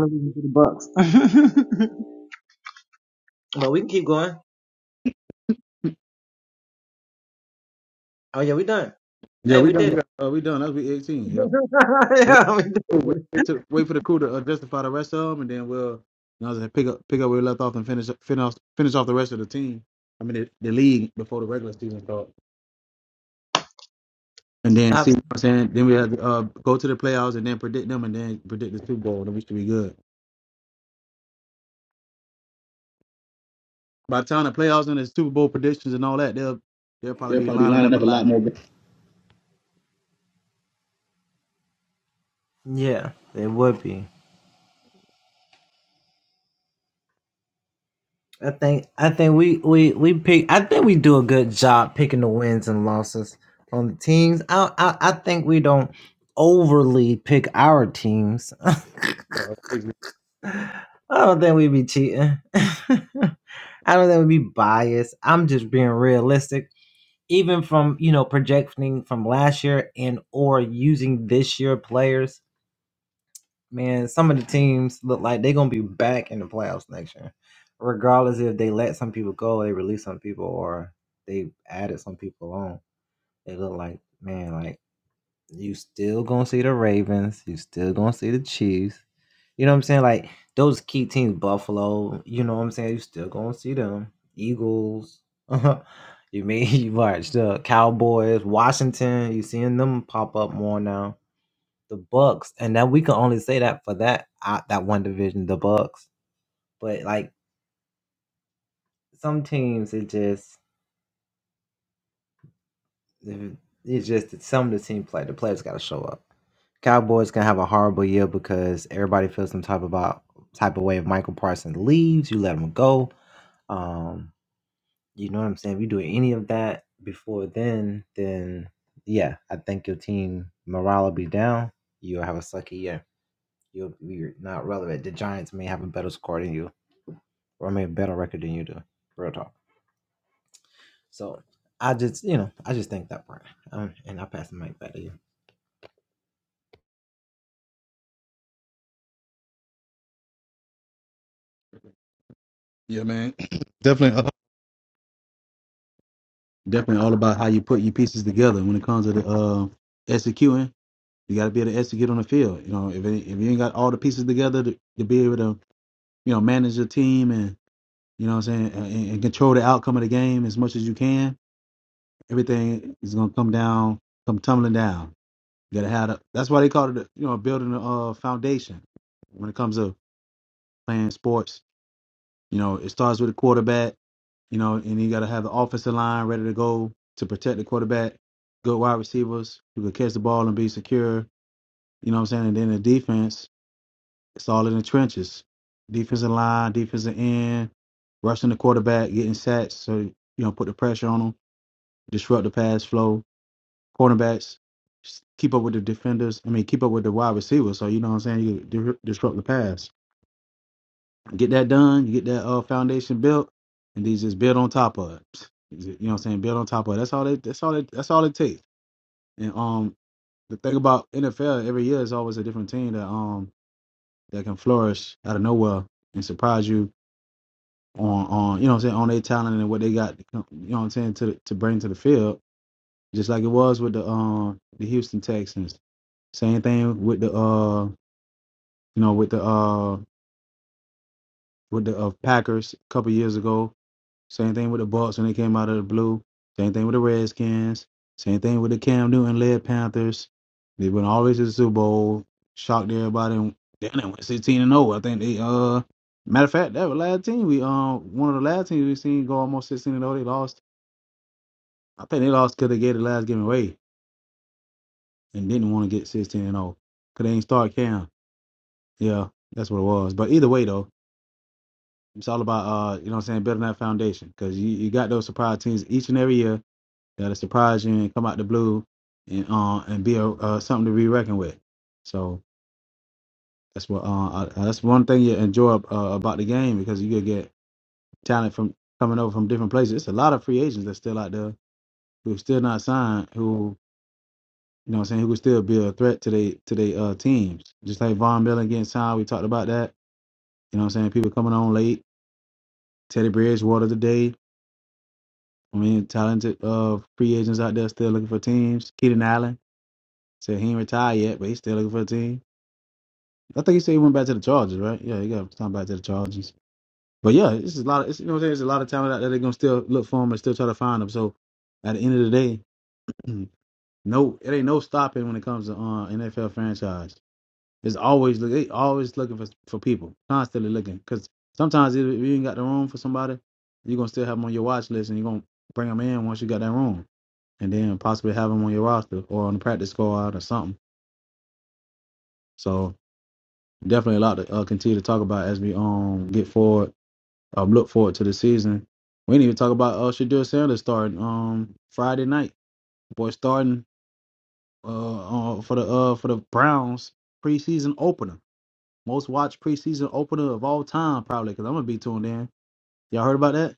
[SPEAKER 1] Yeah, we done. We got, uh, we done. That's week 18. Yep. We got crew. We wait, to, wait for the crew to uh, justify the rest of them, and then we'll you know, what I'm saying, pick up pick up where we left off and finish finish finish off the rest of the team. I mean, the, the league before the regular season starts. And then see what I'm saying? Then we have to uh, go to the playoffs and then predict them and then predict the Super Bowl. Then we should be good. By the time the playoffs and the Super Bowl predictions and all that, they'll they'll probably be lining up a lot more. better. Yeah, man. Definitely uh, definitely all about how you put your pieces together when it comes to the uh executing. You gotta be able to execute on the field. You know, if it, if you ain't got all the pieces together to, to be able to, you know, manage your team and you know what I'm saying, and, and control the outcome of the game as much as you can, everything is gonna come down, come tumbling down. that had a that's why they call it you know building a uh, foundation when it comes to playing sports you know it starts with a quarterback you know and you got to have the offensive line ready to go to protect the quarterback good wide receivers who can catch the ball and be secure you know what i'm saying and then the defense it's all in the trenches defensive line defensive end rushing the quarterback getting sacks so you know put the pressure on them disrupt the pass flow cornerbacks, keep up with the defenders. I mean, keep up with the wide receivers. So you know what I'm saying. You di- disrupt the pass. Get that done. You get that uh, foundation built, and these just build on top of it. You know what I'm saying. Build on top of it. That's all. They, that's all. They, that's all it takes. And um, the thing about NFL every year is always a different team that um that can flourish out of nowhere and surprise you on on you know what I'm saying on their talent and what they got. You know what I'm saying to to bring to the field. Just like it was with the um the Houston Texans Same thing with the uh, you know, with the uh, with the uh, Packers a couple years ago. Same thing with the Bucks when they came out of the blue. Same thing with the Redskins. Same thing with the Cam Newton led Panthers. They went all the way to the Super Bowl, shocked everybody. And damn, they went sixteen and zero. I think they uh, matter of fact, that was last team we um one of the last teams we seen go almost sixteen and zero. They lost. I think they lost because they gave the last game away and didn't want to get sixteen and zero because they didn't start Cam. Yeah, that's what it was. But either way though. It's all about uh, you know what I'm saying, building that foundation. Cause you, you got those surprise teams each and every year that'll surprise you and come out the blue and uh and be a uh, something to be reckoned with. So that's what uh I, that's one thing you enjoy uh, about the game because you could get talent from coming over from different places. It's a lot of free agents that's still out there who are still not signed, who you know what I'm saying, who could still be a threat to they to their uh teams. Just like Von Miller getting signed, we talked about that. You know what I'm saying? People coming on late, Teddy Bridgewater today. I mean, talented uh free agents out there still looking for teams. Keaton Allen said he ain't retired yet, but he's still looking for a team. I think he said he went back to the Chargers, right? Yeah, he got time back to the Chargers. But yeah, it's a lot. Of, it's you know what I'm saying. There's a lot of talent out there. They're gonna still look for him and still try to find him. So at the end of the day, no, it ain't no stopping when it comes to uh, NFL franchise. It's always look. They always looking for for people, constantly looking. Because sometimes if you ain't got the room for somebody, you're gonna still have them on your watch list, and you're gonna bring them in once you got that room. and then possibly have him on your roster or on the practice squad or something. So definitely a lot to uh, continue to talk about as we um get forward, um look forward to the season. We didn't even talk about uh Shadur Sanders starting um Friday night. Boy starting uh, uh for the uh for the Browns preseason opener, most watched preseason opener of all time probably. Cause I'm gonna be tuned in. Y'all heard about that?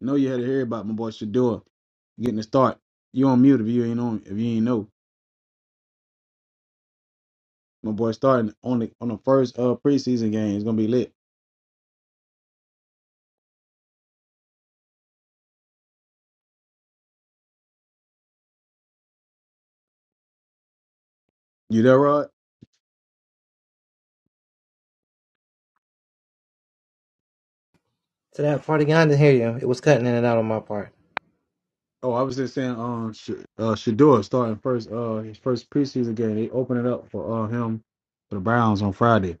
[SPEAKER 1] No, you had to hear about my boy Shadur getting the start. You on mute if you ain't on if you ain't know. My boy starting on the on the first uh preseason game. It's gonna be lit. You there, Rod? Oh, I was just saying, um, Sh- uh, Shador starting first, uh, his first preseason game. They open it up for uh him for the Browns on Friday.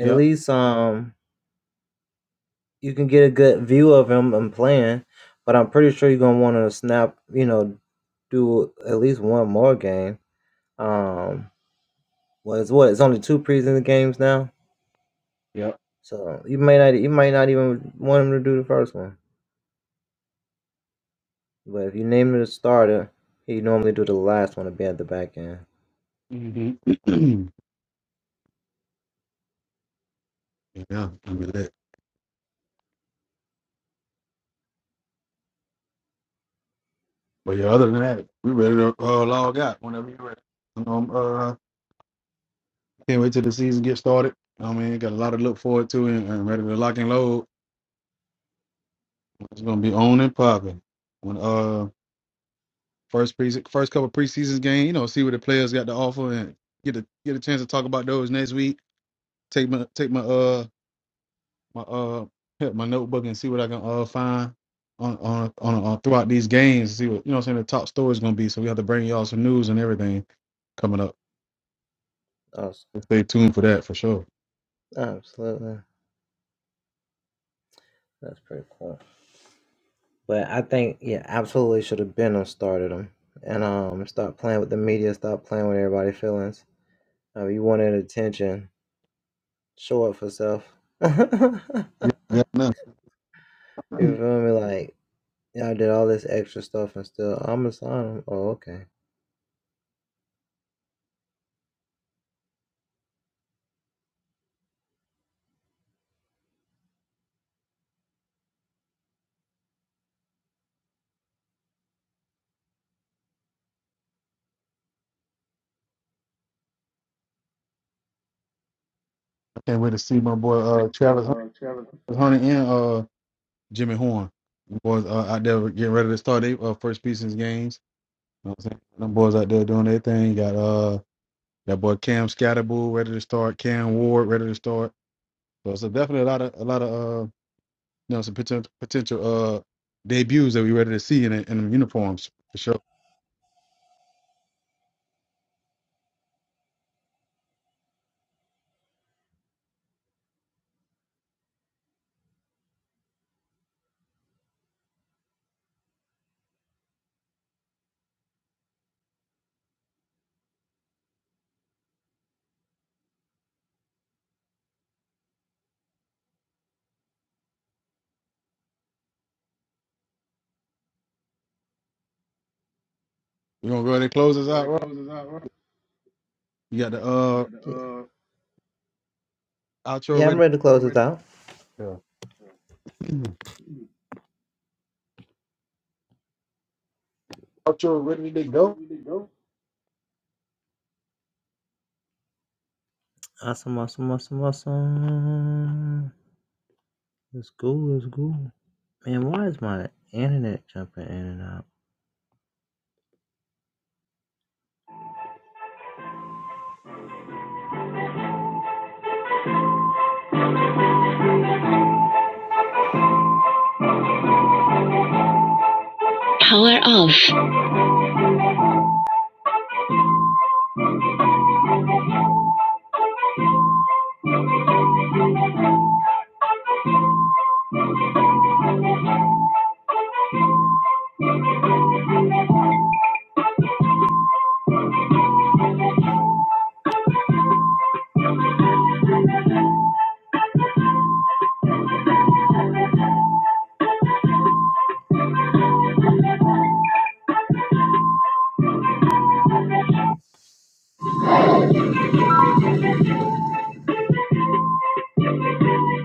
[SPEAKER 1] Yep, yep. hmm yeah, gonna be lit. But yeah, other than that, we ready to uh, log out whenever you're ready. Um, uh, can't wait till the season gets started. I mean, got a lot to look forward to and, and ready to lock and load. It's gonna be on and popping when uh First pre- first couple preseasons game, you know, see what the players got to offer and get a get a chance to talk about those next week. Take my take my uh my uh my notebook and see what I can uh find on on on, on throughout these games. See what you know. what I'm saying the top story's gonna be. So we have to bring y'all some news and everything coming up. So Stay tuned for that for sure. Yeah, yeah, no. I can't wait to see my boy uh Travis Hunter Hunter and uh Jimmy Horn. Them boys uh, out there getting ready to start their uh, first preseason games. You know what I'm saying? Them boys out there doing their thing. Got uh That boy Cam Scatterbull ready to start. Cam Ward ready to start. So it's a definitely a lot of a lot of uh you know some potential potential uh debuts that we ready to see in the, in the uniforms for sure. We gonna go ahead and close this out, right? You got the uh outro ready. Yeah. outro ready to go.
[SPEAKER 2] Power off.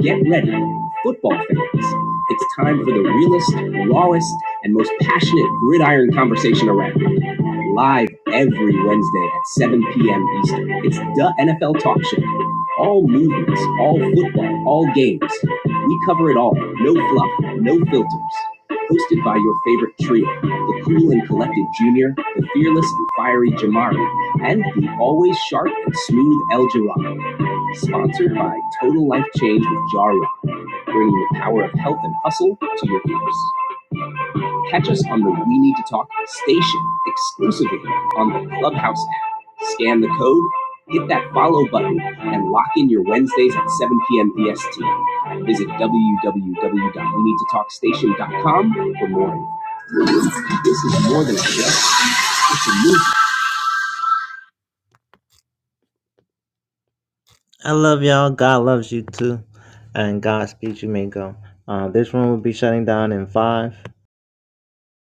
[SPEAKER 2] Get ready, football fans. It's time for the realest, rawest, and most passionate gridiron conversation around. Live every Wednesday at 7 p.m. Eastern. It's the NFL Talk Show. All movements, all football, all games. We cover it all. No fluff, no filters. Hosted by your favorite trio the cool and collected Junior, the fearless and fiery Jamari, and the always sharp and smooth El Jirado. Sponsored by Total Life Change with Jarrod, bringing the power of health and hustle to your ears. Catch us on the We Need to Talk station exclusively on the Clubhouse app. Scan the code, hit that follow button, and lock in your Wednesdays at 7 p.m. EST. Visit w w w dot we need to talk station dot com for more. This is more than a show. It's a movement.